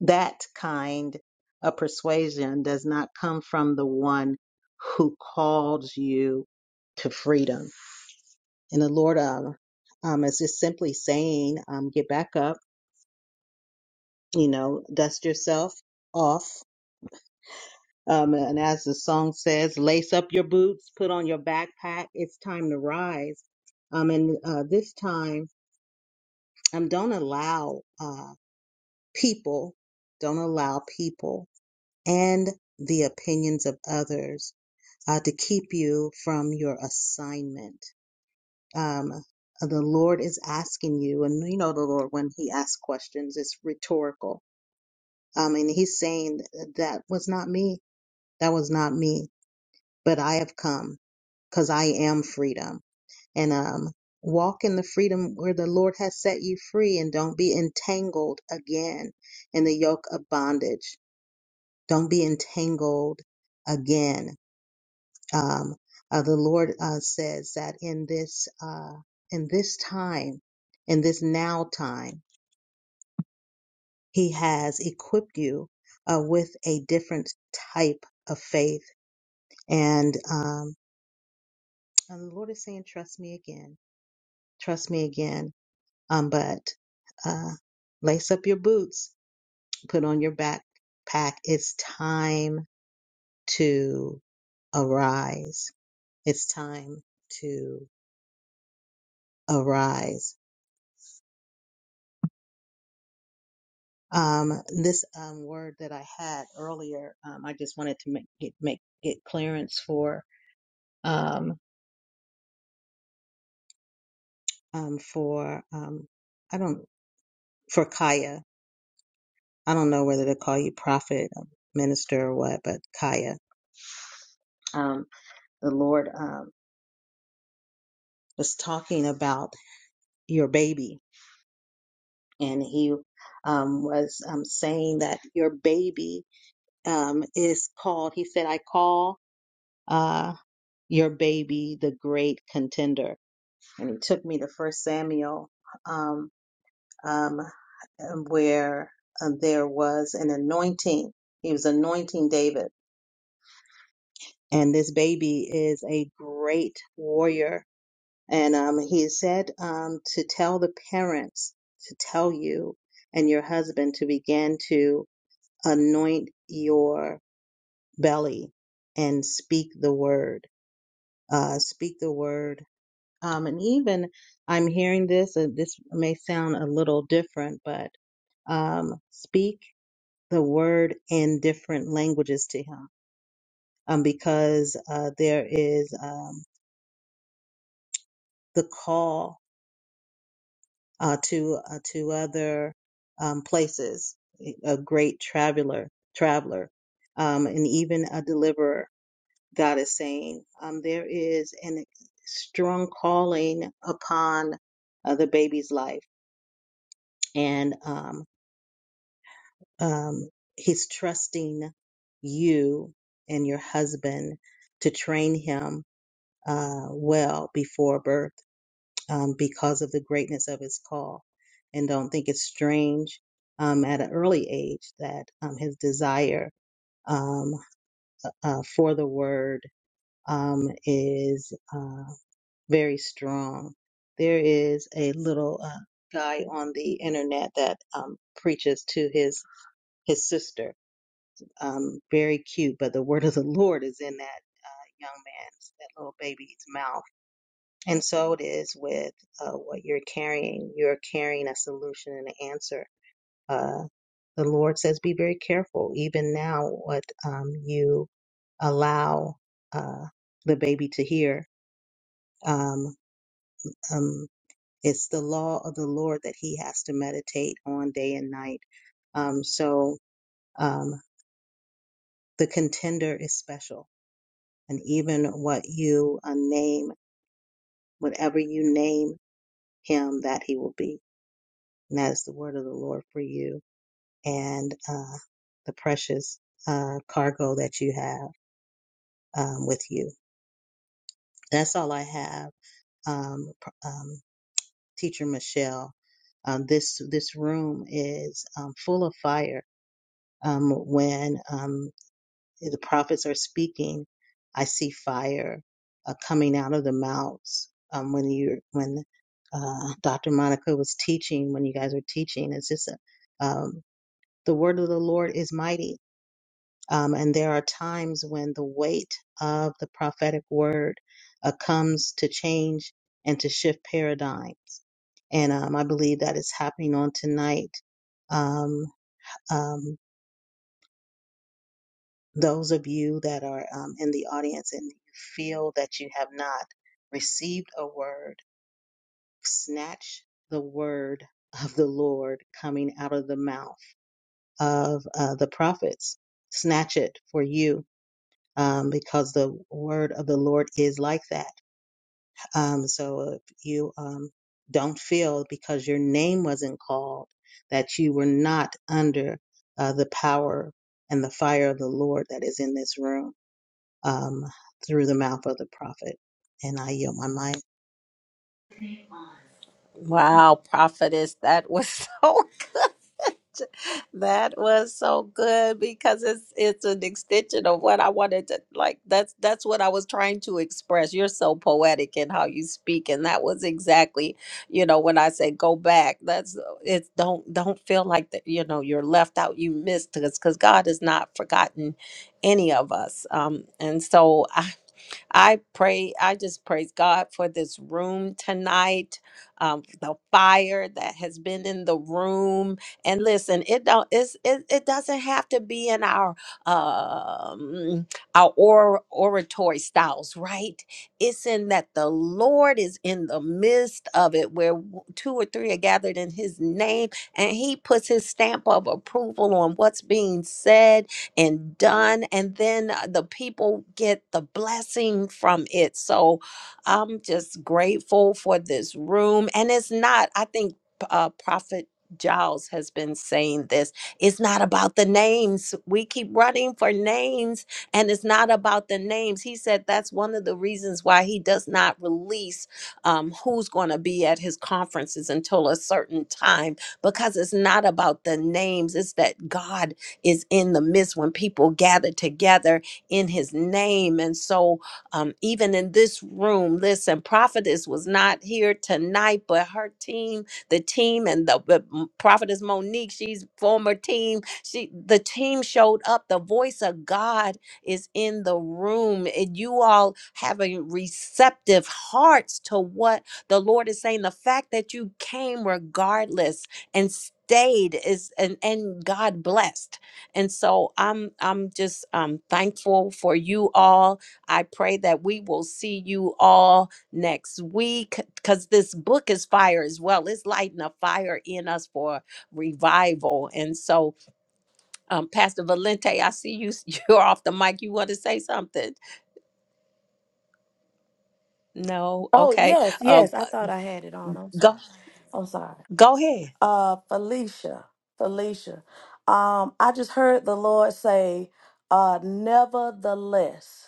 [SPEAKER 8] that kind of persuasion does not come from the one who calls you to freedom. And the Lord um, um, is just simply saying, um, get back up, you know, dust yourself off. Um, and as the song says, lace up your boots, put on your backpack. It's time to rise. Um, and uh, this time, um, don't allow uh, people, don't allow people and the opinions of others uh, to keep you from your assignment. Um, the Lord is asking you, and you know the Lord when He asks questions, it's rhetorical. Um, and He's saying that was not me, that was not me, but I have come because I am freedom, and um, walk in the freedom where the Lord has set you free, and don't be entangled again in the yoke of bondage. Don't be entangled again Um, uh, the Lord uh, says that in this uh, in this time, in this now time, He has equipped you uh, with a different type of faith, and um, and the Lord is saying, "Trust me again, trust me again." Um, but uh, lace up your boots, put on your backpack. It's time to arise. It's time to arise Um, this um, word that I had earlier, um, I just wanted to make get, make get clearance for um, um, for um, I don't for Kaya. I don't know whether to call you prophet, um, minister, or what, but Kaya, um, the Lord um, was talking about your baby, and He um, was um, saying that your baby um, is called. He said, "I call uh, your baby the great contender." and he took me to First Samuel, um, um, um, where uh, there was an anointing. He was anointing David, and this baby is a great warrior. And um, he said um, to tell the parents to tell you and your husband to begin to anoint your belly and speak the word. Uh, speak the word Um, and even I'm hearing this, and this may sound a little different, but um, speak the word in different languages to him, um, because uh, there is um, the call uh, to uh, to other um, places. eh, A great traveler, traveler, um, and even a deliverer. God is saying um, there is an strong calling upon uh, the baby's life and um, um, he's trusting you and your husband to train him uh, well before birth um, because of the greatness of his call. And don't think it's strange um, at an early age that um, his desire um, uh, uh, for the word um, is uh, very strong. There is a little uh, guy on the internet that um, preaches to his his sister Um, very cute, but the word of the Lord is in that uh, young man's, that little baby's mouth. And so it is with uh, what you're carrying. You're carrying a solution and an answer. Uh, the Lord says, be very careful, even now, what um, you allow uh, the baby to hear. Um, um, it's the law of the Lord that he has to meditate on day and night. Um, so um, the contender is special and even what you uh, name, whatever you name him, that he will be. And that is the word of the Lord for you and uh, the precious uh, cargo that you have um, with you. That's all I have, um, pr- um, Teacher Michelle. Um, this this room is um, full of fire. Um, when um, the prophets are speaking, I see fire uh, coming out of the mouths. Um, when you when uh, Dr. Monica was teaching, when you guys were teaching, it's just a, um, the word of the Lord is mighty, um, and there are times when the weight of the prophetic word uh, comes to change and to shift paradigms. And um, I believe that is happening on tonight. Um, um, those of you that are um, in the audience and you feel that you have not received a word, snatch the word of the Lord coming out of the mouth of uh, the prophets. Snatch it for you um, because the word of the Lord is like that. Um, so if you um, don't feel because your name wasn't called that you were not under uh, the power and the fire of the Lord that is in this room um, through the mouth of the prophet. And I yield my mind.
[SPEAKER 1] Wow, prophetess, that was so good. That was so good because it's it's an extension of what I wanted to like that's that's what I was trying to express. You're so poetic in how you speak and that was exactly, you know, when I say go back, that's it's don't don't feel like that, you know, you're left out, you missed us because God has not forgotten any of us. Um and so I pray, I just praise God for this room tonight, um, the fire that has been in the room. And listen, it don't it's, it, it doesn't have to be in our um our or, oratory styles, right? It's in that the Lord is in the midst of it where w- two or three are gathered in his name and he puts his stamp of approval on what's being said and done. And then uh, the people get the blessing from it. So I'm just grateful for this room. And it's not, I think, uh, Prophet. Giles has been saying this. It's not about the names. We keep running for names, and it's not about the names. He said that's one of the reasons why he does not release um, who's going to be at his conferences until a certain time because it's not about the names. It's that God is in the midst when people gather together in his name. And so, um, even in this room, listen, Prophetess was not here tonight, but her team, the team, and the, the M- Prophetess Monique, she's former team. She, the team showed up. The voice of God is in the room, and you all having receptive hearts to what the Lord is saying. The fact that you came regardless and stayed is and and God blessed. And so I'm I'm just um thankful for you all. I pray that we will see you all next week because this book is fire as well. It's lighting a fire in us for revival. And so um Pastor Valente, I see you you're off the mic. You want to say something? No,
[SPEAKER 5] oh
[SPEAKER 1] okay.
[SPEAKER 5] yes,
[SPEAKER 1] Uh
[SPEAKER 5] yes. I thought I had it on. I'm sorry.
[SPEAKER 1] go
[SPEAKER 5] I'm sorry.
[SPEAKER 1] go ahead.
[SPEAKER 5] Uh, Felicia, Felicia. Um, I just heard the Lord say, uh, nevertheless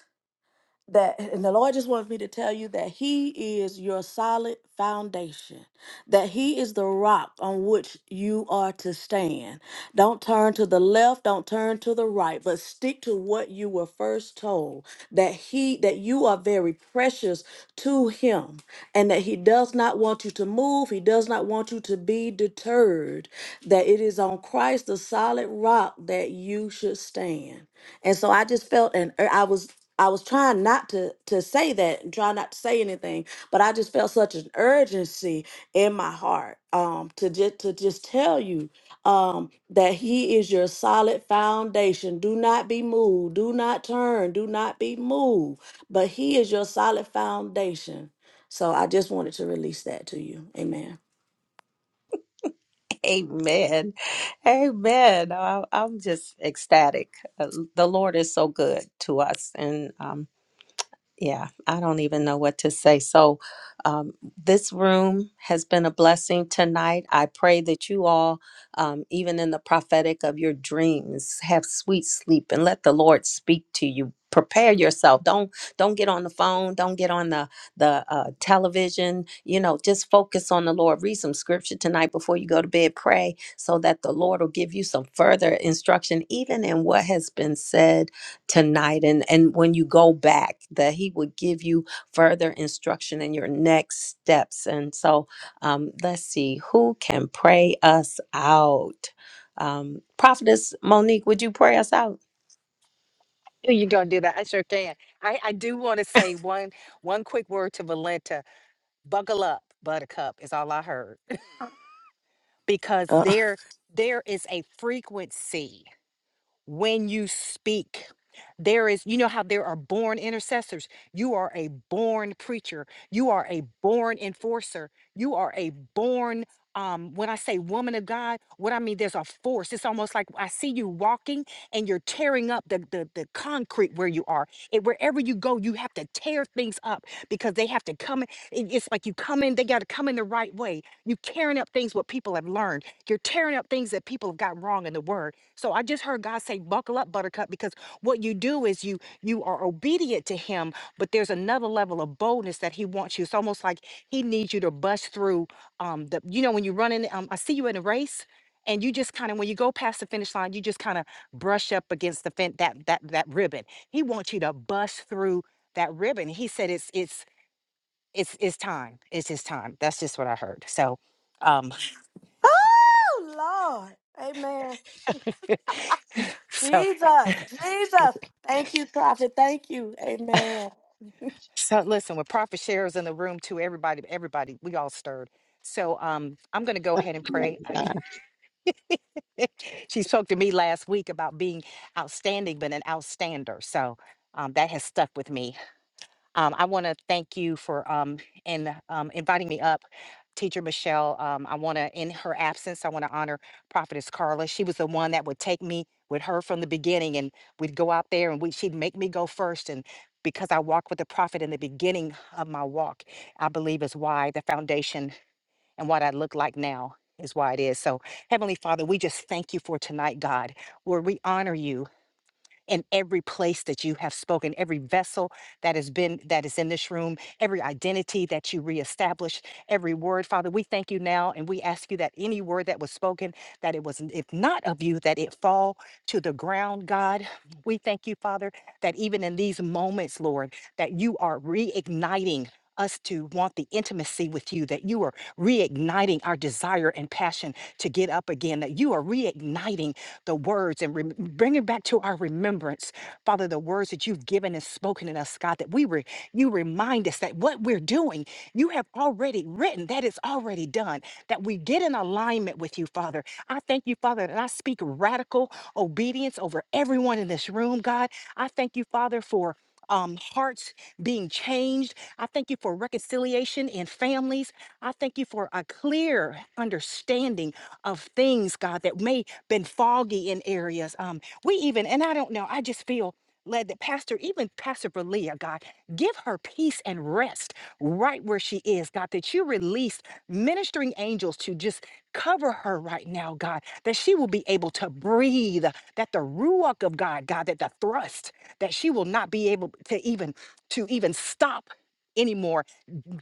[SPEAKER 5] that and the lord just wants me to tell you that he is your solid foundation that he is the rock on which you are to stand don't turn to the left don't turn to the right but stick to what you were first told that he that you are very precious to him and that he does not want you to move he does not want you to be deterred that it is on christ the solid rock that you should stand and so i just felt and i was I was trying not to to say that and trying not to say anything, but I just felt such an urgency in my heart um, to just to just tell you um, that He is your solid foundation. Do not be moved. Do not turn. Do not be moved. But He is your solid foundation. So I just wanted to release that to you. Amen.
[SPEAKER 1] Amen. Amen. I, I'm just ecstatic. Uh, The Lord is so good to us. And um Yeah, I don't even know what to say. So, um, this room has been a blessing tonight. I pray that you all, um, even in the prophetic of your dreams, have sweet sleep and let the Lord speak to you. Prepare yourself. Don't don't get on the phone. Don't get on the the uh, television. You know, just focus on the Lord. Read some scripture tonight before you go to bed. Pray so that the Lord will give you some further instruction, even in what has been said tonight and and when you go back that he would give you further instruction in your next steps and so um let's see who can pray us out um prophetess monique would you pray us out
[SPEAKER 10] Oh, You're gonna do that. I sure can. I, I do want to say one one quick word to Valenta. Buckle up, buttercup is all I heard. Because
[SPEAKER 5] Uh,
[SPEAKER 10] there there is a frequency when you speak. There is, you know how there are born intercessors. You are a born preacher. You are a born enforcer. You are a born, um, when I say woman of God, what I mean, there's a force. It's almost like I see you walking and you're tearing up the, the, the concrete where you are. It, wherever you go, you have to tear things up because they have to come in. it- It's like you come in, they got to come in the right way. You tearing up things what people have learned. You're tearing up things that people have got wrong in the word so I just heard God say, "Buckle up, Buttercup," because what you do is you you are obedient to Him, but there's another level of boldness that He wants you. It's almost like He needs you to bust through. Um, the you know when you run in, um, I see you in a race, and you just kind of when you go past the finish line, you just kind of brush up against the fin- that that that ribbon. He wants you to bust through that ribbon. He said, "It's it's it's it's time. It's His time." That's just what I heard. So, um,
[SPEAKER 5] Oh Lord. Amen.
[SPEAKER 10] so
[SPEAKER 5] Jesus, Jesus. Thank you, prophet. Thank you. Amen.
[SPEAKER 10] So listen, with prophet shares in the room too, everybody, everybody, we all stirred. So um, I'm going to go ahead and pray. she spoke to me last week about being outstanding, but an outstander. So um, that has stuck with me. Um, I want to thank you for um, and um, inviting me up, Teacher Michelle. Um, I want to, in her absence, I want to honor Prophetess Carla. She was the one that would take me with her from the beginning, and we'd go out there, and we, she'd make me go first, and because I walked with the prophet in the beginning of my walk, I believe is why the foundation and what I look like now is why it is. So, Heavenly Father, we just thank you for tonight, God. Lord, we honor you in every place that you have spoken, every vessel that has been, that is in this room, every identity that you reestablish, every word, Father, we thank you now and we ask you that any word that was spoken, that it was, if not of you, that it fall to the ground, God. We thank you, Father, that even in these moments, Lord, that you are reigniting us to want the intimacy with you, that you are reigniting our desire and passion to get up again, that you are reigniting the words and rem- bringing back to our remembrance, Father, the words that you've given and spoken in us, God, that we were, you remind us that what we're doing, you have already written, that is already done, that we get in alignment with you, Father. I thank you, Father, that I speak radical obedience over everyone in this room, God. I thank you, Father, for um, hearts being changed. I thank you for reconciliation in families. I thank you for a clear understanding of things, God, that may been foggy in areas. Um, we even, and I don't know, I just feel led that Pastor, even Pastor Belia, God, give her peace and rest right where she is, God, that you release ministering angels to just cover her right now, God, that she will be able to breathe, that the ruach of God, God, that the thrust, that she will not be able to even to even stop anymore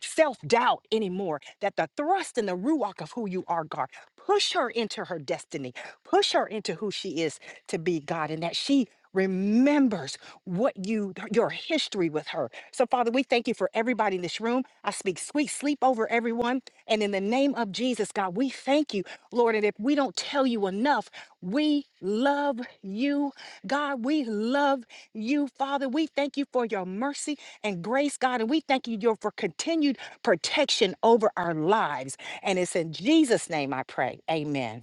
[SPEAKER 10] self doubt anymore, that the thrust and the ruach of who you are, God. Push her into her destiny. Push her into who she is to be, God, and that she remembers what you your history with her. So Father, we thank you for everybody in this room. I speak sweet sleep over everyone. And in the name of Jesus, God, we thank you, Lord. Lord. And if we don't tell you enough, we love you, God. We love you, Father. We thank you for your mercy and grace, God. And we thank you your- for continued protection over our lives. And it's in Jesus' name I pray. Amen.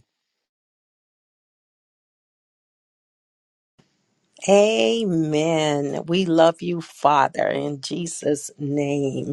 [SPEAKER 1] amen we love you father in jesus name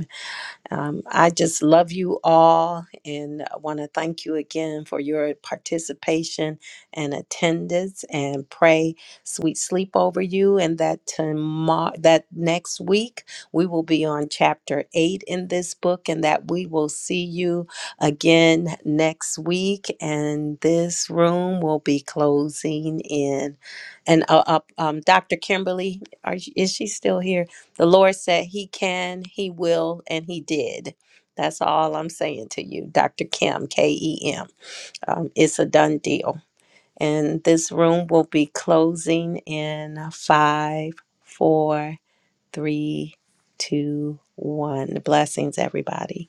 [SPEAKER 1] Um, I just love you all and want to thank you again for your participation and attendance and pray sweet sleep over you and that tomorrow that next week we will be on chapter 8 in this book and that we will see you again next week and this room will be closing in and uh, uh, um, Dr. Kimberly are you- is she still here? The Lord said He can, He will, and He did. That's all I'm saying to you, Dr. Kim, K E M. Um, it's a done deal. And this room will be closing in five, four, three, two, one. Blessings, everybody.